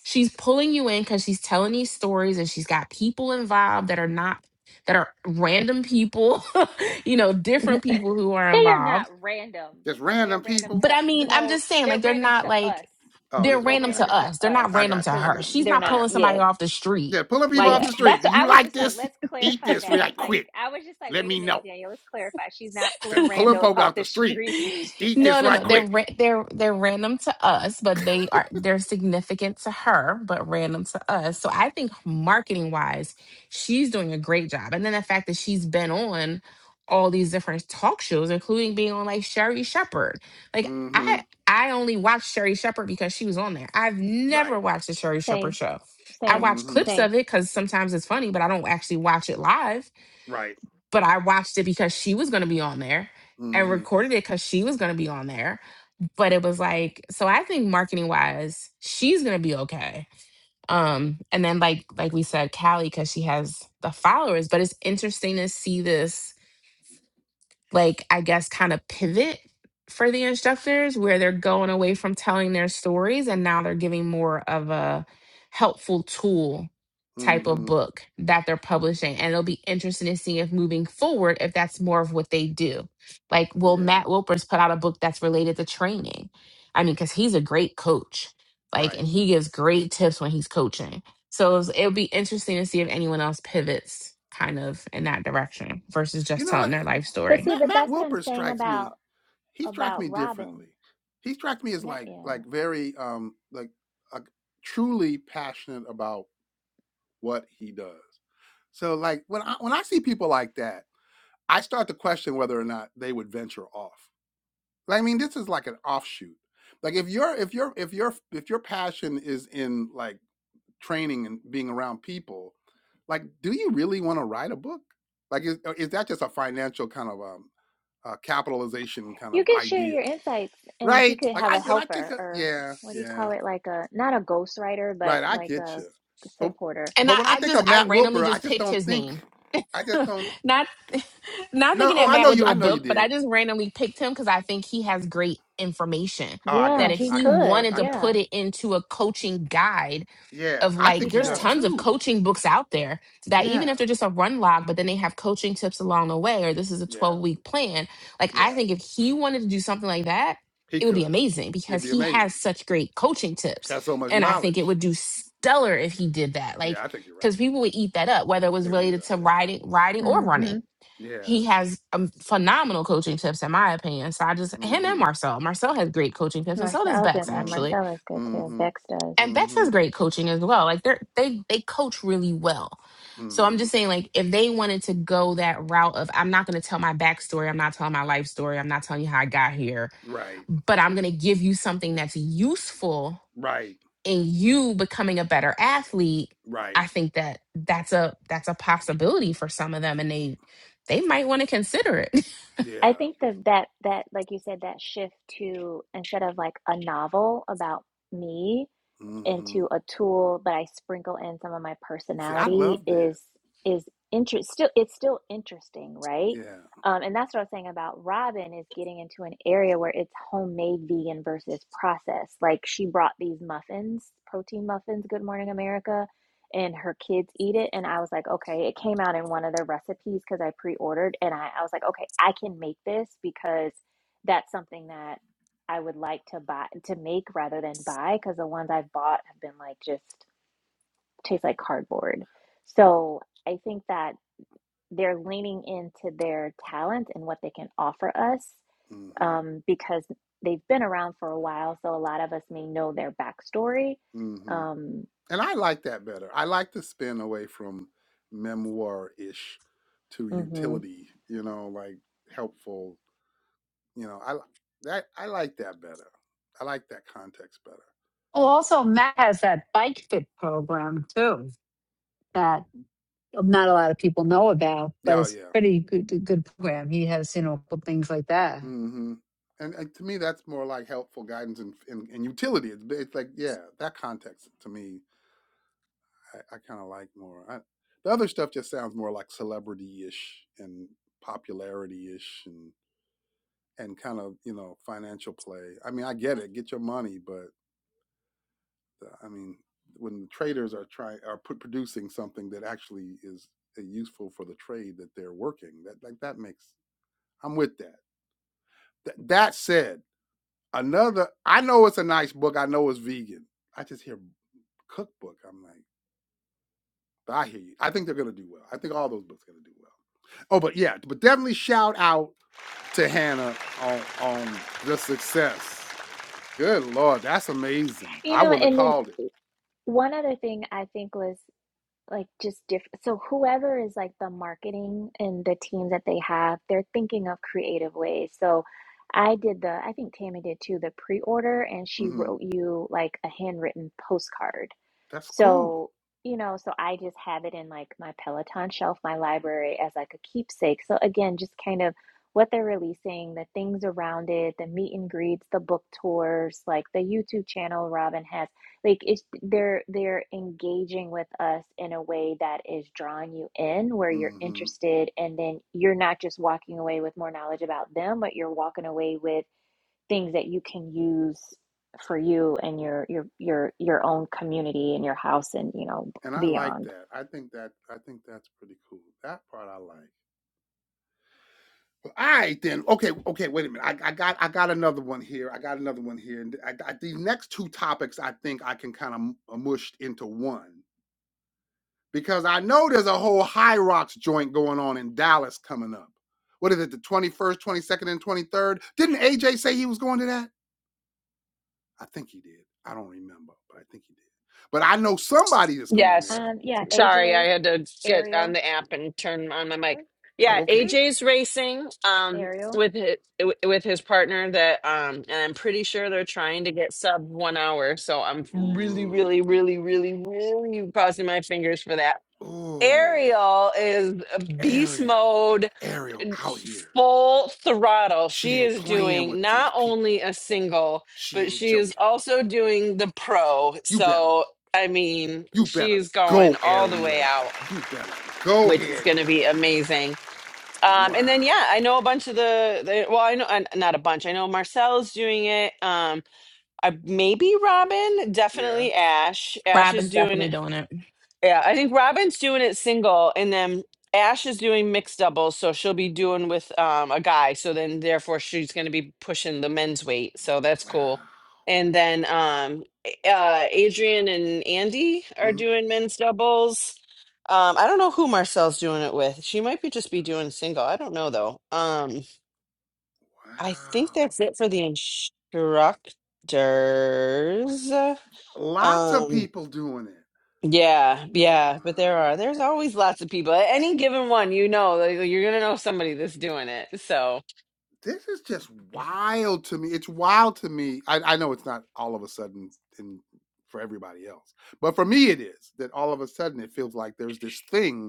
S3: she's pulling you in because she's telling these stories and she's got people involved that are not, that are random people, *laughs* you know, different people who are
S4: They are not
S3: involved.
S4: random.
S1: Just
S4: They're
S1: random
S4: random
S1: people.
S3: But
S4: to
S3: I mean, I'm
S4: no.
S3: just saying,
S4: They're
S3: like, they're
S4: random to
S3: not
S4: us.
S3: like,
S1: Oh,
S3: they're
S1: this
S4: They're
S1: okay,
S3: random
S1: I
S3: to
S4: random
S1: got
S4: to
S1: you.
S3: us. They're
S4: us
S3: not
S1: I
S3: random
S1: got
S3: to
S1: you.
S4: because
S1: I
S3: her.
S1: got you.
S3: She's
S4: they're
S3: not
S1: I got
S4: not.
S3: pulling somebody
S4: Yeah,
S3: off the street.
S1: Yeah, pulling people
S3: Like,
S1: off
S4: yeah.
S1: the street.
S4: That's.
S1: Do
S4: I
S1: you
S4: was
S1: like
S4: just like,
S1: this?
S4: let's
S1: Eat
S4: clarify
S1: this
S4: that.
S1: right
S4: Like,
S1: quick.
S4: I was just like,
S1: Let
S4: wait a
S1: me
S4: minute,
S1: know.
S4: Daniel. Let's clarify. She's not pulling
S1: Just pulling
S4: randos
S1: folk
S4: off
S1: off
S4: the
S1: the street.
S4: street.
S1: Eat this
S3: No, no,
S1: right
S3: no. They're
S1: quick.
S3: ra- they're they're random to us, but they are they're significant to her, but random to us. So I think marketing wise, she's doing a great job. And then the fact that she's been on all these different talk shows, including being on like Sherry Shepherd. Like
S1: Mm-hmm.
S3: I I only watched Sherry Shepherd because she was on there. I've never
S1: Right.
S3: watched the
S4: *laughs*
S3: Sherry Shepherd
S4: same,
S3: show. I
S4: same,
S3: watch
S1: Mm-hmm.
S3: clips
S4: same.
S3: of it because sometimes it's funny, but I don't actually watch it live.
S1: Right.
S3: But I watched it because she was going to be on there and
S1: Mm-hmm.
S3: recorded it because she was going to be on there but it was like so i think marketing wise she's gonna be okay um and then like like we said callie because she has the followers but it's interesting to see this like I guess kind of pivot for the instructors where they're going away from telling their stories and now they're giving more of a helpful tool type of
S1: Mm-hmm.
S3: book that they're publishing and it'll be interesting to see if moving forward if that's more of what they do like will matt
S1: Yeah.
S3: wilpers put out a book that's related to training i mean because he's a great coach like
S1: Right.
S3: and he gives great tips when he's coaching so it's- it'll be interesting to see if anyone else pivots kind of in that direction versus
S1: You
S3: just
S1: know
S3: telling
S1: what?
S3: their life
S4: But
S3: story
S4: see,
S1: Matt,
S4: but
S1: Matt
S4: that's what I'm
S1: Wilper
S4: saying
S1: strikes
S4: about
S1: me. He strikes
S4: about
S1: me differently.
S4: Robin.
S1: He strikes me as
S4: Ma-
S1: like
S4: Yeah.
S1: like very um like uh, truly passionate about what he does. So like when I when I see people like that, I start to question whether or not they would venture off. Like, I mean, this is like an offshoot. Like if your if your if your if your passion is in like training and being around people, like do you really want to write a book? Like is or is that just a financial kind of um uh, capitalization kind
S4: You
S1: of
S4: can share
S1: idea,
S4: your insights, and he
S1: right?
S4: could
S1: Like
S4: have a
S1: I when I think
S4: helper,
S1: of
S4: or
S1: yeah
S4: what do you
S1: yeah
S4: call it? Like a not a ghostwriter, but
S1: right, I
S4: like
S1: get
S4: a
S1: you, but
S4: supporter.
S3: And
S1: but
S3: I,
S1: when I
S3: I
S1: think
S3: just
S1: of
S3: I
S1: Matt
S3: randomly
S1: Wilper, I
S3: just
S1: just
S3: picked
S1: don't
S3: his
S1: think
S3: name.
S1: I just don't
S3: *laughs* not not
S1: no
S3: thinking
S1: oh
S3: that
S1: I
S3: Matt
S1: know
S3: would
S1: you
S3: do
S1: I
S3: a
S1: know you
S3: book, but I
S1: did
S3: just randomly picked him because I think he has great information.
S1: oh I
S3: That
S4: Yeah,
S1: got
S3: if
S1: you
S4: he
S1: I
S3: he
S1: got you
S4: could.
S3: wanted
S1: I
S3: to
S1: got
S3: put
S4: Yeah,
S1: you
S3: it into a coaching guide,
S1: yeah
S3: of
S1: I
S3: like
S4: he
S1: think he
S3: there's
S1: does
S4: could.
S3: tons of
S1: too
S3: coaching books out there that even
S1: yeah
S3: if they're just a run log but then they have coaching tips along the way or this is a 12
S1: Yeah,
S3: week plan like i
S1: yeah.
S3: think if he wanted to do something like that
S1: He
S3: it would be
S1: could.
S3: amazing
S1: It'd
S3: because
S1: be
S3: he
S1: amazing.
S3: has such great coaching tips
S1: Has so much
S3: and i think it
S1: knowledge.
S3: would do stellar if he did that
S1: Yeah,
S3: like
S1: I think you're right.
S3: because people would eat that up whether it was
S1: They would eat it
S3: related
S1: up.
S3: to
S1: Yeah.
S3: riding riding or running
S4: Mm-hmm.
S1: Yeah.
S3: he has um, phenomenal coaching tips in my opinion so i just him and
S1: Mm-hmm.
S3: marcel marcel has great coaching tips and so
S4: Marcel,
S3: does
S4: I was gonna
S3: bex
S4: say
S1: Mm-hmm.
S3: actually
S4: Marcella's good too.
S1: Mm-hmm.
S4: Bex does.
S3: and Bex
S1: Mm-hmm.
S3: has great coaching as well. Like they're they they coach really well. So I'm
S1: Mm-hmm.
S3: just saying, like, if they wanted to go that route of I'm not gonna tell my backstory, I'm not telling my life story, I'm not telling you how I got here,
S1: Right.
S3: but I'm gonna give you something that's useful
S1: Right.
S3: in you becoming a better athlete,
S1: Right.
S3: I think that that's a that's a possibility for some of them and they they might want to consider it. *laughs*
S4: I
S1: Yeah.
S4: think that that that like you said, that shift to instead of like a novel about me,
S1: Mm-hmm.
S4: into a tool, but I sprinkle in some of my
S1: See, I
S4: personality
S1: love that.
S4: is is interest still it's still interesting, right?
S1: Yeah.
S4: Um, and that's what I was saying about Robin is getting into an area where it's homemade vegan versus processed. Like she brought these muffins, protein muffins, Good Morning America, and her kids eat it. And I was like, okay, it came out in one of their recipes because I pre-ordered, and I, I was like, okay, I can make this because that's something that I would like to buy to make rather than buy because the ones I've bought have been like just taste like cardboard. So I think that they're leaning into their talent and what they can offer us
S1: Mm-hmm.
S4: um, because they've been around for a while. So a lot of us may know their backstory.
S1: Mm-hmm.
S4: Um,
S1: And I like that better. I like the spin away from memoir ish to
S4: mhm.
S1: utility, you know, like helpful You know, I that I like that better. I like that context better.
S8: Oh, also Matt has that bike fit program too that not a lot of people know about, but
S1: Yeah, oh,
S8: it's
S1: yeah.
S8: pretty good good program. He has, you know, cool things like that.
S1: Mm-hmm. And, and to me, that's more like helpful guidance and and, and utility. It's, it's like yeah, that context to me, I, I kind of like more. I, the other stuff just sounds more like celebrity ish and popularity ish and and kind of you know financial play. I mean, I get it, get your money, but I mean, when the traders are trying are put, producing something that actually is uh, useful for the trade that they're working, that like that makes I'm with that. Th- that said, another I know it's a nice book. I know it's vegan. I just hear cookbook. I'm like, I hear you. I think they're gonna do well. I think all those books are gonna do well. Oh, but yeah, but definitely shout out to Hannah on on the success. Good lord, that's amazing.
S4: You
S1: I
S4: know,
S1: wouldn't have
S4: and then
S1: called it.
S4: one other thing I think was. like just different. so whoever is like the marketing and the team that they have they're thinking of creative ways so i did the i think tammy did too the pre-order and she
S1: hmm
S4: wrote you like a handwritten postcard
S1: That's cool.
S4: so you know so i just have it in like my peloton shelf my library as like a keepsake so again just kind of what they're releasing the things around it the meet and greets the book tours like the youtube channel robin has like it's they're they're engaging with us in a way that is drawing you in where you're
S1: Mm-hmm.
S4: interested and then you're not just walking away with more knowledge about them but you're walking away with things that you can use for you and your your your your own community and your house and you know
S1: And I like
S4: beyond
S1: that. I think that I think that's pretty cool. That part I like. Well, All right, then. Okay, okay. Wait a minute. I, I got I got another one here. I got another one here. And I, I, these next two topics, I think I can kind of mush into one because I know there's a whole High Rocks joint going on in Dallas coming up. What is it? The twenty first, twenty second, and twenty third. Didn't AJ say he was going to that? I think he did. I don't remember, but I think he did. But I know somebody that's going
S5: Yes.
S1: there.
S4: um yeah
S5: Sorry,
S4: aj
S5: I had to get on
S4: ariel
S5: the app and turn on my mic.
S1: Oh,
S5: Yeah,
S1: okay.
S5: AJ's racing um
S4: ariel
S5: with his, with his partner that um and I'm pretty sure they're trying to get sub 1 hour, so I'm really really
S1: Ooh.
S5: really really really crossing my fingers for that
S1: Ooh.
S5: Ariel is beast
S1: Ariel,
S5: mode,
S1: Ariel out here.
S5: full throttle.
S1: She
S5: She
S1: ain't
S5: is
S1: playing
S5: doing
S1: with
S5: not
S1: these
S5: only
S1: people.
S5: a single,
S1: She
S5: but
S1: ain't
S5: she
S1: joking.
S5: is also doing the pro.
S1: You better,
S5: So, I mean,
S1: you better
S5: she's going
S1: go,
S5: all
S1: Ariel.
S5: the way out,
S1: You better go
S5: which is
S1: ahead,
S5: going to be
S1: man.
S5: amazing. Um,
S1: Wow.
S5: and then, yeah, I know a bunch of the, the well, I know uh, not a bunch. I know Marcel's doing it. Um, I, maybe Robin,
S1: Yeah.
S5: definitely Ash. Ash is
S3: Robin's
S5: doing
S3: definitely doing it.
S5: yeah, I think Robin's doing it single, and then Ash is doing mixed doubles, so she'll be doing with um, a guy. So then, therefore, she's going to be pushing the men's weight. So that's
S1: Wow.
S5: cool. And then um, A- uh, Adrian and Andy are
S1: Mhm.
S5: doing men's doubles. Um, I don't know who Marcel's doing it with. She might be just be doing single. I don't know though. Um, I think
S1: Wow.
S5: that's it for the instructors.
S1: Lots of
S5: Um,
S1: people doing it.
S5: yeah, yeah, but there are
S1: Wow.
S5: there's always lots of people. At any given one, you know, like, you're gonna know somebody that's doing it. So
S1: This is just wild to me. It's wild to me. I, I know it's not all of a sudden and for everybody else. But for me, it is that all of a sudden it feels like there's this thing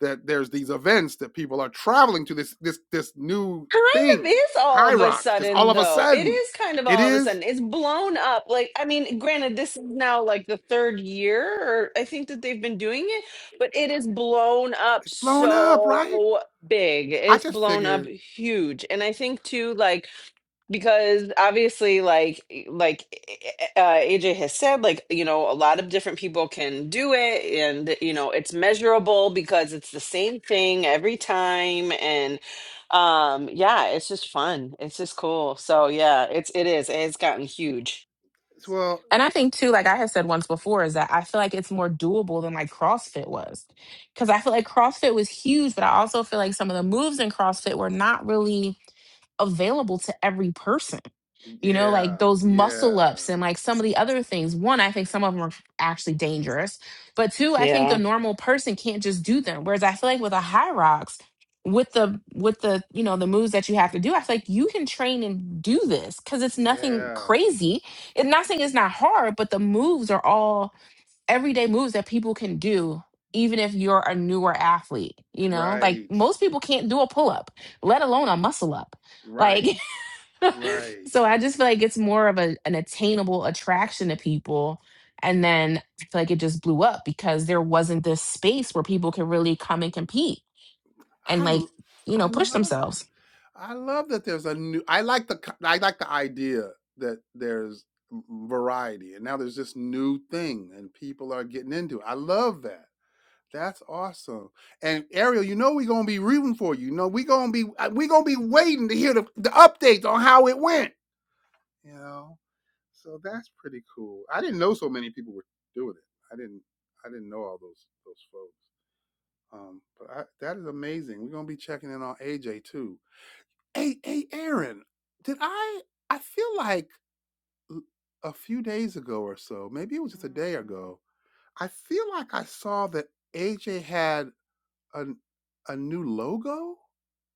S1: that there's these events that people are traveling to this this this new
S5: kind of
S1: thing,
S5: is all
S1: High
S5: of a
S1: Rocks, just all
S5: sudden
S1: of a
S5: though. It
S1: sudden.
S5: is kind of
S1: It
S5: all of a
S1: is.
S5: sudden. It's blown up. Like, I mean, granted, this is now like the third year or I think that they've been doing it, but it is blown up
S1: It's blown up, right?
S5: so big.
S1: I
S5: It's
S1: just
S5: blown up
S1: figured
S5: huge. And I think too, like because obviously like e- like uh AJ has said like you know a lot of different people can do it and you know it's measurable because it's the same thing every time and um yeah it's just fun it's just cool so yeah it's it is it's gotten huge
S1: it's well,
S3: And I think too, like I had said once before, is that I feel like it's more doable than like CrossFit was. Cause I feel like CrossFit was huge, but I also feel like some of the moves in CrossFit were not really available to every person. You know,
S1: yeah,
S3: like those muscle
S1: yeah,
S3: ups and like some of the other things. One, I think some of them are actually dangerous. But two, I think
S5: yeah
S3: the normal person can't just do them. Whereas I feel like with a high rocks, with the with the you know the moves that you have to do, I feel like you can train and do this because it's nothing
S1: yeah.
S3: crazy. It's not saying it's not hard, but the moves are all everyday moves that people can do even if you're a newer athlete you know like
S1: Right,
S3: most people can't do a pull-up let alone a muscle up like
S1: right,
S3: *laughs*
S1: right.
S3: so i just feel like it's more of a, an attainable attraction to people and then i feel like it just blew up because there wasn't this space where people could really come and compete and
S1: I
S3: like
S1: l-
S3: you know
S1: I
S3: push
S1: love it.
S3: themselves
S1: I love that there's a new. I like the co- I like the idea that there's m- variety, and now there's this new thing, and people are getting into it. I love that. That's awesome. And Ariel, you know we're gonna be rooting for you. You know we gonna be uh, we gonna be waiting to hear the, the updates on how it went. You know, so that's pretty cool. I didn't know so many people were doing it. I didn't I didn't know all those those folks. Um, but I, that is amazing. We're gonna be checking in on AJ too. Hey, hey, Aaron, did I? I feel like l- a few days ago or so, maybe it was just a day ago. I feel like I saw that AJ had a a new logo.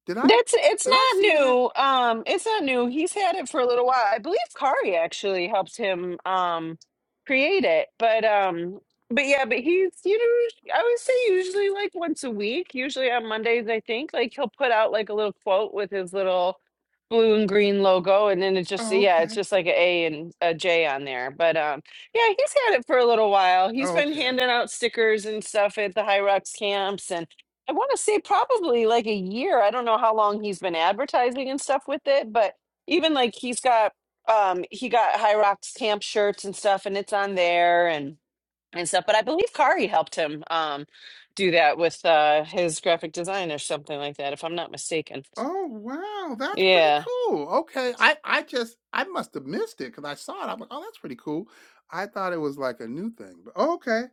S1: Did I?
S5: That's it's
S1: Did I
S5: not
S1: see that?
S5: new. Um, it's not new. He's had it for a little while. I believe Kari actually helped him um create it. But um but yeah, but he's you know I would say usually like once a week, usually on Mondays, I think. Like he'll put out like a little quote with his little blue and green logo and then it just
S1: Oh,
S5: yeah, it's
S1: okay.
S5: just like a A and a J on there. But um yeah, he's had it for a little while. He's
S1: Oh,
S5: been
S1: okay.
S5: handing out stickers and stuff at the High Rocks camps and I want to say probably like a year. I don't know how long he's been advertising and stuff with it, but even like he's got um he got High Rocks camp shirts and stuff and it's on there and and stuff. But I believe Kari helped him um do that with uh his graphic design or something like that, if I'm not mistaken.
S1: Oh, wow, that's pretty
S5: Yeah.
S1: cool. Okay, I I just I must have missed it because I saw it. I'm like, oh, that's pretty cool. I thought it was like a new thing, but okay,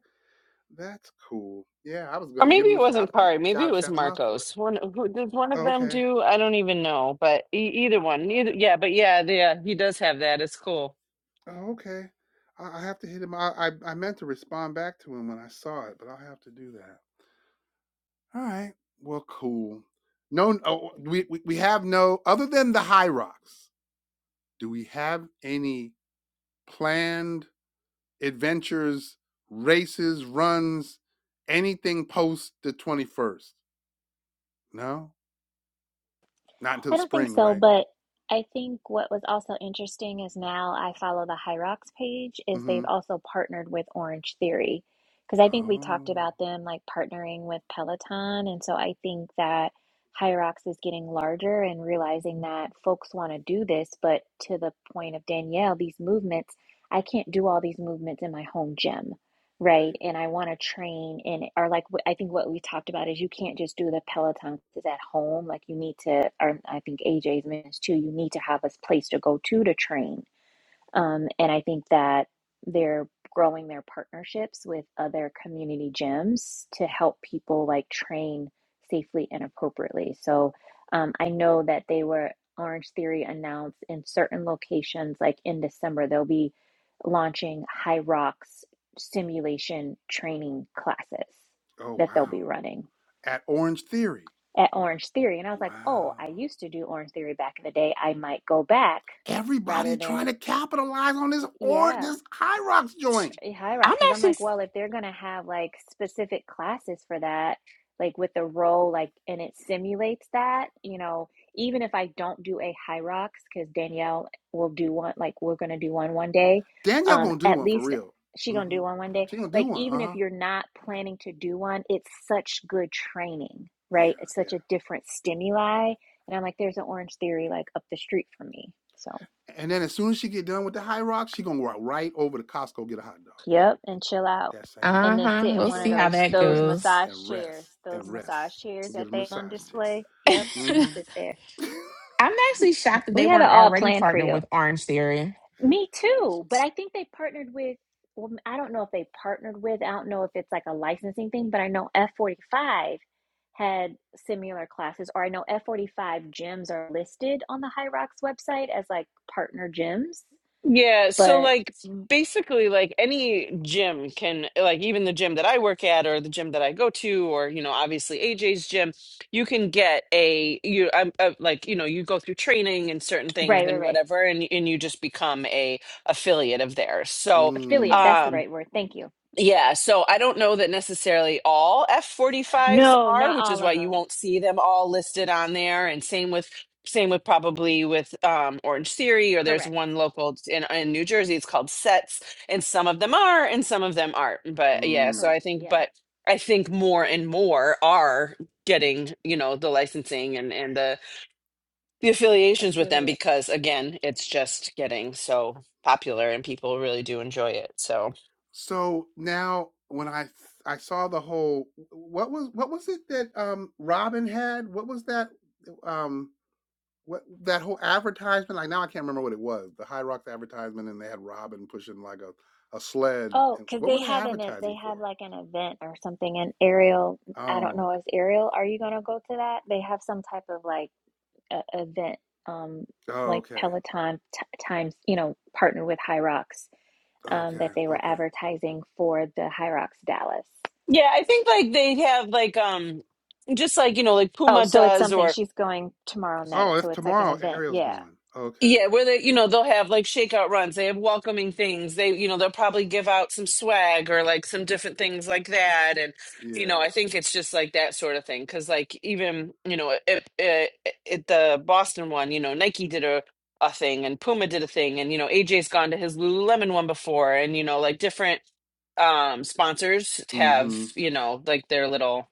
S1: that's cool. Yeah, I was
S5: Or
S1: gonna
S5: maybe
S1: give him
S5: it
S1: a
S5: wasn't
S1: shout and
S5: Kari, maybe it
S1: shout
S5: was
S1: shout him out for it.
S5: Marcos. One who did one of
S1: Oh,
S5: them
S1: okay,
S5: do? I don't even know, but e- either one. either yeah, but yeah, yeah, he does have that. It's cool.
S1: oh, okay. I, I have to hit him. I, I I meant to respond back to him when I saw it, but I'll have to do that. All right. Well, cool. No, oh, we, we we have no other than the high rocks. Do we have any planned? adventures, races, runs, anything post the 21st? No, not until
S4: I
S1: the
S4: don't think
S1: spring,
S4: so,
S1: right?
S4: but I think what was also interesting is now I follow the Hyrox page is they've
S1: Mm-hmm.
S4: also partnered with Orange Theory because I think we
S1: Oh,
S4: talked about them like partnering with Peloton, and so I think that Hyrox is getting larger and realizing that folks want to do this, but to the point of Danielle, these movements, I can't do all these movements in my home gym right?
S1: right.
S4: And I want to train in, or like wh- I think what we talked about is you can't just do the Peloton is at home. Like you need to, or I think AJ's mentioned too, you need to have a place to go to to train um, and I think that they're growing their partnerships with other community gyms to help people like train safely and appropriately. So um, I know that they were Orange Theory announced in certain locations, like in December, they'll be launching High Rocks simulation training classes
S1: Oh,
S4: that they'll
S1: wow.
S4: be running
S1: At Orange Theory.
S4: at Orange Theory. And I was
S1: Wow.
S4: like, oh, I used to do Orange Theory back in the day. I might go back rather
S1: Everybody trying
S4: than,
S1: to capitalize on this or
S4: yeah.
S1: this High Rocks joint.
S4: high rock
S3: i'm
S4: because I'm
S3: actually
S4: like, well, if they're gonna have like specific classes for that, like with the role, like and it simulates that, you know, even if I don't do a high rocks, because Danielle will do one, like we're gonna do one one day,
S1: Danielle
S4: um,
S1: gonna do
S4: at
S1: one for
S4: least
S1: real.
S4: she gonna
S1: Mm-hmm.
S4: do one one day.
S1: She gonna do
S4: Like
S1: one.
S4: even
S1: Uh
S4: if
S1: huh.
S4: you're not planning to do one, it's such good training,
S1: Yeah,
S4: right? It's such a
S1: yeah.
S4: different stimuli, and I'm like, there's an Orange Theory like up the street from me, so.
S1: And then as soon as she get done with the High Rocks, she gonna walk right over to Costco get a hot dog.
S4: Yep, and chill out.
S1: that same day
S4: And then
S3: uh-huh
S4: sit
S1: and
S4: in
S3: we'll
S4: one
S1: chill
S4: of
S3: see how
S1: out
S4: those
S3: that
S1: and
S4: those
S1: rest
S3: goes
S4: massage
S1: and
S4: chairs,
S1: rest and
S4: those
S1: rest
S4: massage chairs
S1: and get
S4: that
S1: a
S4: they on
S1: massage chair.
S4: display. Yep,
S3: *laughs*
S4: and
S1: Mm-hmm.
S4: sit there.
S3: I'm actually shocked that they
S4: We have it
S3: weren't
S4: all
S3: already
S4: planned for
S3: partnered
S4: you.
S3: with Orange Theory.
S4: Me too, but I think they partnered with, well, I don't know if they partnered with, I don't know if it's like a licensing thing, but I know F45 had similar classes, or I know F45 gyms are listed on the High Rocks website as like partner gyms,
S5: Yeah, so
S4: but
S5: like basically like any gym can like even the gym that I work at or the gym that I go to or you know obviously AJ's gym, you can get a you I'm uh, like you know you go through training and certain things
S4: right, right,
S5: and
S4: right.
S5: whatever and and you just become a affiliate of theirs.
S1: *laughs*
S5: So
S4: Affiliate,
S1: mm,
S4: that's the
S5: um
S4: right word. Thank you.
S5: yeah, so I don't know that necessarily all F45s
S4: No,
S5: are,
S4: not
S5: which
S4: all
S5: is
S4: of
S5: why you
S4: them.
S5: won't see them all listed on there. And same with same with probably with um, Orange Theory, or there's one
S4: Correct.
S5: local in in New Jersey. It's called Sets, and some of them are, and some of them aren't. But yeah,
S1: mm.
S5: so I
S4: Correct.
S5: think,
S4: Yeah.
S5: but I think more and more are getting you know the licensing and and the the affiliations with them
S4: Affiliate.
S5: because again, it's just getting so popular and people really do enjoy it. So.
S1: So now when I I saw the whole what was what was it that um Robin had? What was that um what that whole advertisement? Like now I can't remember what it was. The High Rocks advertisement and they had Robin pushing like a a sled
S4: Oh,
S1: and
S4: because
S1: what were
S4: they
S1: they
S4: have an e- they
S1: advertising for?
S4: have like an event or something. And Ariel, I don't
S1: Oh,
S4: know, is Ariel, are you gonna go to that? They have some type of like uh, event, um,
S1: oh
S4: like
S1: okay.
S4: Peloton t times, you know, partnered with Hyrox, um, that
S1: Okay.
S4: they were
S1: Okay.
S4: advertising for the Hyrox Dallas.
S5: Yeah, I think like they have like um just like you know like
S4: Oh,
S5: Puma
S4: so it's
S5: does
S4: something
S5: or
S4: she's going tomorrow night.
S1: Oh, it's
S4: So it's like an
S1: tomorrow.
S4: event.
S1: Ariel's
S4: Yeah.
S1: going. Okay.
S5: yeah where they you know they'll have like shakeout runs they have welcoming things they you know they'll probably give out some swag or like some different things like that and you
S1: Yeah.
S5: know I think it's just like that sort of thing because like even you know it, it, it the Boston one you know Nike did a a thing and Puma did a thing and you know AJ's gone to his Lululemon one before and you know like different um sponsors have
S1: hmm
S5: you know like their little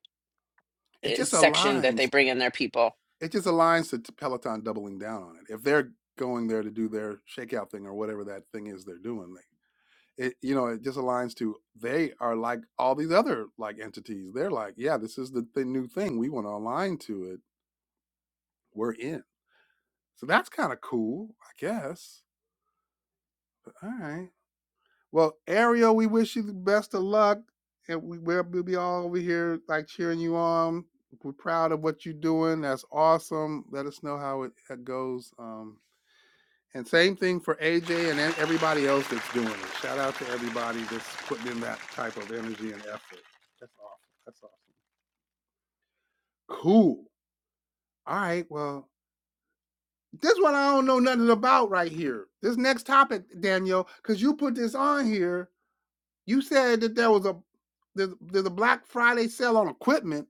S1: It
S5: uh,
S1: just
S5: section that they
S1: aligns.
S5: bring in their people.
S1: It just aligns to t- Peloton doubling down on it. If they're going there to do their shakeout thing or whatever that thing is they're doing, they, it you know it just aligns to they are like all these other like entities. They're like, yeah, this is the, the new thing. We want to align to it. We're in. So that's kind of cool, I guess. But All right. Well, Ariel, we wish you the best of luck, and we, we'll we'll be all over here like cheering you on. We're proud of what you're doing. That's awesome. Let us know how it, it goes. Um, and same thing for AJ and e- everybody else that's doing it. Shout out to everybody that's putting in that type of energy and effort. That's awesome. That's awesome. Cool. All right. Well, this one I don't know nothing about right here. This next topic, Daniel, because you put this on here You said that there was a there's, there's a Black Friday sale on equipment.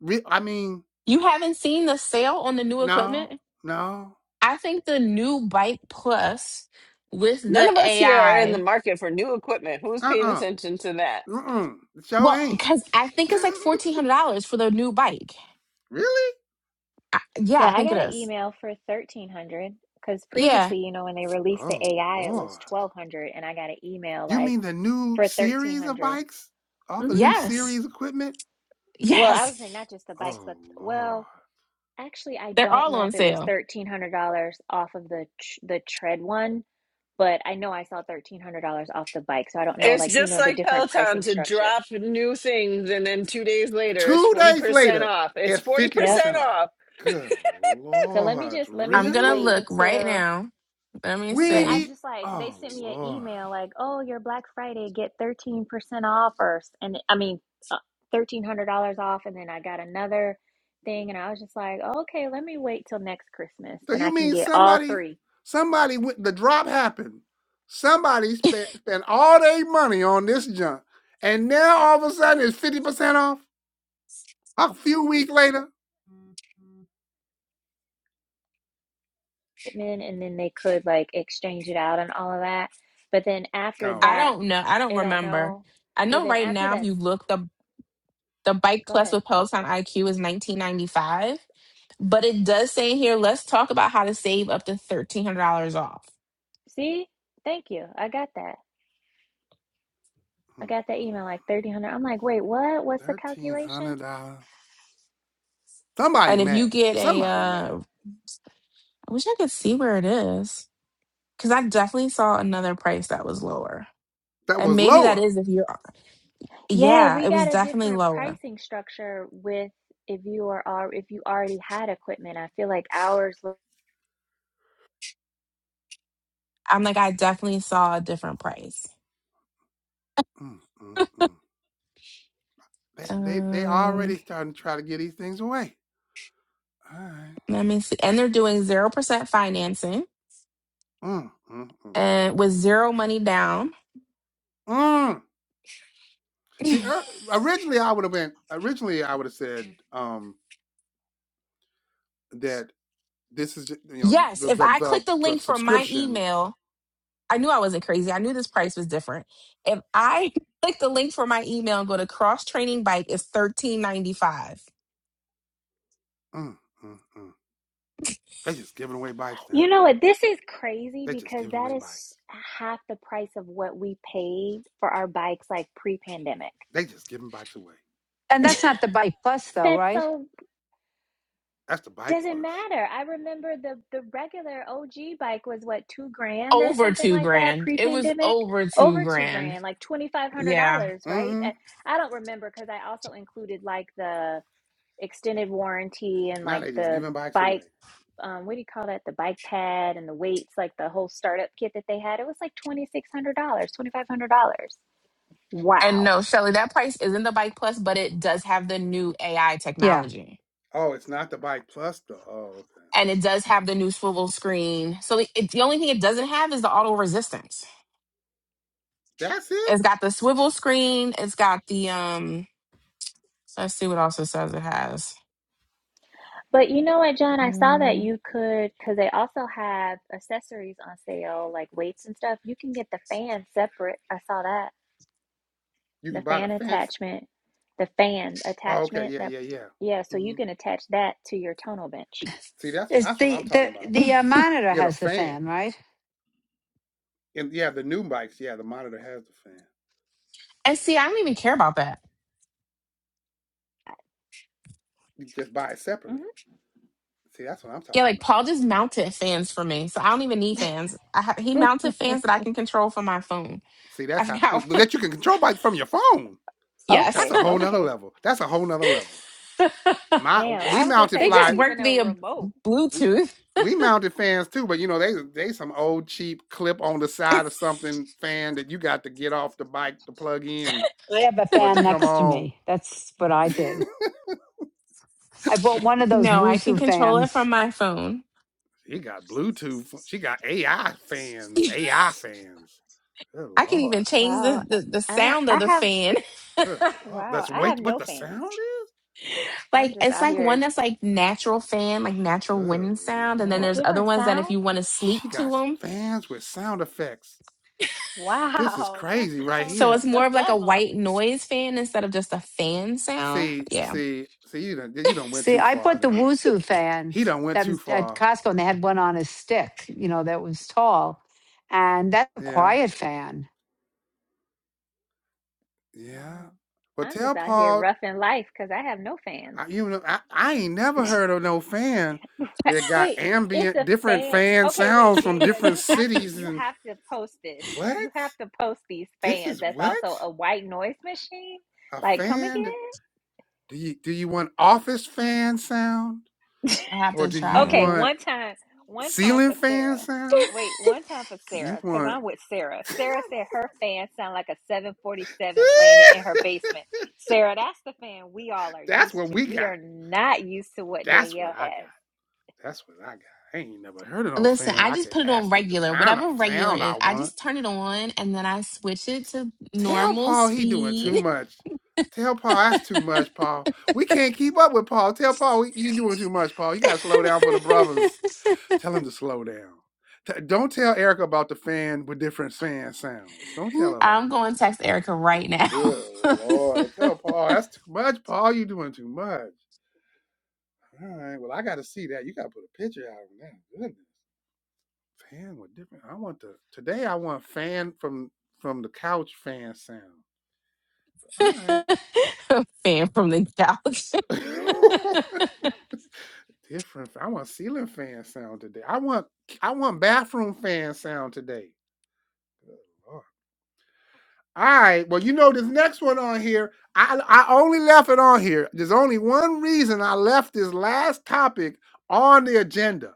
S1: Re- I mean,
S3: You haven't seen the sale on the new
S1: no,
S3: equipment?
S1: no,
S3: I think the new Bike Plus with
S5: None
S3: the
S5: of us here are in the
S3: AI,
S5: market for new equipment. Who's
S1: uh,
S5: paying attention to that?
S1: uh-uh, uh, the show
S3: well,
S1: ain't.
S3: because I think
S1: *laughs*
S3: it's like $1,400 for the new bike.
S1: really?
S3: I, yeah,
S4: Yeah,
S3: I
S4: I
S3: think it
S4: got an
S3: is.
S4: email for 1300 because
S3: Yeah.
S4: previously, you know, when they released the
S1: Oh
S4: AI, it was
S1: Lord!
S4: 1200 and I got an email
S1: You
S4: like
S1: mean the new
S4: for
S1: series of
S4: 1300.
S1: bikes? All
S4: hmm
S1: the new
S3: Yes.
S1: series equipment?
S4: Well, I was saying
S3: Yes.
S4: not just the bikes,
S1: Oh
S4: but
S1: Lord!
S4: well, actually I
S3: *laughs* They're
S4: don't
S3: all
S4: know
S3: on
S4: if it was
S3: sale.
S4: $1300 off of the tr the tread one, but I know I saw $1300 off the bike, so I don't know
S5: It's
S4: like, you
S5: just
S4: know, the
S5: like
S4: different
S5: Peloton
S4: pricing
S5: to
S4: structure.
S5: drop new things and then two days later it's
S1: Two days
S5: 40%
S1: later,
S5: off. It's
S1: it's
S5: 40%
S1: fifty
S4: Yep.
S1: percent off.
S5: off.
S1: Good
S4: So let me
S1: Lord!
S4: just let me
S3: I'm
S4: just
S3: going to
S4: wait
S1: Really?
S3: look right
S4: until
S3: now. Let me
S1: We
S4: But
S1: ain't
S3: see.
S4: I'm
S1: e-
S4: just like, they
S1: Oh
S4: sent me an
S1: Lord!
S4: email like, oh, your Black Friday, get 13% off first. And I mean, uh, $1,300 off. And then I got another thing. And I was just like, oh, okay, let me wait till next Christmas.
S1: So
S4: Then I
S1: you
S4: can
S1: mean
S4: get all
S1: somebody,
S4: three.
S1: somebody with the drop happened. Somebody spent spent all their money on this junk, and now all of a sudden it's fifty percent off. A few weeks later.
S4: Men, and then they could like exchange it out and all of that. But then after
S1: Oh
S3: I
S4: that,
S1: yeah.
S3: don't know. I don't
S4: I don't
S3: remember.
S4: know.
S3: I
S4: Well,
S3: know
S4: then
S3: right
S4: after
S3: now, if
S4: that,
S3: you look, the, the Bike
S4: go
S3: Plus
S4: ahead.
S3: with Peloton IQ is 1995 But it does say in here, let's talk about how to save up to $1,300 off.
S4: See? Thank you. I got that. I got that
S1: Mm-mm.
S4: email like 1300. I'm like, wait, what? What's the
S1: Thirteen
S4: calculation?
S1: hundred dollars. Somebody
S3: And if you
S1: mad.
S3: get a,
S1: Somebody mad.
S3: uh, I wish I could see where it is because I definitely saw another price that was lower.
S1: That
S3: And
S1: was
S3: maybe that
S1: lower.
S3: is if you're,
S4: Yeah,
S3: yeah,
S4: we
S3: it was
S4: got a
S3: definitely
S4: different
S3: lower.
S4: pricing structure with if you are al- if you already had equipment. I feel like ours was
S3: I'm like, I definitely saw a different price.
S1: Mm, mm, mm. They they they
S3: Um,
S1: already starting to try to get these things away. All right.
S3: let me see. And they're doing 0% financing
S1: Mm, mm,
S3: and with zero money down.
S1: mm. See,
S3: *laughs*
S1: er, originally I would have went. Originally I would have said um, that this is ju- you know
S3: Yes,
S1: the
S3: if
S1: the
S3: I
S1: the,
S3: click the
S1: the
S3: link from my
S1: subscription.
S3: email, I knew I wasn't crazy. I knew this price was different. If I *laughs* click the link for my email and go to cross training bike, it's thirteen ninety five.
S1: Mm, mm, mm. They just giving away bikes now.
S4: You know what? This is crazy
S1: They just
S4: because
S1: giving
S4: that
S1: away
S4: is
S1: bikes.
S4: half the price of what we paid for our bikes like pre-pandemic.
S1: They just giving bikes away.
S8: And
S4: *laughs*
S8: that's not the bike plus
S1: So
S8: though,
S4: That's
S8: right?
S4: so
S1: that's the bike
S4: doesn't
S1: plus.
S4: matter. I remember the the regular OG bike was what two grand or
S3: Over
S4: something
S3: two
S4: like that
S3: grand. It was
S4: pre-pandemic,
S3: over two
S4: over two
S3: grand.
S4: grand, like twenty five hundred
S3: Yeah.
S4: dollars, right?
S1: hmm
S4: I, I don't remember because I also included like the extended warranty and
S1: Now
S4: like
S1: they just
S4: the
S1: giving bikes away.
S4: bike um what do you call that the bike pad and the weights like the whole startup kit that they had it was like $2600 $2500
S3: And
S4: wow
S3: no, Shelly, that price isn't the bike plus, but it does have the new AI
S8: Yeah.
S3: technology.
S1: Oh, it's not the bike plus though. Oh, okay.
S3: And it does have the new swivel screen. So it, it- the only thing it doesn't have is the auto resistance.
S1: That's it.
S3: It's got the swivel screen. It's got the um let's see what else it says it has.
S4: but you know what john i saw that
S3: Mm.
S4: you could because they also have accessories on sale like weights and stuff you can get the fan separate i saw that
S1: You
S4: the
S1: can buy the
S4: fan
S1: fence.
S4: attachment the fan
S1: Oh, okay.
S4: attachment
S1: Yeah,
S4: that
S1: yeah, yeah.
S4: yeah so you
S1: hmm
S4: can attach that to your tonal bench
S1: See, that's
S8: It's
S1: that's what I'm
S8: the
S1: talking
S8: the
S1: about.
S8: the uh, monitor
S1: Get a
S8: has the
S1: fan.
S8: fan, right?
S1: And yeah, the new bikes. Yeah, the monitor has the fan.
S3: And see, I don't even care about that.
S1: You just buy it separately.
S4: hmm
S1: See, that's what I'm
S3: Yeah,
S1: talking
S3: like
S1: about.
S3: Paul just mounted fans for me, so I don't even need fans. I ha- he mounted fans that I can control from my phone.
S1: See,
S3: I
S1: that's how
S3: forgot. *laughs*
S1: that you can control by from your phone.
S4: *laughs*
S1: That's
S3: yes,
S1: a
S4: okay
S1: whole nother
S4: okay
S1: level. That's a whole nother level.
S3: *laughs* they
S1: My
S4: Damn,
S1: we
S4: I was gonna
S1: mounted
S4: say not
S3: just
S1: fly
S3: work
S4: even a
S3: via
S4: remote.
S1: we,
S3: Bluetooth.
S1: we mounted fans too, but you know they they some old cheap clip on the side of something fan that you got to get off the bike to plug in
S8: I have a
S1: for it to
S8: fan
S1: come
S8: next to
S1: on.
S8: me. That's what
S1: *laughs*
S8: I did.
S1: she
S8: I bought one of those
S3: No, I can
S8: Wuzu
S3: control it
S8: fans.
S3: from my phone.
S1: got Bluetooth. She got AI
S3: *laughs*
S1: fans. AI fans. Good
S3: I can even
S1: lord.
S3: change the,
S4: Wow, I
S3: the the
S4: I don't.
S3: sound
S4: I
S3: of the
S4: have
S3: fan. *laughs*
S1: Good lord.
S4: wow.
S1: That's
S4: I have
S1: wait
S4: no
S1: what the
S4: fans.
S1: sound is?
S4: I'm
S3: Like
S4: just
S3: it's
S4: out
S3: like one
S4: here.
S3: that's like natural fan, like natural
S1: Good
S3: wind sound, and
S4: They
S3: then
S4: have
S3: there's
S1: lord.
S3: other
S4: different
S3: ones that if
S4: sound.
S3: you want to sleep
S1: She
S3: to
S1: got
S3: them,
S1: fans with sound effects. This is
S4: Wow, *laughs* that's
S1: crazy
S4: a
S1: right
S4: whole
S3: so
S1: here.
S3: it's more
S4: nother *laughs*
S3: of like a
S4: level.
S3: white noise fan instead of just a fan sound.
S1: See,
S3: Yeah,
S1: see, see, you done, you done went
S8: See,
S1: too
S8: I
S1: far
S8: bought the
S1: now.
S8: Wuzu fan
S1: He done went
S8: that
S1: too
S8: at
S1: far.
S8: Costco, and they had one on a stick, you know, that was tall, and that's a
S1: Yeah,
S8: quiet fan.
S1: yeah.
S4: Wow,
S1: Well,
S4: I'm
S1: tell
S4: just out here
S1: Paul,
S4: roughing life because I have no fans.
S1: I, you know, I, I ain't never heard of no fan that
S4: *laughs*
S1: got
S4: Wait, it's
S1: ambient,
S4: a
S1: different
S4: fan.
S1: fan
S4: Okay,
S1: sounds
S4: wait,
S1: from
S4: Danielle,
S1: different
S4: you have to
S1: cities
S4: you
S1: and
S4: have to post this.
S1: what?
S4: You have to post these
S1: This
S4: fans.
S1: is
S4: That's
S1: what?
S4: also a white noise machine.
S1: A
S4: Like, come
S1: fan? that-
S4: again?
S1: Do you, do you want office fan sound?
S4: *laughs*
S3: I have
S1: Or
S3: to
S1: do
S3: try
S1: you
S4: Okay,
S3: them.
S1: want
S4: one time, one time
S1: ceiling
S4: for
S1: fan
S4: Sarah.
S1: sound?
S4: Wait, one time for
S1: You
S4: Sarah, because
S1: want
S4: I'm with Sarah.
S1: *laughs*
S4: Sarah said her fan sound like a 747 landed in her basement. Sarah, that's the fan we all are
S1: That's
S4: used
S1: what
S4: to.
S1: we
S4: We
S1: got.
S4: are not used to what
S1: That's what
S4: Danielle
S1: I got.
S4: has.
S1: That's what I got. I ain't never heard of no
S3: Listen,
S1: fan.
S3: I
S1: I
S3: just
S1: could
S3: put it on
S1: ask it the
S3: regular,
S1: kind of
S3: whatever regular
S1: sound I
S3: is. I
S1: want.
S3: just turn it on and then I switch it to
S1: Tell
S3: normal
S1: Paul he doing too
S3: speed.
S1: much. Tell Paul that's too much, Paul. We can't keep up with Paul. Tell Paul you doing too much, Paul. You gotta slow down for
S3: *laughs*
S1: the brothers. Tell him to slow down. T- don't tell Erica about the fan with different fan sounds. Don't tell her
S3: I'm
S1: about that.
S3: going to text Erica right now.
S1: Good
S3: *laughs*
S1: lord. Tell Paul that's too much, Paul. You doing too much. All right. Well, I got to see that. You got to put a picture out of that. Goodness, fan with different. I want the today. I want fan from from the couch fan sound. All right.
S3: Fan from the couch.
S1: *laughs* different. I want ceiling fan sound today. I want I want bathroom fan sound today. Lord. All right. Well, you know this next one on here. I I only left it on here. There's only one reason I left this last topic on the agenda.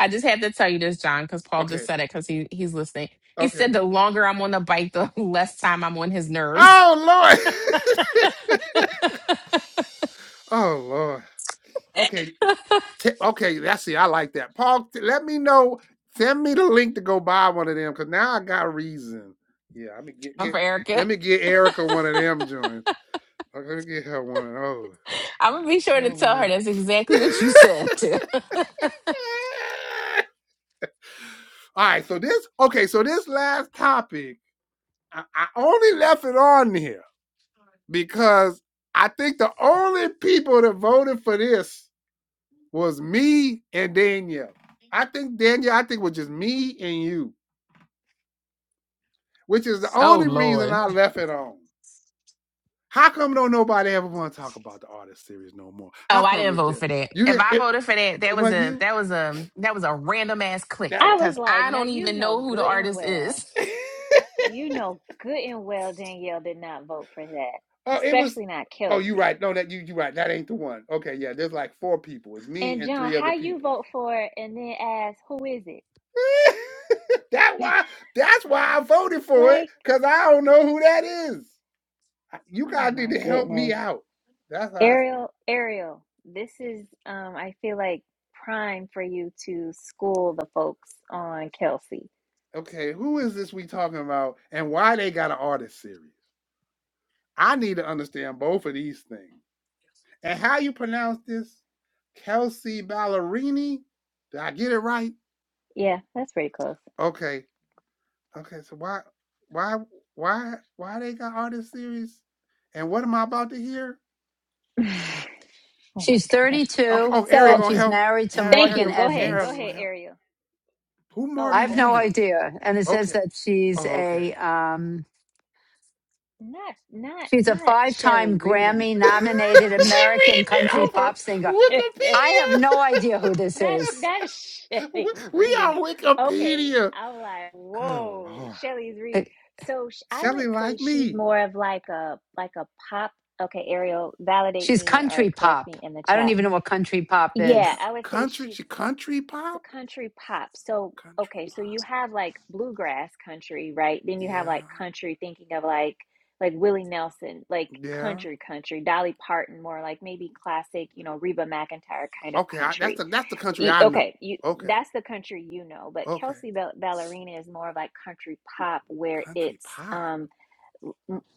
S3: I just had to tell you this, John, because Paul just
S1: Okay.
S3: said it because he, he's listening. He
S1: Okay.
S3: said the longer I'm on the bike, the *laughs* less time I'm on his nerves.
S1: Oh Lord. *laughs* oh Lord. Okay, t- okay, that's it. I like that. Paul, t- let me know. Send me the link to go buy one of them because now I got a reason. Yeah, I mean,
S3: *laughs*
S1: get,
S3: For
S1: get,
S3: Erica,
S1: let me get Erica one of them joints. Okay, Let me get her one of those.
S3: I'm gonna be sure to
S1: Oh.
S3: tell
S1: boy.
S3: her that's exactly what you
S1: *laughs*
S3: said. *laughs*
S1: All right, so this okay, so this last topic, I, I only left it on here because I think the only people that voted for this was me and Danielle. I think Danielle, I think it was just me and you. which is the
S3: oh
S1: only reason
S3: Lord.
S1: I left it on. How come don't nobody ever want to talk about the artist series no more?
S3: Oh,
S1: How
S3: I
S1: come
S3: didn't
S1: it's
S3: vote for
S1: just
S3: that.
S1: you
S3: If
S1: didn't?
S3: I
S1: It,
S3: voted for that,
S1: it
S3: that was
S1: wasn't
S3: a
S1: you.
S3: that was a that was a random ass click
S1: That
S4: I
S1: was-
S4: was
S3: because
S4: like,
S3: I
S4: now
S3: don't
S4: you
S3: even
S4: know
S3: know who the
S4: good and
S3: artist is.
S4: well.
S1: that.
S4: You know good and well Danielle did not vote for
S1: *laughs*
S4: that,
S1: oh, it was.
S4: especially not
S1: Oh, you
S4: Kelsey.
S1: right. No, that you you right. That ain't the one. Okay, yeah. There's like four people. It's me
S4: And
S1: and
S4: John,
S1: three other
S4: how you
S1: people.
S4: vote for it and then ask, who is it?
S1: *laughs* that
S4: *laughs*
S1: why. That's why I voted for it
S4: Like,
S1: because I don't know who that is. You
S4: oh
S1: guys need
S4: my
S1: to help me
S4: goodness.
S1: out. That's how I, s-
S4: Ariel, Ariel, this is um I feel like prime for you to school the folks on Kelsey.
S1: okay. Who is this we talking about, and why they got an artist series? I need to understand both of these things. And how you pronounce this? Kelsey Ballerini? Did I get it right?
S4: Yeah, that's pretty close.
S1: Okay. Okay. So why why why why they got all this series? And what am I about to hear?
S4: *laughs* Oh my
S8: She's
S4: gosh.
S1: Okay.
S8: 32
S1: Oh, Eric
S4: So,
S8: and
S1: gonna
S8: she's
S1: help me.
S8: married to
S1: Eric,
S4: thank
S1: Eric,
S4: you.
S8: Morgan
S4: Go ahead. Go
S1: Eric
S8: Evans.
S4: ahead,
S1: gonna help. me.
S4: Ariel.
S1: Who
S4: Oh,
S8: I
S1: Morgan
S8: have no
S4: okay.
S1: Evans?
S8: idea, and it says
S1: Okay.
S8: that she's
S1: Oh, okay.
S8: a um,
S4: Not not
S8: she's a
S4: not Shelley
S8: five-time
S4: reading.
S1: *laughs* she reading
S8: Grammy-nominated American
S1: it
S8: country
S1: off of
S8: pop singer.
S4: *laughs*
S8: I have
S1: Wikipedia. *laughs*
S8: no idea who this
S4: That's
S8: is.
S4: that's Shelly
S1: We
S4: *laughs*
S1: we
S4: reading
S1: on
S4: it. Okay,
S1: Wikipedia.
S4: I'm like,
S1: Good
S4: whoa,
S1: lord.
S4: Shelly's reading.
S8: It-
S4: So sh- I would
S1: Shelly
S4: say
S1: like
S4: she's
S1: me.
S4: more of like a like a pop. Okay, Ariel, validate
S8: She's
S4: me or
S8: country
S4: correct
S8: pop.
S4: me in the
S8: I don't
S4: chat.
S8: even know what country pop
S1: To
S4: Yeah,
S8: is.
S1: co-
S4: I would say
S1: country,
S4: she's
S1: she country
S4: it's
S1: pop,
S4: a country pop. So
S1: country
S4: okay, so you
S1: pop.
S4: have like bluegrass country, right? Then you have
S1: Yeah,
S4: like country, thinking of like like Willie Nelson, like
S1: yeah.
S4: country country, Dolly Parton, more like maybe classic, you know, Reba McEntire kind of
S1: Okay, I,
S4: country
S1: that's the that's the country
S4: E,
S1: I know.
S4: Okay, you
S1: Okay,
S4: that's the country you know, but
S1: okay.
S4: Kelsea Bal- Ballerina is more of like country pop where
S1: Country
S4: it's
S1: pop.
S4: um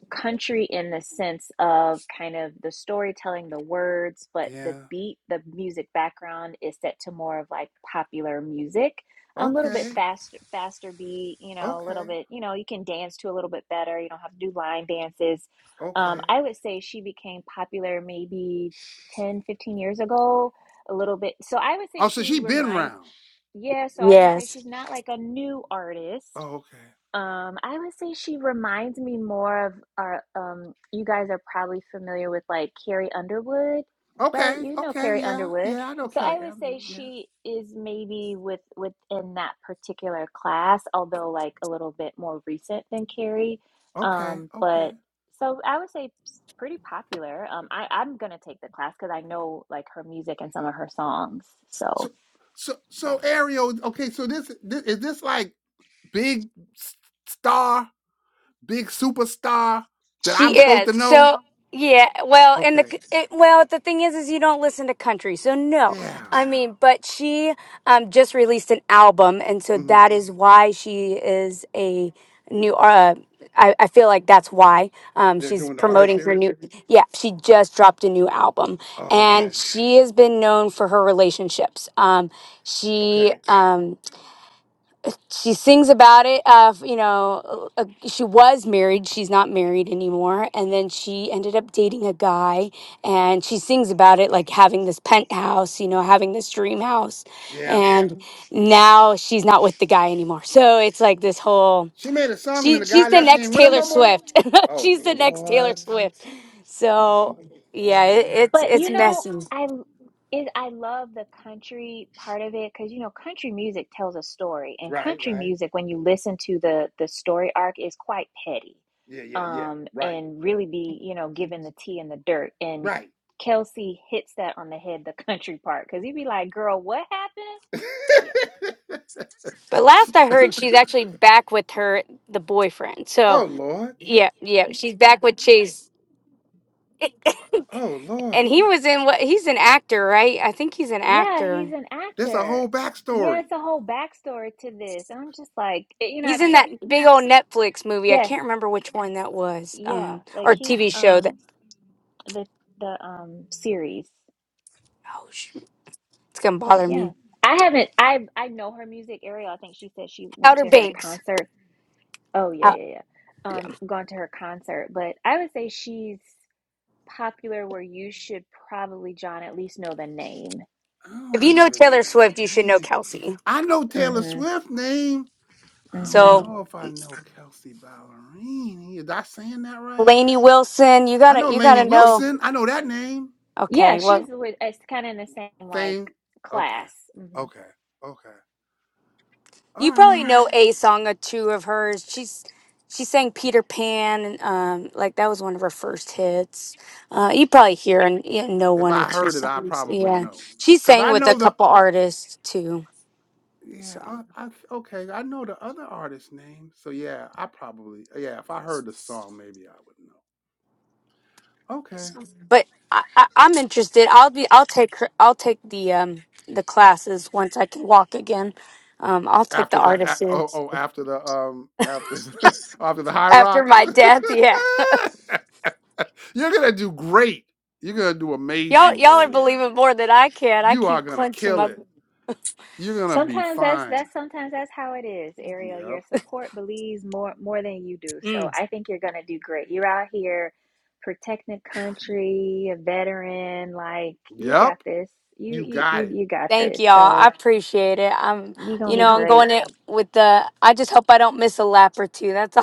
S4: country in the sense of kind of the storytelling, the words, but the
S1: Yeah.
S4: beat, the music background is set to more of like popular music, a little bit
S1: Okay,
S4: faster, faster beat, you know, a little
S1: okay,
S4: bit, you know, you can dance to a little bit better. You don't have to do line dances. Um,
S1: okay.
S4: I would say she became popular maybe 10, 15 years ago, a little bit. So I would say
S1: Oh, so
S4: she
S1: she been
S4: reminds,
S1: round.
S4: yeah, so I was gonna say
S9: Yes,
S4: she's not like a new artist
S1: Oh, okay,
S4: um, I would say she reminds me more of our, um, you guys are probably familiar with like Carrie Underwood, right?
S1: okay,
S4: You know
S1: okay.
S4: Carrie
S1: Yeah,
S4: Underwood.
S1: yeah. I know
S4: So
S1: Kelly.
S4: I would
S1: Around.
S4: say
S1: Yeah.
S4: she is maybe with within that particular class, although like a little bit more recent than Carrie.
S1: Okay,
S4: Um,
S1: okay.
S4: but so I would say s- pretty popular. Um, I, I'm gonna take the class because I know like her music and some of her songs.
S1: So,
S4: So.
S1: so, so Ariel. Okay, so this, this is this like big s- star, big superstar that
S9: she
S1: I'm supposed
S9: is.
S1: to know.
S9: So yeah, well, and the
S1: Okay.
S9: it, well, the thing is, is you don't listen to country, so no.
S1: Yeah.
S9: I mean, but she um just released an album, and so
S1: hmm
S9: that is why she is a new. Uh, I I feel like that's why um
S1: They're
S9: she's
S1: doing the artist
S9: promoting her
S1: series.
S9: new. Yeah, she just dropped a new album,
S1: Oh, okay.
S9: and she has been known for her relationships. Um, she
S1: Okay.
S9: um she sings about it of you know uh, she was married she's not married anymore and then she ended up dating a guy and she sings about it like having this penthouse you know having this dream house
S1: Yeah.
S9: and now she's not with the guy anymore so it's like this whole
S1: She made a song and then
S9: she
S1: the
S9: she's
S1: guy
S9: the
S1: now she
S9: next
S1: ain't with him
S9: taylor
S1: no more.
S9: swift *laughs*
S1: Oh
S9: she's the next taylor
S1: Lord.
S9: swift
S1: Oh
S9: so yeah
S1: Lord.
S9: it, it's
S4: But
S9: it's
S4: you know,
S9: messy
S4: I is I love the country part of it because you know country music tells a story, and
S1: Right,
S4: country
S1: right.
S4: music when you listen to the the story arc is quite petty,
S1: Yeah, yeah, yeah.
S4: um,
S1: Right.
S4: and really be you know given the tea and the dirt. And
S1: Right.
S4: Kelsey hits that on the head, the *laughs* country part, because he'd be like, "Girl, what happened?" Yeah,
S9: but last i heard she's
S1: *laughs*
S9: actually back with her the boyfriend so
S1: oh Lord.
S9: yeah, yeah. She's back with Chase
S1: Oh Lord.
S9: and he was in what? He's an actor, right? I think he's an
S4: yeah, he's
S9: actor.
S4: an
S1: There's a
S4: actor.
S1: whole
S4: Yeah,
S1: backstory.
S4: it's a whole backstory to this. And I'm just like, eh, you know,
S9: He's
S4: I've
S9: in
S4: so
S9: that big old Netflix movie. I
S4: yes,
S9: can't remember which one that was,
S4: yeah,
S9: um,
S4: like
S9: or
S4: he's
S9: TV show
S4: um
S9: that.
S4: the the um series.
S9: Oh shoot, it's gonna
S4: But
S9: bother
S4: yeah,
S9: me.
S4: I haven't. I I know her music. Ariel. I think she said she went
S9: Outer
S4: to her
S9: Banks.
S4: concert. Oh yeah,
S9: Uh,
S4: yeah, yeah.
S9: yeah.
S4: Um, gone to her concert. But I would say she's popular where you should probably, John, at least know the name.
S1: I
S9: If
S1: don't
S9: you know
S1: even know
S9: Taylor
S1: the
S9: Swift, you should know
S1: name.
S9: Kelsey.
S1: I know Taylor
S4: Mm-hmm.
S1: Swift's name. I don't
S4: Mm-hmm.
S9: So
S1: know if I know Kelsey Ballerini. Is I saying that right?
S9: Lainey Wilson, you
S1: I
S9: gotta,
S1: know
S9: you
S1: Lainey
S9: gotta know.
S1: Wilson. I know that name.
S4: Yeah,
S9: Okay, well,
S4: she's with. It's kind of in the same like
S1: Thing. Okay.
S4: class. Mm-hmm.
S1: Okay. Okay. All
S9: You probably
S1: right.
S9: know a song or two of hers. She's she sang Peter Pan, and um, like that was one of her first hits. Uh, you probably hear and you know
S1: If
S9: one or
S1: I
S9: two
S1: heard it, I
S9: songs.
S1: probably
S9: Yeah,
S1: know.
S9: she
S1: Cause
S9: sang
S1: I
S9: with a
S1: know the
S9: couple artists too.
S1: yeah,
S9: So,
S1: I, I okay. I know the other artist's name. So yeah, I probably yeah, if I heard the song, maybe I would know. Okay.
S9: so- but I, I, I'm interested. I'll be. I'll take her. I'll take the um the classes once I can walk again. Um, I'll take the
S1: After the
S9: artists
S1: a- oh oh after the um after the, *laughs* after the high
S9: after
S1: rocks.
S9: my
S1: *laughs*
S9: death. *laughs*
S1: You're gonna do great. You're gonna do
S9: Yeah, y'all
S1: amazing,
S9: y'all are
S1: Ariel.
S9: believing more than I can. I
S1: You are
S9: keep
S1: gonna
S9: clenching
S1: kill
S9: my.
S1: it. You're gonna be
S4: Sometimes that's
S1: fine.
S4: that's sometimes that's how it is, Ariel. Your
S1: Yep.
S4: support believes more more than you do.
S9: mm.
S4: So I think you're gonna do great. You're out here protecting the country, a veteran, like you got
S1: Yep.
S4: this. You
S1: You
S4: you
S1: got
S4: you
S1: it.
S4: you got
S9: Thank
S4: this.
S9: y'all. I
S4: So
S9: appreciate it. I'm,
S4: you're gonna
S9: you
S4: be
S9: know, I'm
S4: great.
S9: going it with the. I just hope I don't miss a lap or two. That's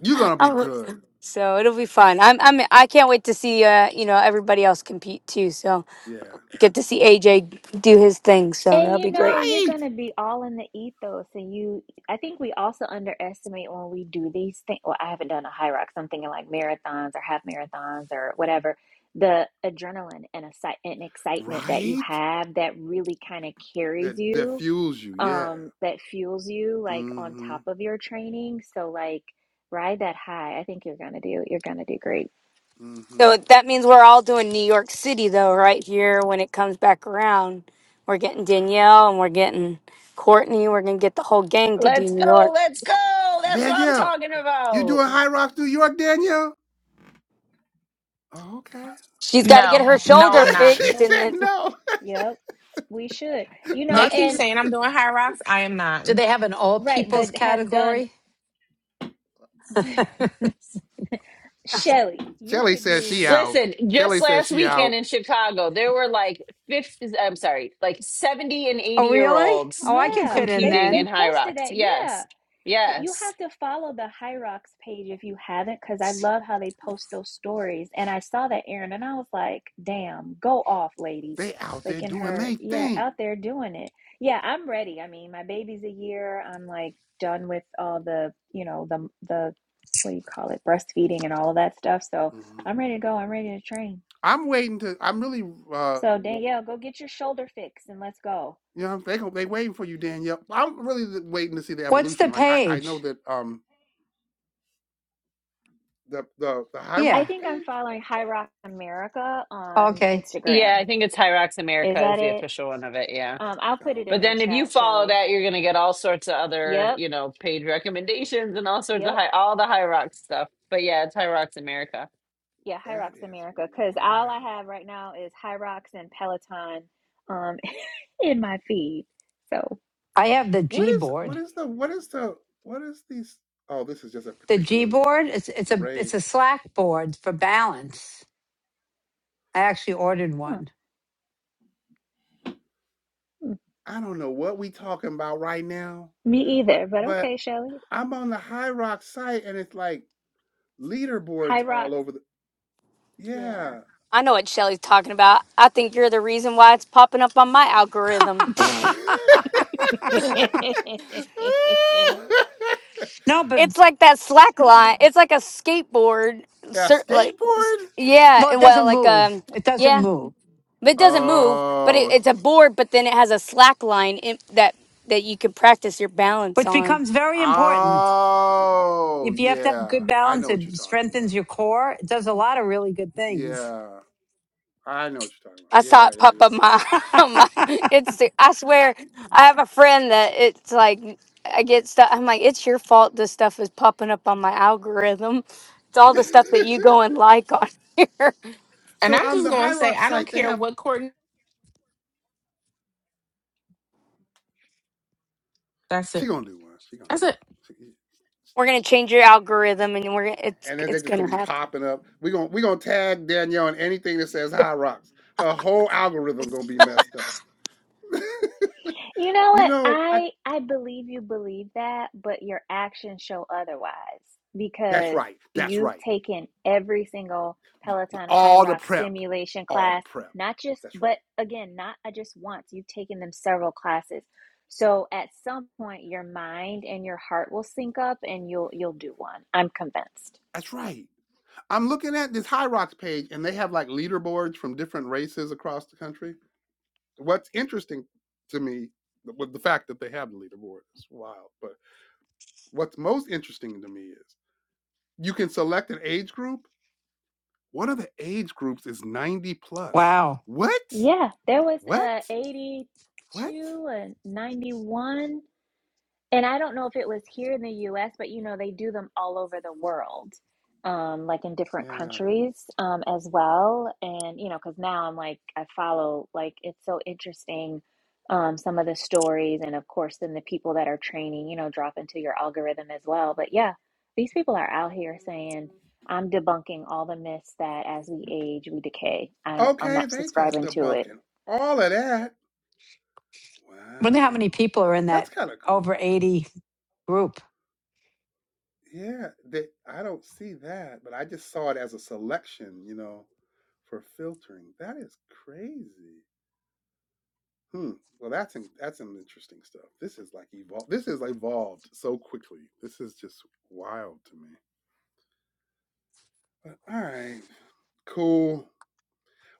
S1: You're gonna
S9: *laughs*
S1: be
S9: I'm,
S1: good.
S9: so it'll be fun. I'm, I'm, I can't wait to see, uh, you know, everybody else compete too. So
S1: Yeah.
S9: get to see AJ do his thing. So
S4: And
S9: that'll
S4: you
S9: be
S4: know,
S9: great.
S4: you're
S1: Right.
S4: going to be all in the ethos. And you, I think we also underestimate when we do these things. Well, I haven't done a high rock, so I'm thinking like marathons or half marathons or whatever. The adrenaline and, exci- and excitement that you
S1: Right.
S4: have that really kind of carries
S1: That that
S4: you,
S1: fuels you. Yeah.
S4: um, that fuels you like on
S1: Mm-hmm.
S4: top of your training. So, like, ride that high. I think you're going to do, you're going to do great.
S1: Mm-hmm.
S9: So that means we're all doing New York City though, right here when it comes back around. We're getting Danielle and we're getting Courtney. We're gonna get the whole gang to do
S5: Let's
S9: New
S5: go.
S9: York.
S5: Let's go. That's what I'm
S1: Danielle,
S5: talking
S1: you
S5: about.
S1: doing High Rocks New York, Danielle? Oh, okay.
S9: She's got to get
S3: No,
S9: her
S3: no,
S9: shoulder
S3: I'm
S1: *laughs*
S3: not.
S1: she
S9: fixed,
S4: Oh,
S9: and
S1: said
S9: then
S1: no.
S4: Yep, we should. You
S1: *laughs*
S4: know,
S3: They
S1: I,
S3: keep
S4: and
S3: saying I'm doing high rocks. I am not,
S8: Do they have an all
S4: right,
S8: peoples
S4: but has done.
S8: category? *laughs*
S4: *laughs* Shelly, you
S1: Shelly
S4: could
S1: says she
S4: do
S1: out.
S5: Listen, just
S1: Shelly says
S5: last
S1: she
S5: weekend
S1: out.
S5: in Chicago, there were like 50, I'm sorry, like 70 and
S8: Oh,
S5: 80 year
S8: really?
S5: olds
S8: Oh, I could
S4: yeah.
S8: fit in
S4: They
S5: competing
S4: they
S8: then.
S5: in high
S4: posted
S5: rocks.
S4: that. Yeah.
S5: Yes.
S4: That you
S5: Yes.
S4: have to follow the Hyrox page if you haven't, because I love how they post those stories. And I saw that Erin and I was like, damn, go off, lady.
S1: They out
S4: Like
S1: there
S4: in
S1: doing
S4: her,
S1: their
S4: yeah, out
S1: thing.
S4: there doing it. Yeah, I'm ready. I mean, my baby's a year. I'm like done with all the, you know, the the what do you call it, breastfeeding and all of that stuff. So
S1: Mhm.
S4: I'm ready to go. I'm ready to train.
S1: I'm waiting to. I'm really uh,
S4: So
S1: w-
S4: Danielle, go get your shoulder fix and let's go.
S1: You know, they gon- they waiting for you, Danielle. I'm really th- waiting to see the
S8: What's the
S1: evolution. Like I, I know
S8: page?
S1: that um the the the High
S4: I
S8: Yeah.
S1: Rocks
S4: think I'm
S1: page.
S4: following High Rock America on
S8: Okay.
S5: Yeah,
S4: Instagram.
S5: I think it's Hyrox
S4: Is
S5: America
S4: that
S5: is the
S4: it?
S5: official one of it. Yeah.
S4: Um, I'll put
S1: Oh,
S4: it
S5: But
S4: in
S1: okay,
S4: the
S5: then if you
S4: chat,
S5: follow
S4: Shelly.
S5: that, you're going to get all sorts of other,
S4: Yep,
S5: you know, paid recommendations and all sorts of
S4: yep,
S5: high, all the Hyrox stuff. But yeah, it's Hyrox America.
S4: yeah, High
S1: that
S4: Rocks
S1: is
S4: America. Because all I
S1: wild.
S4: have right now is High Rocks and Peloton um, *laughs* in my feed. So,
S8: I have the
S1: What
S8: G
S1: is what
S8: board.
S1: is the what is the what is these? Oh, this is just a
S8: The G
S1: particular
S8: board, it's it's a it's
S1: race.
S8: a Slack board for balance. I actually ordered
S4: huh,
S8: one.
S4: mm,
S1: I don't know what we talking about right now,
S4: me
S1: but
S4: either, but
S1: but
S4: okay, Shelly.
S1: I'm on the High Rocks site and it's like
S4: High
S1: leaderboards all
S4: Rocks,
S1: over the
S4: yeah.
S1: yeah.
S9: I know what Shelly's talking about. I think you're the reason why it's popping up on my algorithm.
S4: *laughs* *laughs*
S1: *laughs*
S8: No, but
S9: It's like that slack line. It's like a skateboard.
S1: Yeah,
S9: Cer- like, s-
S1: skateboard?
S9: yeah.
S8: well, it
S9: Well,
S8: doesn't
S9: like
S8: move.
S9: um,
S8: It doesn't
S9: yeah.
S8: move,
S9: But it doesn't move. But it,
S1: Oh,
S9: it's a board. But then it has a slack line in, that that you can practice your balance
S8: which
S9: on.
S8: becomes very important.
S1: oh,
S8: If you have to have
S1: yeah.
S8: good
S1: I
S8: balance,
S1: know what
S8: it
S1: you're talking about.
S8: strengthens your core. It does a lot of really good things.
S1: Yeah, I know what you're talking about.
S9: I saw
S1: Yeah,
S9: it pop up
S1: yeah,
S9: my, *laughs* on my it's I swear I have a friend that it's like I get stuff I'm like it's your fault this stuff is popping up on my algorithm. It's all the stuff that
S1: yeah.
S9: you go and like on *laughs* here.
S1: *laughs*
S3: and
S1: so
S3: I'm
S1: um,
S3: just
S1: the
S3: gonna
S1: High
S3: say
S1: Rock
S3: I don't
S1: site they
S3: care
S1: have.
S3: what Courtney. That's
S1: She
S3: it.
S1: gonna do one. She gonna
S3: That's
S1: do one.
S3: it.
S1: She,
S9: We're gonna change your algorithm and we're it's
S1: and then they
S9: it's
S1: just gonna
S9: gonna
S1: be
S9: happen.
S1: popping up. We gonna we gonna tag Danielle on anything that says High Rocks. Her whole algorithm gonna be messed up. *laughs*
S4: You know
S1: you
S4: what?
S1: know, I,
S4: I I believe you believe that, but your actions show otherwise
S1: that's
S4: because
S1: right. That's
S4: you've
S1: right.
S4: taken every single Peloton High
S1: All the
S4: Rock
S1: prep.
S4: simulation
S1: All the
S4: class,
S1: prep.
S4: not just
S1: That's
S4: but
S1: right.
S4: again, not uh, just once. You've taken them several classes. So at some point your mind and your heart will sync up and you'll you'll do one. I'm convinced.
S1: That's right. I'm looking at this High Rocks page, and they have like leaderboards from different races across the country. What's interesting to me with the fact that they have the leaderboard is wild. But what's most interesting to me is you can select an age group. One of the age groups is 90 plus.
S8: Wow.
S1: What?
S4: Yeah, there was
S1: What?
S4: uh
S1: What?
S4: 82 and 91 And I don't know if it was here in the US, but you know, they do them all over the world, um, like in different
S1: Yeah.
S4: countries um, as well. And, you know, because now I'm like, I follow, like, it's so interesting um, some of the stories. And of course, then the people that are training, you know, drop into your algorithm as well. But yeah, these people are out here saying, I'm debunking all the myths that as we age, we decay. I don't, I'm
S1: Okay,
S4: not
S1: they just
S4: subscribing to it
S1: debunking all of that.
S8: Wonder
S1: Wow.
S8: how many people are in
S1: That's
S8: that
S1: kind of cool.
S8: over 80 group.
S1: Yeah, they, I don't see that, but I just saw it as a selection, you know, for filtering. That is crazy. Hmm. Well, that's in, that's some interesting stuff. This is like evolved. This is evolved so quickly. This is just wild to me. But all right, cool.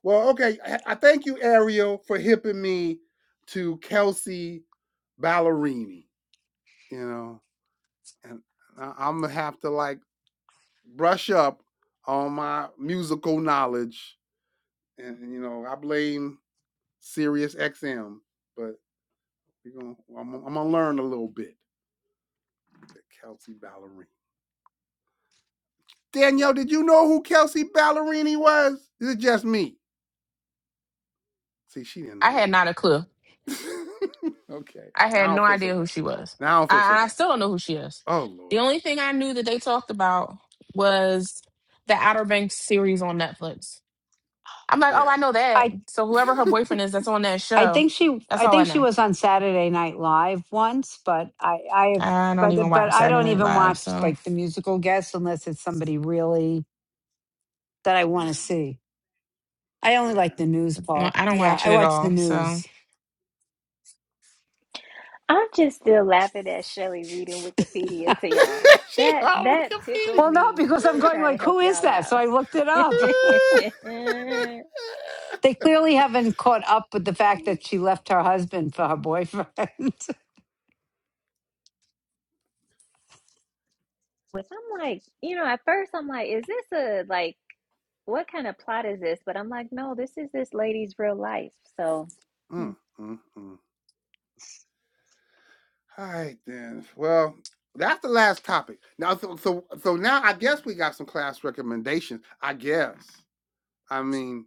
S1: Well, okay. I, I thank you, Ariel, for hipping me to Kelsey Ballerini. You know, and I, I'm gonna have to like brush up on my musical knowledge and, and, you know I blame Sirius XM, but we're gonna I'm, gonna- I'm gonna learn a little bit. Kelsey Ballerini. Danielle, did you know who Kelsey Ballerini was? Is it just me? See, she didn't
S3: I
S1: know
S3: had not a clue.
S1: either. *laughs* okay,
S3: I
S1: now I
S3: had no
S1: don't feel so
S3: idea who
S1: bad.
S3: she was.
S1: Now I don't feel so
S3: I, I
S1: bad.
S3: still don't know who she is.
S1: Oh
S3: The
S1: Lord,
S3: only thing I knew that they talked about was the Outer Banks series on Netflix. I'm like, oh,
S1: yeah,
S3: I know that.
S8: I.
S3: So
S1: *laughs*
S3: whoever her boyfriend is that's on that
S8: I
S3: show,
S8: think she
S3: that's
S8: I
S3: all I
S8: think she
S3: know.
S8: was on Saturday Night Live once, but I I
S3: I don't even
S8: but but
S3: watch
S8: I
S3: Saturday
S8: don't
S3: Night
S8: even
S3: Live,
S8: watch
S3: so
S8: like the musical guests unless it's somebody really that I
S1: yeah,
S8: want to see. I only like
S1: yeah.
S8: the news
S3: no,
S8: part.
S3: I don't
S8: Yeah,
S3: watch
S8: I
S3: it at
S8: watch the
S3: all. So
S8: news.
S4: I'm just still laughing at Shelley reading Wikipedia to
S1: *laughs*
S4: y'all.
S1: she
S4: That
S1: all
S4: that
S1: confused.
S4: tickled
S1: *laughs*
S8: Well, no,
S4: me
S8: because I'm
S4: to
S8: going
S4: try to
S8: like,
S4: help
S8: who is
S4: y'all
S8: that?
S4: out.
S8: So I looked it
S4: *laughs*
S8: up. *laughs* They clearly haven't caught up with the fact that she left her husband for her boyfriend.
S4: With I'm like, you know, at first I'm like, is this a like what kind of plot is this? But I'm like, no, this is this lady's real life. So hmm.
S1: mm, mm, mm. All right then. Well, that's the last topic. Now, so so so now I guess we got some class recommendations. I guess. I mean,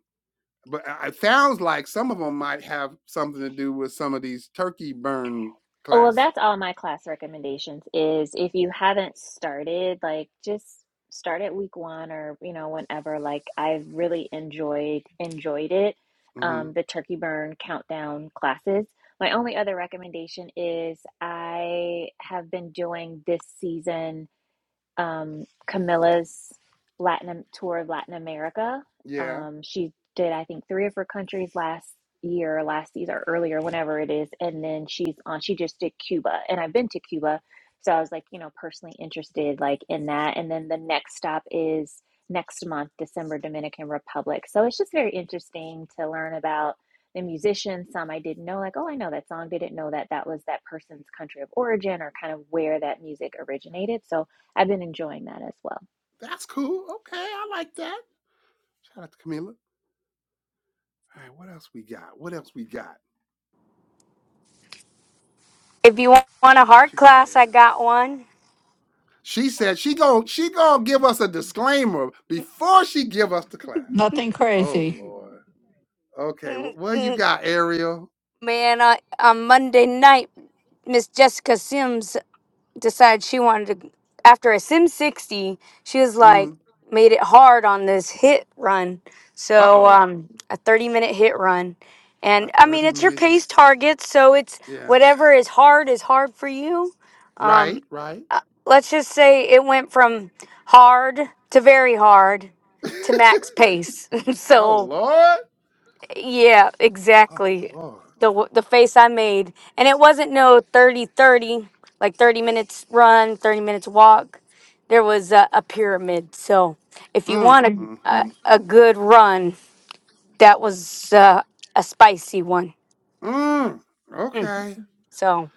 S1: but I- it sounds like some of them might have something to do with some of these turkey burn
S4: Oh, well,
S1: classes.
S4: that's all my class recommendations is if you haven't started, like just start at week one or, you know, whenever. Like I've really enjoyed enjoyed it.
S1: hmm
S4: Um, the Turkey Burn countdown classes. My only other recommendation is I have been doing this season um, Camila's Latin tour of Latin America.
S1: Yeah,
S4: Um, she did, I think, three of her countries last year, last season, or earlier, whenever it is. And then she's on. She just did Cuba, and I've been to Cuba, so I was like, you know, personally interested, like in that. And then the next stop is next month, December, Dominican Republic. So it's just very interesting to learn about. The musicians, some I didn't know, like, oh, I know that song, didn't know that that was that person's country of origin or kind of where that music originated. So I've been enjoying that as well.
S1: that's cool. Okay, I like that. Shout out to Camila. All right, what else we got? What else we got?
S9: If you want a
S1: What
S9: hard
S1: you got,
S9: class, I
S1: Ariel?
S9: got one.
S1: She said she gon' she gonna give us a disclaimer before she give us the
S8: *laughs*
S1: class.
S8: Nothing
S1: Oh
S8: crazy.
S1: Lord. Okay. wh- Well,
S9: *laughs*
S1: you got Ariel.
S9: Man, I, on Monday night, Miss Jessica Sims decided she wanted to after a sim 60 she was like
S1: Mm.
S9: made it hard on this hit run
S1: Uh
S9: so
S1: oh.
S9: um a 30 minute hit run
S1: A
S9: and i mean
S1: 30
S9: it's your
S1: minute hit.
S9: pace target so it's
S1: Yeah.
S9: whatever is hard is hard for you um
S1: Right. Right.
S9: let's just say it went from hard to very hard
S1: *laughs*
S9: to max pace *laughs*
S1: oh,
S9: so
S1: Lord.
S9: yeah,
S1: Oh,
S9: exactly.
S1: Lord.
S9: The w- the face I made, and it wasn't no 30 30, like 30 minutes run, 30 minutes walk. There was a, a pyramid. So, if you
S1: Mm,
S9: want
S1: mm,
S9: a, a,
S1: mm.
S9: a good run, that was uh, a spicy one.
S1: Mm.
S9: Mm.
S1: Okay.
S9: So,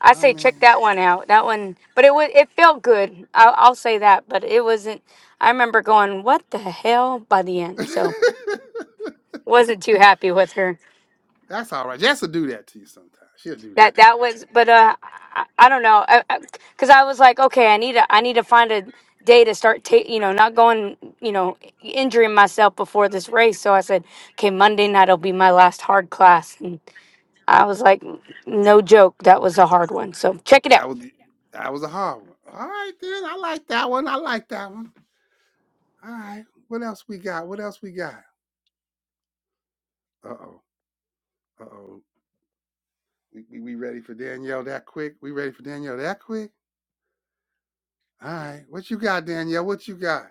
S9: I
S1: I
S9: say check
S1: mean,
S9: that one out. That one, but it was it felt good. I'll, I'll say that, but it wasn't I remember going, "What the hell?" by the end.
S1: *laughs*
S9: So, wasn't too happy with her.
S1: that's all right. Jess will do that to you sometimes. She'll do
S9: that
S1: that to you.
S9: that was but uh i, I don't know because I, I 'cause I was like okay i need to i need to find a day to start ta- you know not going you know injuring myself before this race so i said okay monday night will be my last hard class and i was like no joke that was a hard one so check it out
S1: That was the- that was a hard one. All right, then. I like that one. I like that one. All right. What else we got? What else we got? Uh oh. Uh oh. We, we, we ready for Danielle that quick? We ready for Danielle that quick? All right. What you got, Danielle? What you got?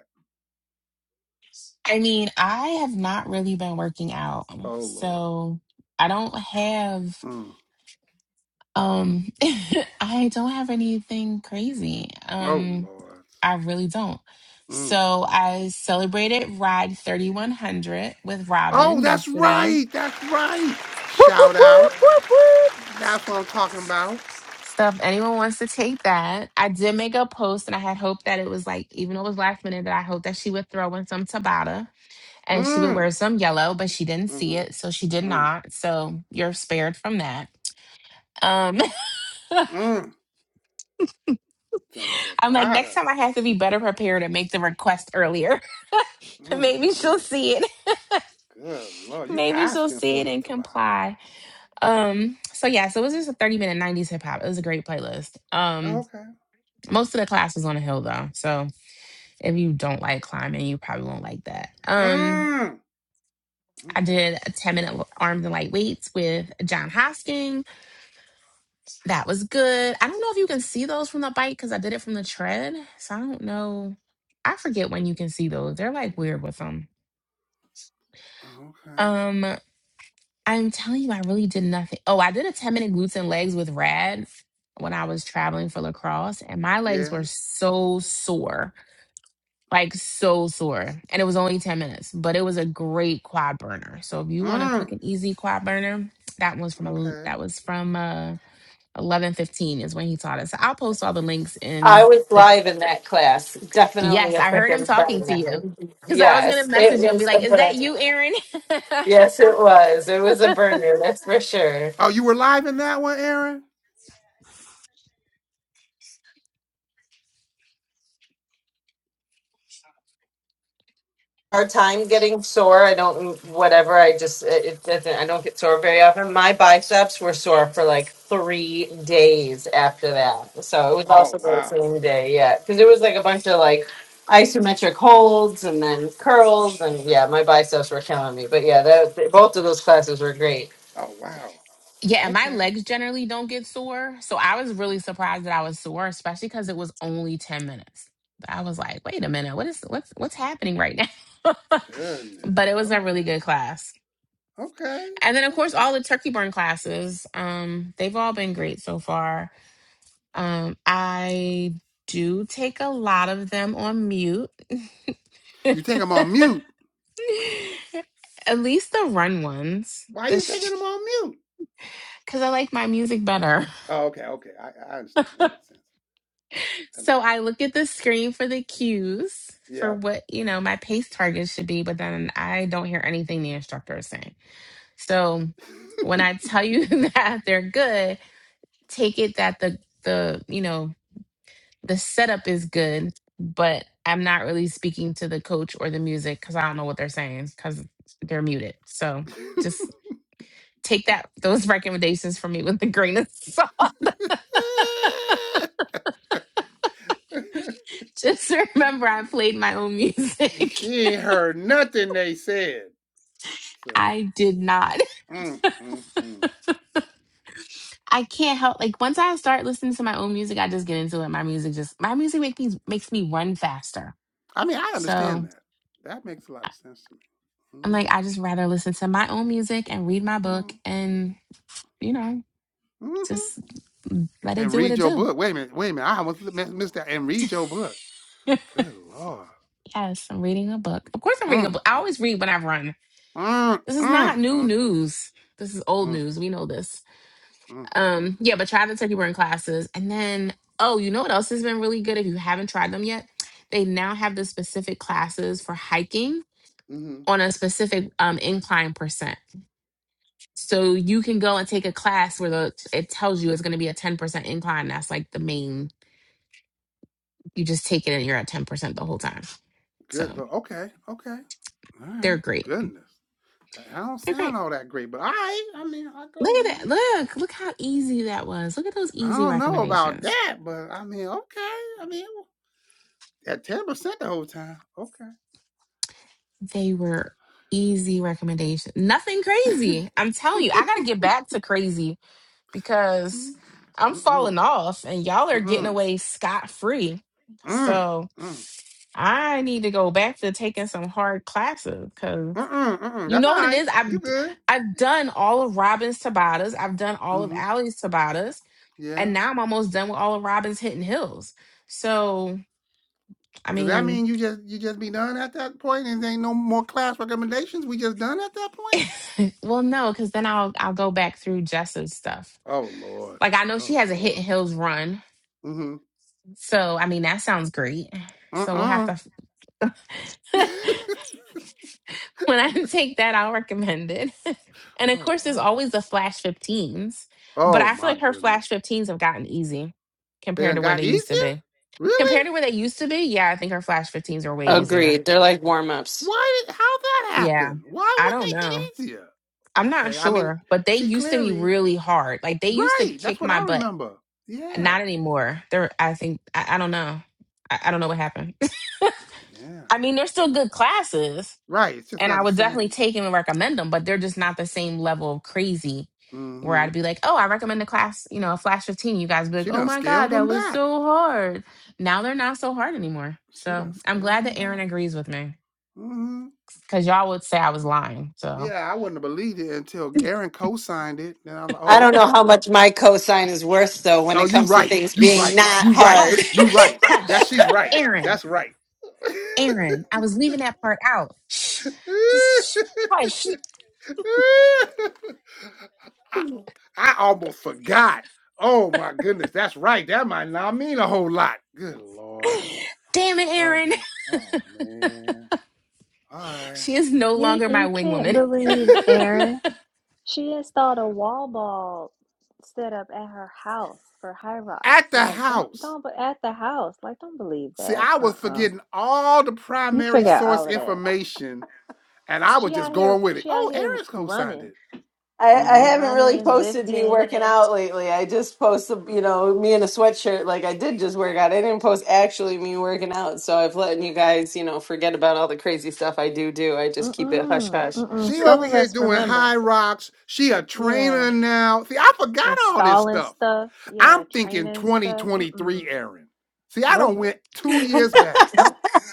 S3: I mean, I have not really been working out,
S1: Oh Lord.
S3: so I don't have
S1: Mm.
S3: um *laughs* I don't have anything crazy.
S1: Oh
S3: Um,
S1: Lord.
S3: I really don't.
S1: Mm.
S3: So
S1: mm.
S3: I celebrated Ride 3100 with
S1: Oh,
S3: Robin
S1: that's
S3: yesterday.
S1: right. That's right.
S9: whoop, whoop,
S1: Shout out.
S9: whoop, whoop, whoop.
S1: That's what I'm talking about.
S3: So if anyone wants to take that, I did make a post and I had hoped that it was like, even though it was last minute, that I hoped that she would throw in some Tabata and she would
S1: Mm.
S3: wear some yellow, but she didn't see
S1: Mm-hmm.
S3: it. So she did
S1: Mm.
S3: not. So you're spared from that. Um, *laughs* I'm
S1: Mm. Some
S3: like, next
S1: Tabata.
S3: time I have to be better prepared and make the request earlier. *laughs*
S1: Mm.
S3: Maybe
S1: Mm.
S3: she'll
S1: mm.
S3: see it.
S1: Good
S3: *laughs*
S1: Lord. You
S3: Maybe she'll
S1: asking
S3: see
S1: for
S3: it
S1: this
S3: and
S1: Tabata.
S3: comply. Um, so yeah, so it was just a 30 minute 90s hip hop. It was a great playlist.
S1: Oh,
S3: Um,
S1: okay.
S3: most of the class was on a hill though. So If you don't like climbing, you probably won't like that. Um,
S1: Mm.
S3: I
S1: Okay.
S3: did a 10 minute arms and light weights with John Hosking. That was good. I don't know if you can see those from the bike because I did it from the tread. So I don't know. I forget when you can see those. They're like weird with them.
S1: Oh, Okay.
S3: Um, I'm telling you, I really did nothing. Oh, I did a 10 minute glutes and legs with Rad when I was traveling for lacrosse, and my legs
S1: Yeah.
S3: were so sore like so sore. And it was only 10 minutes, but it was a great quad burner. So if you want a quick
S1: Mm.
S3: and easy quad burner, that one's from a,
S1: Okay.
S3: that was from uh 11:15 is when he taught us. I'll post all the links
S5: I
S3: in
S5: was
S3: the
S5: live in that class. Definitely
S3: Yes,
S5: a
S3: I heard him
S5: freaking
S3: talking to
S5: burner.
S3: you. Cuz I was going to
S5: Yes, it
S3: message you and be
S5: was a
S3: like, "Is
S5: burner.
S3: that you, Aaron?"
S5: Yes, it was. It was a burner, that's for sure.
S1: Oh, you were live in that one, Aaron?
S5: hard time getting sore. I don't, whatever. I just, it, it doesn't, I don't get sore very often. My biceps were sore for like three days after that. So it was
S1: Oh
S5: also the
S1: wow.
S5: same day. Yeah. Cause it was like a bunch of like isometric holds and then curls. And yeah, my biceps were killing me. But yeah, that, both of those classes were great.
S1: Oh wow.
S3: *laughs* yeah, and my
S1: Okay.
S3: legs generally don't get sore. So I was really surprised that I was sore, especially cuz it was only 10 minutes. I was like, "Wait a minute. What is what's what's happening right now?" *laughs*
S1: Goodness.
S3: but it was a really
S1: Okay.
S3: good class.
S1: Okay.
S3: and then of course
S1: Okay.
S3: all the turkey burn classes um they've all been great so far um i do take a lot of them on mute
S1: You take them on mute.
S3: at least the run ones
S1: Why are you taking them on mute?
S3: because *laughs* i like my music better
S1: Oh, okay. Okay. I, I understand. That makes sense.
S3: *laughs*
S1: That
S3: so
S1: makes
S3: i
S1: sense.
S3: look at the screen for the cues for
S1: Yeah.
S3: what you know my pace targets should be but then i don't hear anything the instructor is saying so when i tell you *laughs* that they're good take it that the the you know the setup is good, but I'm not really speaking to the coach or the music because I don't know what they're saying because they're muted. So just take that those *laughs* recommendations from me with a grain of salt. *laughs* Just remember I
S1: *laughs*
S3: played my own music. *laughs*
S1: she ain't heard nothing they said. So,
S3: I did not.
S1: mm, mm, mm.
S3: I can't help like once I start listening to my own music, I just get into it. My music just my music makes me makes me run faster.
S1: I mean, I understand
S3: So
S1: that. That makes a lot of sense to me.
S3: I'm like,
S1: Mm-hmm.
S3: I just rather listen to my own music and read my book
S1: Mm-hmm.
S3: and you know, just
S1: Mm-hmm.
S3: let it
S1: And
S3: do what
S1: read
S3: it
S1: your
S3: do.
S1: book. Wait a minute. Wait a minute. I almost missed that. And read your book. Good Lord.
S3: Yes, I'm reading a book. Of course, I'm reading a book. I
S1: Mm-mm.
S3: always read when I run.
S1: Mm,
S3: This is not
S1: mm,
S3: new
S1: mm, mm,
S3: news. This is old
S1: mm,
S3: news. We know this.
S1: mm, mm,
S3: Um, yeah,
S1: mm.
S3: but try the turkey burn classes, and then oh, you know what else has been really good? If you haven't tried them yet, they now have the specific classes for hiking
S1: Mhm.
S3: on a specific um, incline percent. So you can go and take a class where the it tells you it's going to be a ten percent incline. That's like the main. You just take it and you're at ten percent the whole time. So
S1: Good. Lord. Okay. Okay. All
S3: they're
S1: right.
S3: great.
S1: Goodness. I don't
S3: They're great.
S1: sound all that great, but all right. I mean, I go
S3: Look
S1: with
S3: at that.
S1: it.
S3: Look, look how easy that was. Look at those
S1: I
S3: easy
S1: don't know about
S3: recommendations.
S1: that, but I mean, okay. I mean, at ten percent the whole time. Okay.
S3: They were easy recommendations. Nothing crazy. I'm telling you, I got
S1: *laughs*
S3: to get back to crazy because
S1: Mm,
S3: I'm
S1: Mm-mm.
S3: falling off and y'all are getting
S1: Mm-mm. Mm.
S3: away scot free.
S1: Mm.
S3: So I need to go back to taking some hard classes because
S1: Mm-mm. Mm-mm.
S3: you
S1: That's all
S3: know what it
S1: right.
S3: is? I've
S1: You good?
S3: I've done all of Robin's Tabatas. I've done all of
S1: Mm-hmm.
S3: Allie's Tabatas. And
S1: Yeah.
S3: now I'm almost done with all of Robin's Hidden Hills. So I
S1: Does that
S3: mean,
S1: mean you just you just be done at that point, and there ain't no more class recommendations? We just done at that point?
S3: Well, no, because then I'll I'll go back through Jessa's stuff.
S1: Oh Lord.
S3: Like I know she
S1: Oh
S3: has a Hit
S1: Lord.
S3: and Hills run,
S1: Mm-hmm.
S3: so I mean that sounds great. So we'll have
S1: Uh-uh.
S3: to.
S1: *laughs*
S3: *laughs* when I take that, I'll recommend it. *laughs* and of
S1: oh
S3: course, there's
S1: Lord.
S3: always the Flash 15s, but
S1: Oh
S3: I feel
S1: my
S3: like her Flash
S1: goodness.
S3: 15s have gotten easy
S1: They
S3: compared
S1: done
S3: to where they
S1: got
S3: used
S1: easier?
S3: to be. Compared
S1: Really?
S3: to where they used to be, yeah, I think her Flash 15s are way easier.
S5: Agreed. They're like warm ups.
S1: Why did how that
S3: Yeah,
S1: happen? Why
S3: I
S1: would
S3: don't
S1: they get
S3: know.
S1: easier?
S3: I'm not
S1: Okay. I mean,
S3: sure, but they
S1: she
S3: used to be
S1: clearly
S3: really hard. Like they used to
S1: right. That's
S3: kick
S1: what
S3: my
S1: I
S3: butt
S1: remember. Yeah.
S3: Not anymore. There, I think I, I don't know. I, I don't know what happened.
S1: Yeah.
S3: *laughs* I mean, they're still good classes,
S1: Right. It's just
S3: and
S1: not
S3: I
S1: the
S3: would definitely
S1: same.
S3: take them and recommend them, but they're just not the same level of crazy. Where
S1: Mm-hmm.
S3: I'd be like, "Oh, I recommend the class, you know, Flash 15." You guys be like,
S1: She
S3: "Oh
S1: done
S3: my god,
S1: scaled
S3: that
S1: them
S3: was
S1: back.
S3: so hard." Now they're not so hard anymore.
S1: She
S3: So
S1: done
S3: I'm
S1: scaled
S3: glad
S1: them
S3: that Aaron
S1: back.
S3: agrees with me
S1: Mm-hmm.
S3: because y'all would say I was lying. So
S1: Yeah, I wouldn't have believed it until Aaron co-signed it. Then I was like,
S5: I
S1: oh,
S5: don't know
S1: okay.
S5: how much my cosine is worth though when
S1: Oh,
S5: it
S1: you
S5: comes to
S1: right.
S5: things
S1: You
S5: being
S1: right.
S3: *laughs*
S5: not
S1: You right.
S5: hard. *laughs*
S3: Hush,
S1: You right. That
S3: hush,
S1: she's right.
S3: Aaron,
S1: That's right. *laughs*
S3: Aaron. I was leaving that part out. Shh.
S1: I,
S3: Just shh. hush.
S1: I almost forgot. Oh my goodness, that's right. That might not mean a whole lot. Good lord.
S3: Damn it, Erin!
S1: Okay.
S3: *laughs*
S1: Oh man. All right.
S3: She is no
S4: You
S3: longer my
S4: you
S3: wing
S4: can't
S3: woman.
S1: *laughs*
S4: believe Erin. She installed a wall ball set up at her house for High Rocks.
S1: At the
S4: Like don't
S1: house.
S4: don't but at the house. Like don't believe
S1: See,
S4: that.
S1: I was
S4: Uh-uh.
S1: forgetting all the
S4: You
S1: primary
S4: forgot
S1: source
S4: all of that.
S1: information, and I was
S4: She
S1: just
S4: out here
S1: going with it.
S4: she out
S1: Oh,
S4: here
S1: Eric's co-signed
S4: running.
S1: it.
S5: I,
S4: Out
S5: I
S4: here
S1: Mm-hmm.
S5: haven't really
S4: running,
S5: posted me
S4: lifting.
S5: working out lately. I just post, you know, me in a sweatshirt. Like I did just work out. I didn't post actually me working out. So I've letting you guys, you know, forget about all the crazy stuff I do do. I just keep it hush
S4: Mm-mm.
S5: hush.
S4: Mm-mm.
S1: She
S4: Some
S1: over
S4: of
S1: here
S4: us
S1: doing
S4: remember.
S1: high rocks. She a
S4: Yeah.
S1: trainer now. See, I forgot all this
S4: Installing
S1: stuff.
S4: stuff. Yeah.
S1: I'm thinking
S4: Training stuff. Mm-mm.
S1: 2023, Aaron. See, I
S4: Nope.
S1: don't went two years back.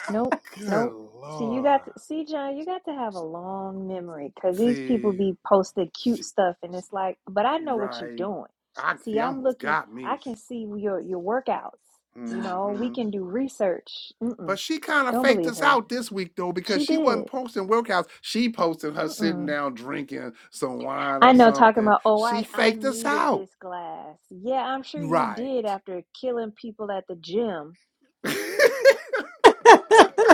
S4: Nope,
S1: Good
S4: nope. See, you
S1: lord.
S4: got to see, John. You got to have a long memory because these people
S1: See,
S4: be posting cute
S1: she,
S4: stuff, and it's like, but I know what you're
S1: right.
S4: doing.
S1: I
S4: See,
S1: see.
S4: I'm
S1: Almost
S4: looking.
S1: got
S4: I
S1: me.
S4: can see your your workouts. You know, we
S1: hmm
S4: can do research. Mm-mm,
S1: But she kind of
S4: don't
S1: faked
S4: believe
S1: us
S4: her.
S1: out this week though because
S4: She
S1: she
S4: did.
S1: wasn't posting workouts. She posted her sitting
S4: Mm-mm.
S1: down drinking some wine
S4: I
S1: or
S4: know. Talking
S1: something.
S4: about, oh,
S1: She
S4: I I
S1: faked us
S4: needed
S1: out.
S4: this glass. Yeah, I'm sure you
S1: Right.
S4: did after killing people at the gym.
S1: *laughs*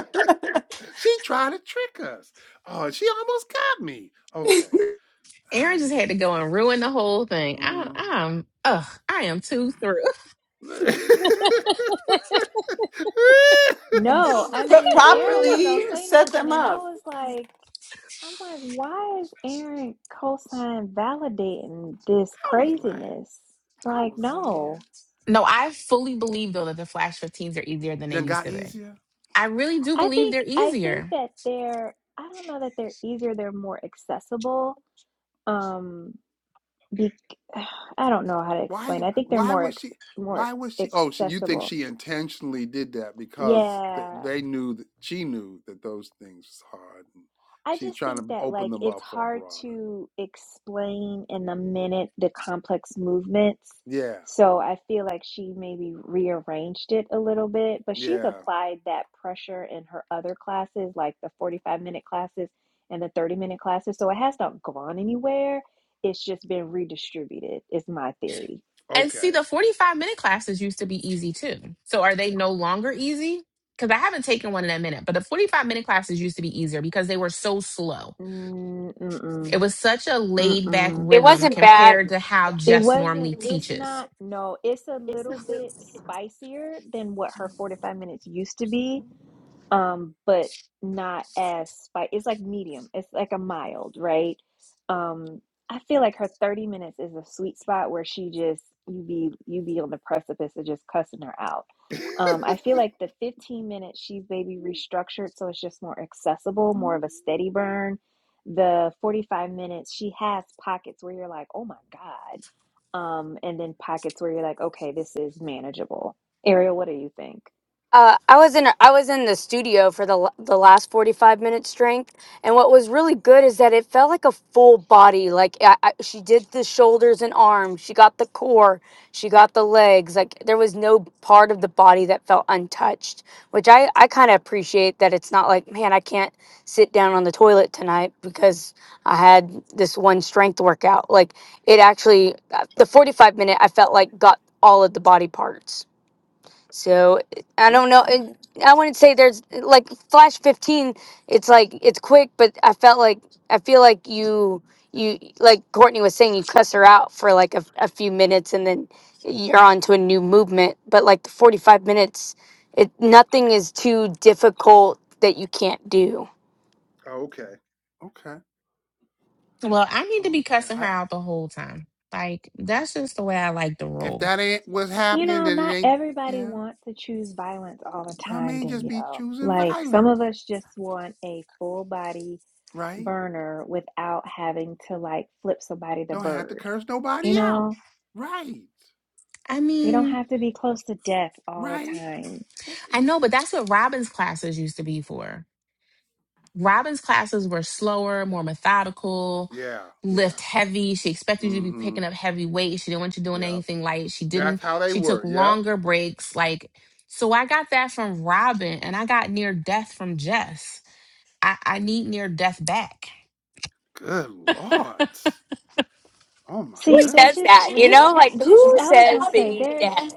S1: She tried to trick us. Oh, she almost got me. Okay.
S3: *laughs* Erin
S1: I.
S3: just had to go and ruin the whole thing. I,
S1: Mm.
S3: I'm, ugh, I am too through. *laughs*
S1: *laughs* I
S4: No, I
S5: But
S4: mean, Aaron wasn't gonna
S5: properly
S4: say
S5: set
S4: nothing,
S5: them
S4: and I
S5: up.
S4: was like. I'm like, why is Aaron cosign validating this
S1: was like,
S4: craziness?
S1: I
S4: Like,
S1: was over here.
S4: no.
S3: No, I fully believe though that the Flash 15s are easier than they
S1: Then
S3: used
S1: got
S3: to be.
S1: easier.
S3: I really do
S4: I
S3: believe
S4: think
S3: they're
S4: I think
S3: easier.
S4: that they're I don't know that they're easier, they're more accessible. Um be *sighs* I don't know how to
S1: Why?
S4: explain. I think they're
S1: Why
S4: more
S1: was
S4: ex,
S1: she?
S4: more
S1: Why was she? Oh, she, you think
S4: accessible.
S1: she intentionally did that because th-
S4: Yeah.
S1: they knew that she knew that those things was hard, and
S4: I
S1: she's
S4: just
S1: trying
S4: think
S1: to
S4: that
S1: open
S4: like
S1: them
S4: it's
S1: up for a
S4: hard
S1: broader.
S4: to explain in the minute the complex movements.
S1: Yeah.
S4: So I feel like she maybe rearranged it a little bit, but she's
S1: Yeah.
S4: applied that pressure in her other classes, like the 45 minute classes and the 30 minute classes. So it has not gone anywhere. It's just been redistributed, is my theory.
S3: And see,
S1: Okay.
S3: the 45 minute classes used to be easy too. So are they no longer easy? Because I haven't taken one in a minute, but the 45 minute classes used to be easier because they were so slow.
S4: Mm,
S3: It
S4: Mm-mm.
S3: was such a laid back
S4: Mm-mm.
S9: it
S3: rhythm
S9: wasn't bad
S3: compared to how
S4: It
S3: Jess
S4: wasn't,
S3: normally
S4: it's
S3: teaches
S4: not, no, it's a little bit spicier than what her 45 minutes used to be um, but not as spicy. It's like medium. It's like a mild, right? Um, I feel like her 30 minutes is a sweet spot where she just you be you be on the precipice of just cussing her out.
S1: *laughs*
S4: Um, I feel like the 15 minutes she's maybe restructured so it's just more accessible, more of a steady burn. The 45 minutes she has pockets where you're like, oh my God. Um, and then pockets where you're like, okay, this is manageable. Ariel, what do you think?
S9: Uh, I was in I was in the studio for the l- the last 45 minute strength and what was really good is that it felt like a full body like I, I, she did the shoulders and arms she got the core she got the legs like there was no part of the body that felt untouched which I I kind of appreciate that it's not like man I can't sit down on the toilet tonight because I had this one strength workout like it actually uh, the 45 minute I felt like got all of the body parts so I don't
S1: Okay.
S9: know. it- I wouldn't say there's like Flash 15. It's like it's quick, but I felt like I feel like you you like Courtney was saying you cuss her out for like a, a few minutes and then you're on to a new movement. But like the 45 minutes, it nothing is too difficult that you can't do.
S1: Oh, okay. Okay.
S3: Well, I need to be
S1: Okay.
S3: cussing her
S1: I
S3: out the whole time. Like, that's just the way I like to
S1: if
S3: roll.
S1: that ain't what's
S4: You
S1: happening,
S4: know,
S1: then it
S4: not
S1: ain't
S4: everybody
S1: yeah.
S4: wants to choose violence all the
S1: You know what I
S4: time,
S1: mean? Just be
S4: Danielle.
S1: choosing
S4: Like some
S1: violence,
S4: of us just want a full body
S1: right?
S4: burner without having to like flip somebody the
S1: Don't have to
S4: bird.
S1: curse
S4: You
S1: nobody out.
S4: know,
S1: Right.
S3: I
S4: we
S1: See,
S4: don't
S3: mean,
S4: have to be close to death all the
S1: right?
S4: time.
S1: Oh,
S3: I know, but that's what Robin's classes used to be for. Robin's classes were slower, more methodical,
S1: Yeah, yeah.
S3: lift heavy. She expected you to be
S1: Mm-hmm.
S3: picking up heavy weight. She didn't want you doing
S1: Yep.
S3: anything light. She didn't,
S1: That's how they
S3: she took
S1: were. Yep.
S3: longer breaks. Like, so I got that from Robin and I got near death from Jess. I, I need near death back.
S1: Good Lord. Oh my
S9: Who
S4: See, there's
S9: says
S1: goodness.
S4: just
S9: that? You
S4: just
S9: know, like
S4: just
S9: who
S4: I was
S9: says
S4: gonna
S9: that
S4: say
S9: you
S4: there's
S9: dead?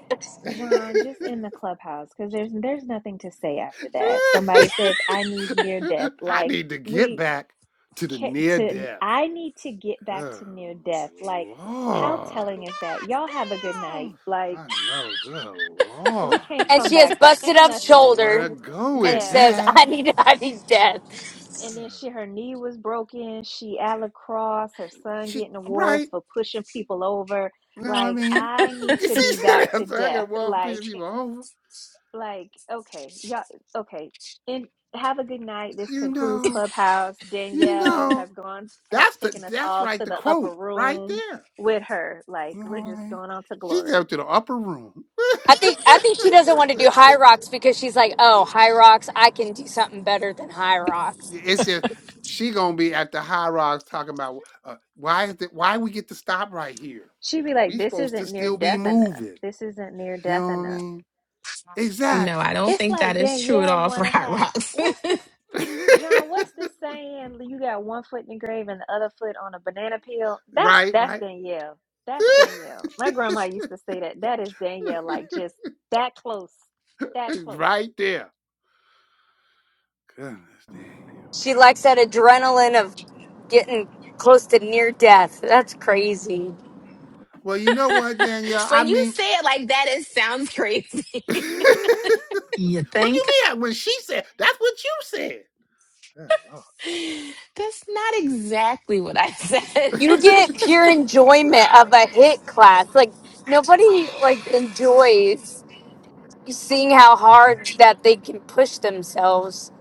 S4: John just in the clubhouse because there's there's nothing to say after that. Somebody says I need near
S1: *laughs*
S4: death.
S1: I
S4: Like
S1: need to get
S4: we
S1: back to the
S4: ca-
S1: near
S4: to
S1: death.
S4: I need to get back
S1: Good
S4: to near death. Like, how
S1: Lord.
S4: telling is that? Y'all have a good
S1: Mm.
S4: night. Like,
S1: I know, good
S4: we
S1: Lord.
S4: can't
S9: And
S4: come
S9: she has
S4: back from
S9: busted
S4: ain't
S9: up
S1: I don't
S4: nothing.
S1: know
S9: shoulder
S1: where to go
S9: and
S1: with
S4: Yeah.
S9: says,
S1: that.
S9: "I need, I need death."
S1: Ugh.
S4: And then she her knee was broken. She at lacrosse, her son
S1: She,
S4: getting awards
S1: right?
S4: for pushing people over.
S1: You know what I
S4: Like,
S1: mean?
S4: I
S1: *laughs*
S4: need
S1: You
S4: to be
S1: see,
S4: back to
S1: that's I
S4: death.
S1: got one piece
S4: Like
S1: of
S4: *laughs*
S1: people over.
S4: Like, okay, y'all, okay. And have a good night. This
S1: You
S4: concludes
S1: know,
S4: Clubhouse.
S1: you
S4: Danielle
S1: know.
S4: has gone, has
S1: That's the
S4: taken us
S1: that's
S4: all
S1: right,
S4: to
S1: the
S4: the upper
S1: quote right
S4: room
S1: there.
S4: with her. Like,
S1: You know
S4: we're
S1: what I
S4: just
S1: mean?
S4: going on to
S1: She's
S4: glory.
S1: up to the upper room.
S9: I think I think she doesn't want to do high rocks because she's like, oh, high rocks, I can do something better than high rocks.
S1: It's just she gonna be at the high rocks talking about uh, why is that why we get to stop right here?
S4: She'd be like,
S1: We
S4: this
S1: supposed to
S4: isn't near
S1: still be
S4: death enough.
S1: moving.
S4: This isn't near
S1: You know
S4: death
S1: what I
S4: enough.
S1: mean?
S3: No,
S1: Exactly.
S3: I don't
S4: It's
S3: think
S4: like
S3: that is true at
S4: Danielle
S3: all *laughs* for
S4: want to
S3: Hot
S4: have,
S3: Rocks. *laughs*
S4: what's this?
S1: *laughs*
S4: John, what's this saying? You got one foot in the grave and the other foot on a banana peel. That's
S1: right,
S4: that's
S1: right.
S4: Danielle. That's
S1: *laughs*
S4: Danielle. My grandma used to say that. That is Danielle. Like just that close. That close.
S1: right there. Goodness, Daniel.
S9: She likes that adrenaline of getting close to near death. That's crazy.
S1: Well, you know what, Danielle?
S3: *laughs*
S1: I
S3: when you
S1: mean,
S3: say it like that, it sounds crazy.
S1: *laughs* what you
S8: You think?
S1: mean? When she said, that's what you said. Oh,
S3: *laughs* That's not exactly what I said.
S9: You
S3: *laughs*
S9: get
S1: Lord.
S9: pure enjoyment of a hit class. Like nobody like enjoys seeing how hard that they can push themselves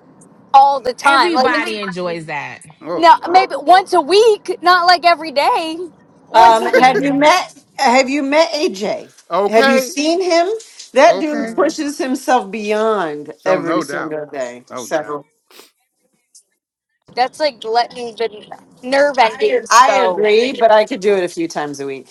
S9: all the time. Like
S3: Everybody
S9: it's-
S3: enjoys that.
S1: *laughs*
S9: no,
S1: oh,
S9: maybe once a week, not like every day. Once
S5: Um,
S9: a
S1: Lord.
S5: have
S9: week.
S5: you
S3: Mhm.
S5: met? Have you met AJ?
S1: *laughs*
S5: Have you
S1: okay,
S5: seen him? That dude
S1: okay.
S4: Mm.
S5: pushes himself beyond
S1: So,
S5: every
S1: no doubt.
S5: single day.
S1: No doubt.
S5: So
S9: That's like letting the nerve endings
S5: I
S9: go.
S5: agree, but I could do it a few times a week.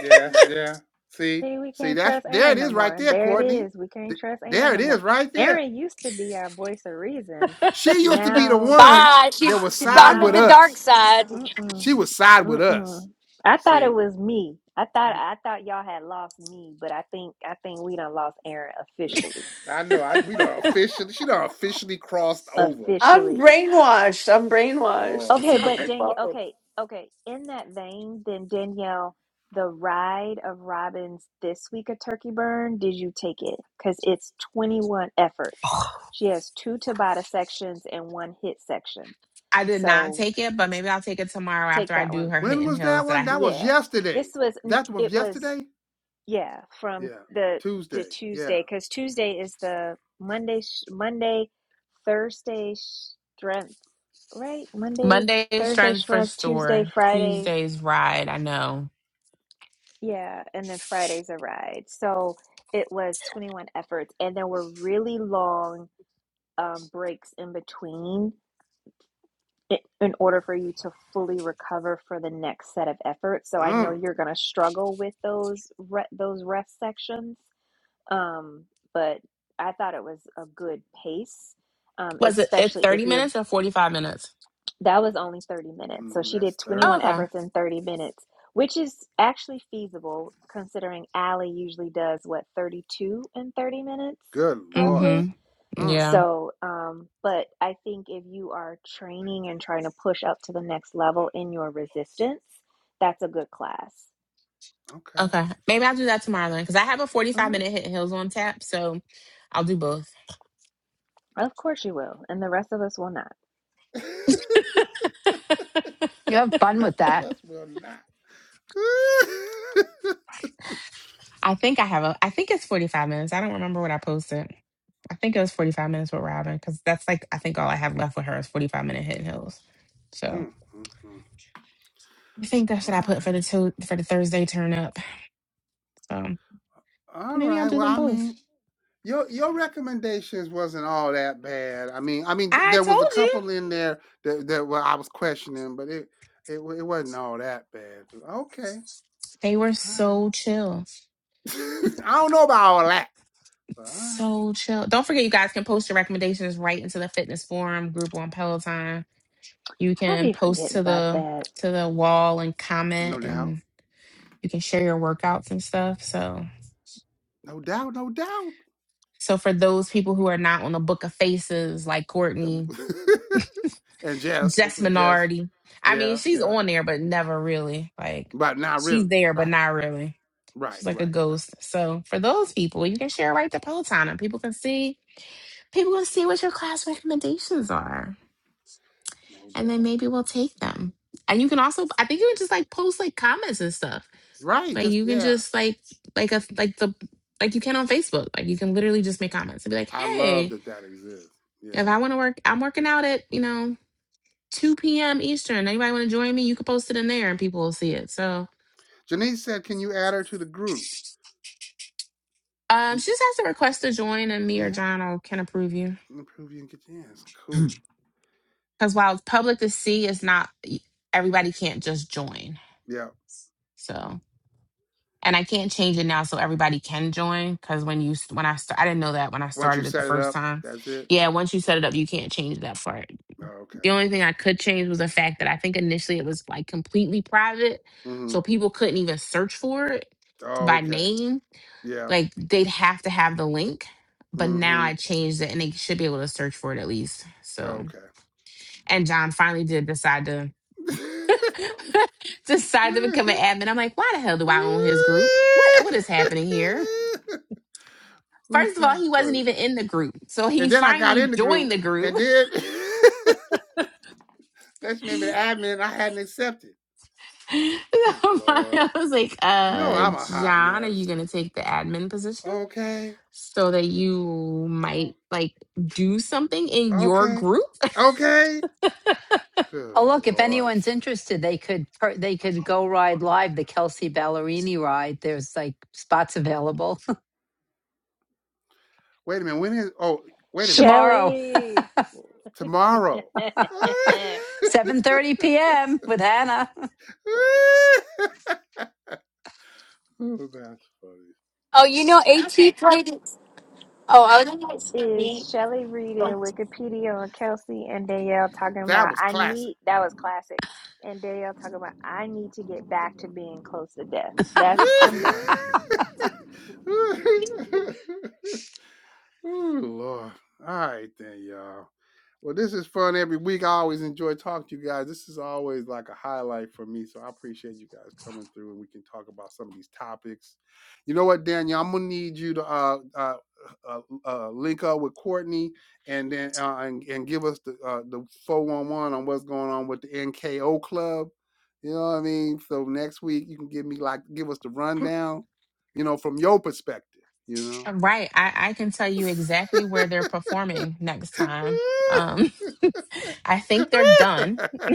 S1: Yeah, yeah. See,
S4: See, we
S1: see,
S4: can't
S1: that's
S4: trust
S1: there it
S4: Aaron no
S1: is right
S4: more.
S1: there,
S4: There it
S1: Courtney.
S4: is. We can't trust
S1: There
S4: Aaron
S1: it
S4: no more.
S1: is right there.
S4: Aaron used to be our voice of reason.
S3: *laughs*
S1: She used to be the
S4: Now,
S1: one
S9: Bye. She's
S1: that was
S9: she's gone
S1: side
S9: to
S1: with
S9: the
S4: now,
S9: dark
S1: us.
S9: side.
S4: mm-mm,
S1: She was side with us.
S4: mm-mm. I thought it
S1: See,
S4: was me. I thought
S1: Mm,
S4: I thought y'all had lost me, but I think I think we done lost Aaron
S1: mm,
S4: officially.
S1: I know. I we don't officially. She don't officially crossed over.
S5: I'm
S4: officially.
S5: brainwashed. I'm
S1: Good
S5: brainwashed.
S1: lord.
S5: It's
S4: Okay,
S5: not
S1: Good.
S4: but
S5: my
S4: Danielle,
S5: fault.
S4: okay, okay. In that vein, then Danielle, the ride of Robin's this week of Turkey Burn, did you take it? Because it's 21 efforts. She has two Tabata sections and one hit section.
S3: I did not
S4: So
S3: take it, but
S4: t-
S3: maybe I'll take it tomorrow after
S4: take
S3: I
S4: that
S3: do
S4: one.
S3: her
S1: When
S3: hidden
S1: was
S3: hills
S1: that
S3: that
S1: one?
S3: I
S1: That was
S4: Yeah.
S1: yesterday.
S4: This was, n-
S1: That was
S4: it was
S1: yesterday.
S4: Yeah, from
S1: Yeah,
S4: the the
S1: Tuesday. Yeah.
S4: Tuesday, because Tuesday is the Monday, sh- Monday, Thursday strength, right? Monday,
S3: Monday
S4: Thursday
S3: strength for
S4: strength, Tuesday,
S3: store,
S4: Friday,
S3: Tuesday's ride. I know.
S4: yeah, and then Friday's a ride. So it was 21 efforts, and there were really long um, breaks in between i- in order for you to fully recover for the next set of efforts. So I know
S1: Mm,
S4: you're going to struggle with those re those rest sections um, but I thought it was a good pace, um,
S3: Was it it
S4: especially if
S3: 30
S4: you're
S3: minutes or 45 minutes?
S4: that was only 30 minutes. So
S1: mhm,
S4: she did
S1: that's
S3: Oh,
S4: 21
S1: thirty.
S3: okay.
S4: efforts in 30 minutes, which is actually feasible considering Allie usually does what 32 in 30 minutes
S1: Good lord.
S3: Mm-hmm.
S4: roughly.
S1: Mm,
S3: Yeah.
S4: So, um, but I think if you are training and trying to push up to the next level in your resistance, that's a good class.
S1: okay.
S3: Okay. Maybe I'll do that tomorrow then, because I have a 45
S4: hmm
S3: minute hidden hills on tap, so I'll do both.
S4: Of course you will, and the rest of us will not.
S1: *laughs*
S8: You have
S1: The
S8: fun with
S1: Rest of
S8: that.
S1: us will not. *laughs*
S3: I think I have a. I think it's forty five minutes. I don't remember what I posted. I think it was forty five minutes with Robin because that's like I think all I have left with her is forty five minute hidden hills. So
S1: Mm, mm, mm.
S3: I think that's
S1: All
S3: what I put for
S1: right.
S3: the two for the Thursday turn up. So but
S1: All
S3: maybe I'll
S1: right.
S3: do
S1: Well,
S3: them
S1: I
S3: both.
S1: mean, your your recommendations wasn't all that bad. I mean, I mean,
S3: I
S1: there was
S3: told
S1: a
S3: you
S1: couple in there that that well, I was questioning, but it it wa- it wasn't all that bad. So, Okay.
S3: they were
S1: All right.
S3: so chill,
S1: *laughs* I don't know about all that, but all right.
S3: so chill. Don't forget, you guys can post your recommendations right into the fitness forum group on Peloton. You
S4: I
S3: can
S4: be
S3: post
S4: forgetting
S3: to
S4: about
S3: the
S4: that.
S3: to the wall and comment,
S1: No doubt.
S3: and you can share your workouts and stuff. So
S1: No doubt. No doubt.
S3: So for those people who are not on the Book of Faces, like Courtney,
S1: *laughs* and just
S3: Jess
S1: and just
S3: Minardi, I mean,
S1: yeah,
S3: she's
S1: yeah.
S3: on there, but never really. Like
S1: But not
S3: she's
S1: really.
S3: there, but
S1: Right.
S3: not really.
S1: Right.
S3: She's like a
S1: Right. Right.
S3: ghost. So for those people, you can share right to Peloton, and people can see people can see what your class recommendations are,
S1: No
S3: and then
S1: doubt.
S3: maybe we'll take them. And you can also, I think you can just like post like comments and stuff.
S1: Right.
S3: Like
S1: Just
S3: you can
S1: yeah.
S3: just like like a like the like you can on Facebook. Like you can literally just make comments and be like,
S1: I love
S3: hey.
S1: that that exists.
S3: If
S1: Yeah.
S3: I want to work, I'm working out at, you know, 2 p.m. Eastern. Anybody want to join me? You can post it in there and people will see it. So
S1: Janice said, "Can you add her to the group?"
S3: um,
S1: Y-
S3: she just has to request to join and me or
S1: Yeah,
S3: John will, can approve you.
S1: improve you and get your ass. Cool.
S3: Because while it's public to see, it's not, everybody can't just join.
S1: Yeah.
S3: So, and I can't change it now so everybody can join. Because when you, when I, st- I didn't know that when I
S1: Once you
S3: started it the
S1: set it
S3: first
S1: up,
S3: time.
S1: that's it.
S3: Yeah, once you set it up, you can't change that part.
S1: Oh, okay.
S3: The only thing I could change was the fact that I think initially it was like completely private.
S1: Mm-hmm.
S3: So people couldn't even search for it
S1: Oh,
S3: by
S1: okay.
S3: name.
S1: Yeah.
S3: Like they'd have to have the link. But now
S1: Mm-hmm.
S3: I changed it and they should be able to search for it at least.
S1: Oh,
S3: So
S1: Okay.
S3: and John finally did decide to *laughs* decide to become
S1: *laughs*
S3: an admin. I'm like, why the hell do I own his group? What what is happening here?
S1: Ooh,
S3: First of all,
S1: that's
S3: he wasn't
S1: funny.
S3: even in the group. So he *laughs*
S1: And then I got
S3: finally
S1: in the group,
S3: joined the group.
S1: and
S3: *laughs*
S1: then *laughs* that's made me the admin. I hadn't accepted. Good
S3: So
S1: lord.
S3: I was like,
S1: No,
S3: uh,
S1: I'm a hot
S3: John, are you
S1: mess.
S3: gonna take the admin position?
S1: Okay.
S3: so that you
S1: Oh,
S3: might like do something in your
S1: Okay.
S3: group.
S1: Okay. Good
S8: Oh, look, if
S1: Lord.
S8: anyone's interested, they could per- they could go ride live the Kelsey Ballerini ride. There's like spots available
S1: Wait a minute. When is, oh, wait
S8: *laughs*
S1: a minute.
S8: tomorrow,
S4: Shelly! *laughs*
S1: Tomorrow. *laughs*
S8: 7:30 p.m. with Hannah.
S1: Oh, that's funny.
S9: Oh, you know, AT played. Oh, I was.
S4: Is Shelly reading Wikipedia on Kelsey and Danielle talking
S1: That
S4: about,
S1: was
S4: I
S1: classic.
S4: need, that was classic. And Danielle talking about, I need to get back to being close to death.
S1: *laughs*
S4: That's, I'm done.
S8: *laughs*
S1: Oh Lord. All right, then, y'all. Well, this is fun every week. I always enjoy talking to you guys. This is always like a highlight for me. So I appreciate you guys coming through and we can talk about some of these topics. You know what, Daniel? I'm gonna need you to uh, uh, uh, uh, link up with Courtney and then uh, and, and give us the uh, the 411 on what's going on with the NKO Club. You know what I mean? So next week you can give me like give us the rundown. You know, from your perspective. You
S3: Right. I, I can tell you exactly where they're performing next
S1: know.
S3: time. Um, *laughs* I think they're done.
S1: *laughs* *laughs*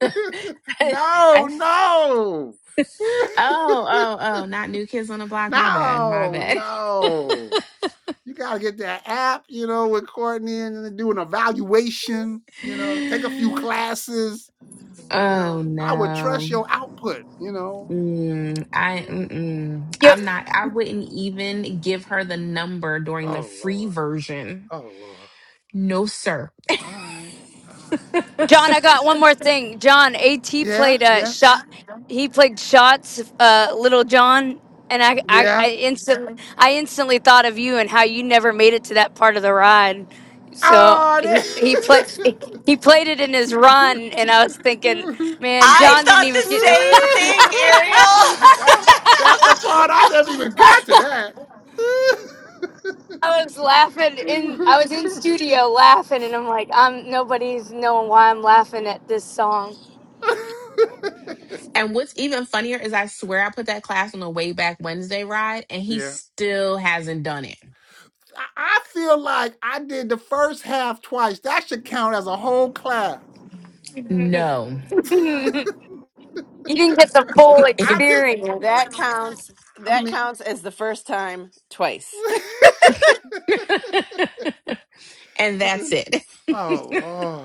S1: *laughs*
S3: *laughs* I
S1: no, no.
S3: oh oh
S1: *laughs*
S3: oh, not new kids on the block. My bad. My
S1: no,
S3: bad.
S1: no. You gotta get that app, you know, with Courtney and do an evaluation, you know, take a few
S3: *laughs*
S1: classes, you know.
S3: Oh
S1: I would trust
S3: no.
S1: your output, you know.
S3: Mm, I
S1: *laughs*
S3: mm-mm. I'm not. I wouldn't even give her the number during the
S1: oh
S3: free
S1: Lord.
S3: version.
S1: Oh Lord.
S3: No, sir.
S1: All right. All right.
S9: John, I got one more thing. John, AT
S1: Yeah,
S9: played a
S1: yeah,
S9: shot. He played shots, uh, Little John, and I, I,
S1: yeah.
S9: I instantly, I instantly thought of you and how you never made it to that part of the ride. So he he played
S1: Oh,
S9: he played it in his run, and I was thinking,
S1: they- *laughs*
S9: man,
S5: I
S9: John didn't
S5: thought
S9: even
S5: the
S1: *laughs*
S5: same
S9: get. *laughs*
S5: thing,
S1: that, that's
S5: Ariel.
S1: the
S5: *laughs*
S1: part I never even got to that.
S9: I was laughing in I was in
S1: *laughs*
S9: studio laughing and I'm like, I'm nobody's knowing why I'm laughing at this song.
S3: And what's even funnier is I swear I put that class on the way back Wednesday ride and he
S1: yeah.
S3: still hasn't done it.
S1: I feel like I did the first half twice. That should count as a whole class.
S9: *laughs*
S3: No.
S9: you didn't get the full
S3: *laughs*
S1: I
S3: and
S1: just,
S9: experience.
S5: That counts.
S1: I
S5: That
S1: mean,
S5: counts as the first time twice. *laughs*
S1: *laughs*
S3: *laughs* and that's it.
S1: oh, Lord.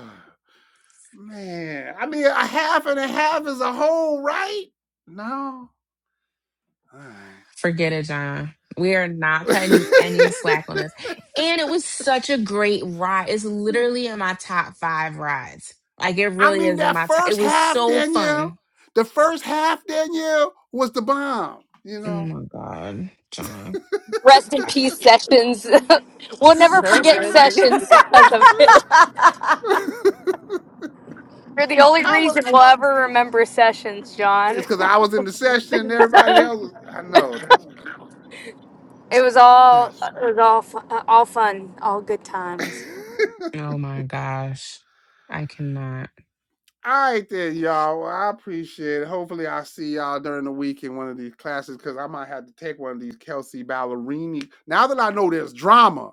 S1: Man. I mean, a half and a half is a whole, right? No. All
S3: Forget it, John. We are not cutting you any
S1: right. *laughs*
S3: slack on this. And it was such a great ride. It's literally in my top five rides. Like it
S1: I
S3: really
S1: mean,
S3: is in
S1: that
S3: my top. It
S1: first
S3: was
S1: half,
S3: so
S1: Danielle,
S3: fun.
S1: the first half, Danielle, was the bomb, you
S3: Oh
S1: know.
S3: my God, John.
S9: Rest in
S3: I-
S9: peace sessions. *laughs* we'll
S5: It's
S9: never
S5: so
S9: forget
S5: good. *laughs*
S9: sessions because of it.
S1: *laughs*
S9: You're the only
S1: How was
S9: reason we'll ever remember sessions, John.
S1: it's because I was in the session and everybody else was, I know, that's crazy.
S9: It was all
S1: That's
S9: it was all fu- all fun, all good
S1: *laughs*
S9: times.
S3: oh my gosh. I cannot.
S1: all right then, y'all. Well, I appreciate it. Hopefully I see y'all during the week in one of these classes because I might have to take one of these Kelsey Ballerini. Now that I know there's drama,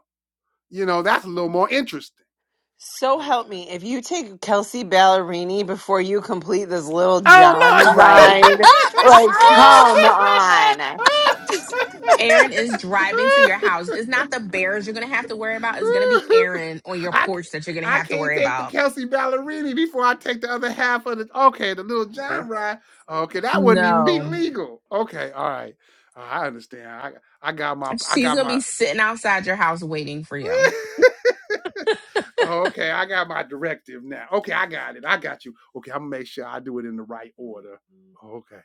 S1: you know, that's a little more interesting.
S5: So
S1: All right.
S5: help me, if you take Kelsey Ballerini before you complete this little
S1: Oh
S5: John
S1: no!
S4: Right.
S5: ride, Ride. Like, come on.
S3: Aaron is driving to your house. It's not the bears you're going to have to worry about. It's going to be Aaron on your
S1: I c-
S3: porch that you're going to
S1: I
S3: have to
S1: can't
S3: worry
S1: take the
S3: about.
S1: Kelsey Ballerini before I take the other half of the okay, the little
S5: Good
S1: John ride. Okay, that wouldn't even be
S3: No.
S1: legal. Okay, all right. Uh, I understand. I I got my I
S3: She's
S1: got
S3: going to be
S1: my
S3: sitting outside your house waiting for you.
S1: *laughs* okay, I got my directive now. Okay, I got it. I got you. Okay, I'm gonna make sure I do it in the right order. Okay.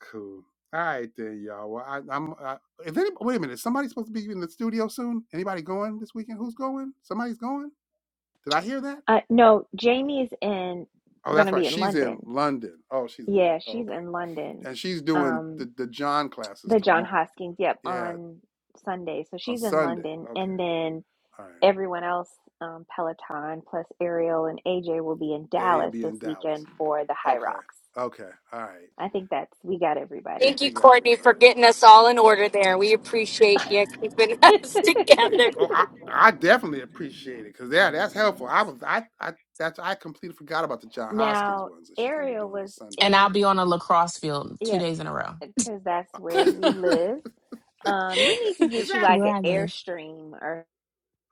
S1: Cool. All right then, y'all. Well, I, I'm. I, if any, wait a minute, somebody's supposed to be in the studio soon. Anybody going this weekend? Who's going? Somebody's going. Did I hear that?
S4: Uh, no, Jamie's in,
S1: Oh, that's
S4: gonna be
S1: right.
S4: in
S1: She's in
S4: London.
S1: London. Oh, she's in London.
S4: Yeah,
S1: Oh,
S4: she's
S1: okay,
S4: in London.
S1: and she's doing
S4: Um,
S1: the the John classes
S4: the John
S1: tomorrow.
S4: Hoskins, yep,
S1: Yeah,
S4: on Sunday. So
S1: on
S4: she's in
S1: Sunday.
S4: London.
S1: Okay.
S4: And then
S1: All right.
S4: everyone else, um, Peloton plus Ariel and AJ will be in
S1: They'll
S4: Dallas
S1: be
S4: this
S1: in Dallas.
S4: weekend for the High
S1: Okay.
S4: Rocks.
S1: Okay. All right.
S4: I think that's we got everybody.
S9: Thank
S4: *laughs*
S1: We
S9: you,
S1: got
S9: Courtney, for
S1: everybody.
S9: getting us all in order there. We appreciate you keeping *laughs* us
S1: Yeah.
S9: together.
S1: Oh, I, I definitely appreciate it because yeah, that's helpful. I was I I that's I completely forgot about the John Hoskins
S4: Now
S1: ones that she's gonna be
S4: Ariel
S1: doing on
S4: was
S1: Sunday.
S3: And I'll
S4: in,
S3: be on a lacrosse field two
S4: yep,
S3: days in a row
S4: yeah, because that's
S1: *laughs*
S4: where you live. Um, you need to get you like
S1: exactly.
S3: where
S4: an
S3: I live.
S4: Airstream or.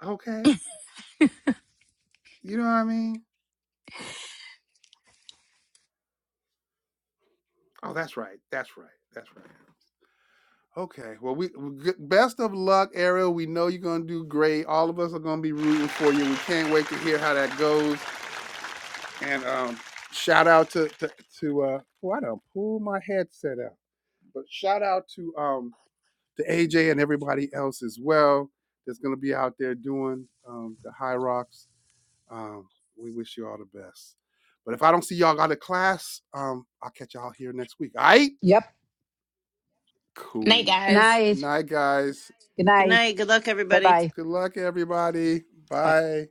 S1: Okay. You know what I mean? Oh, that's right. That's right. That's right. Okay. Well, we best of luck, Ariel. We know you're gonna do great. All of us are gonna be rooting for you. We can't wait to hear how that goes. And um, shout out to to, to uh, oh, I don't pull my headset out. But shout out to um to AJ and everybody else as well that's gonna be out there doing um the high rocks Um, we wish you all the best. But if I don't see y'all out of class, um, I'll catch y'all here next week. All right?
S8: yep.
S3: Night,
S1: Cool.
S8: Good
S3: guys.
S1: Good
S8: night.
S1: night, guys.
S8: Good night.
S5: night. Good luck, everybody.
S8: Bye-bye.
S1: Good luck, everybody.
S8: Bye.
S1: Bye.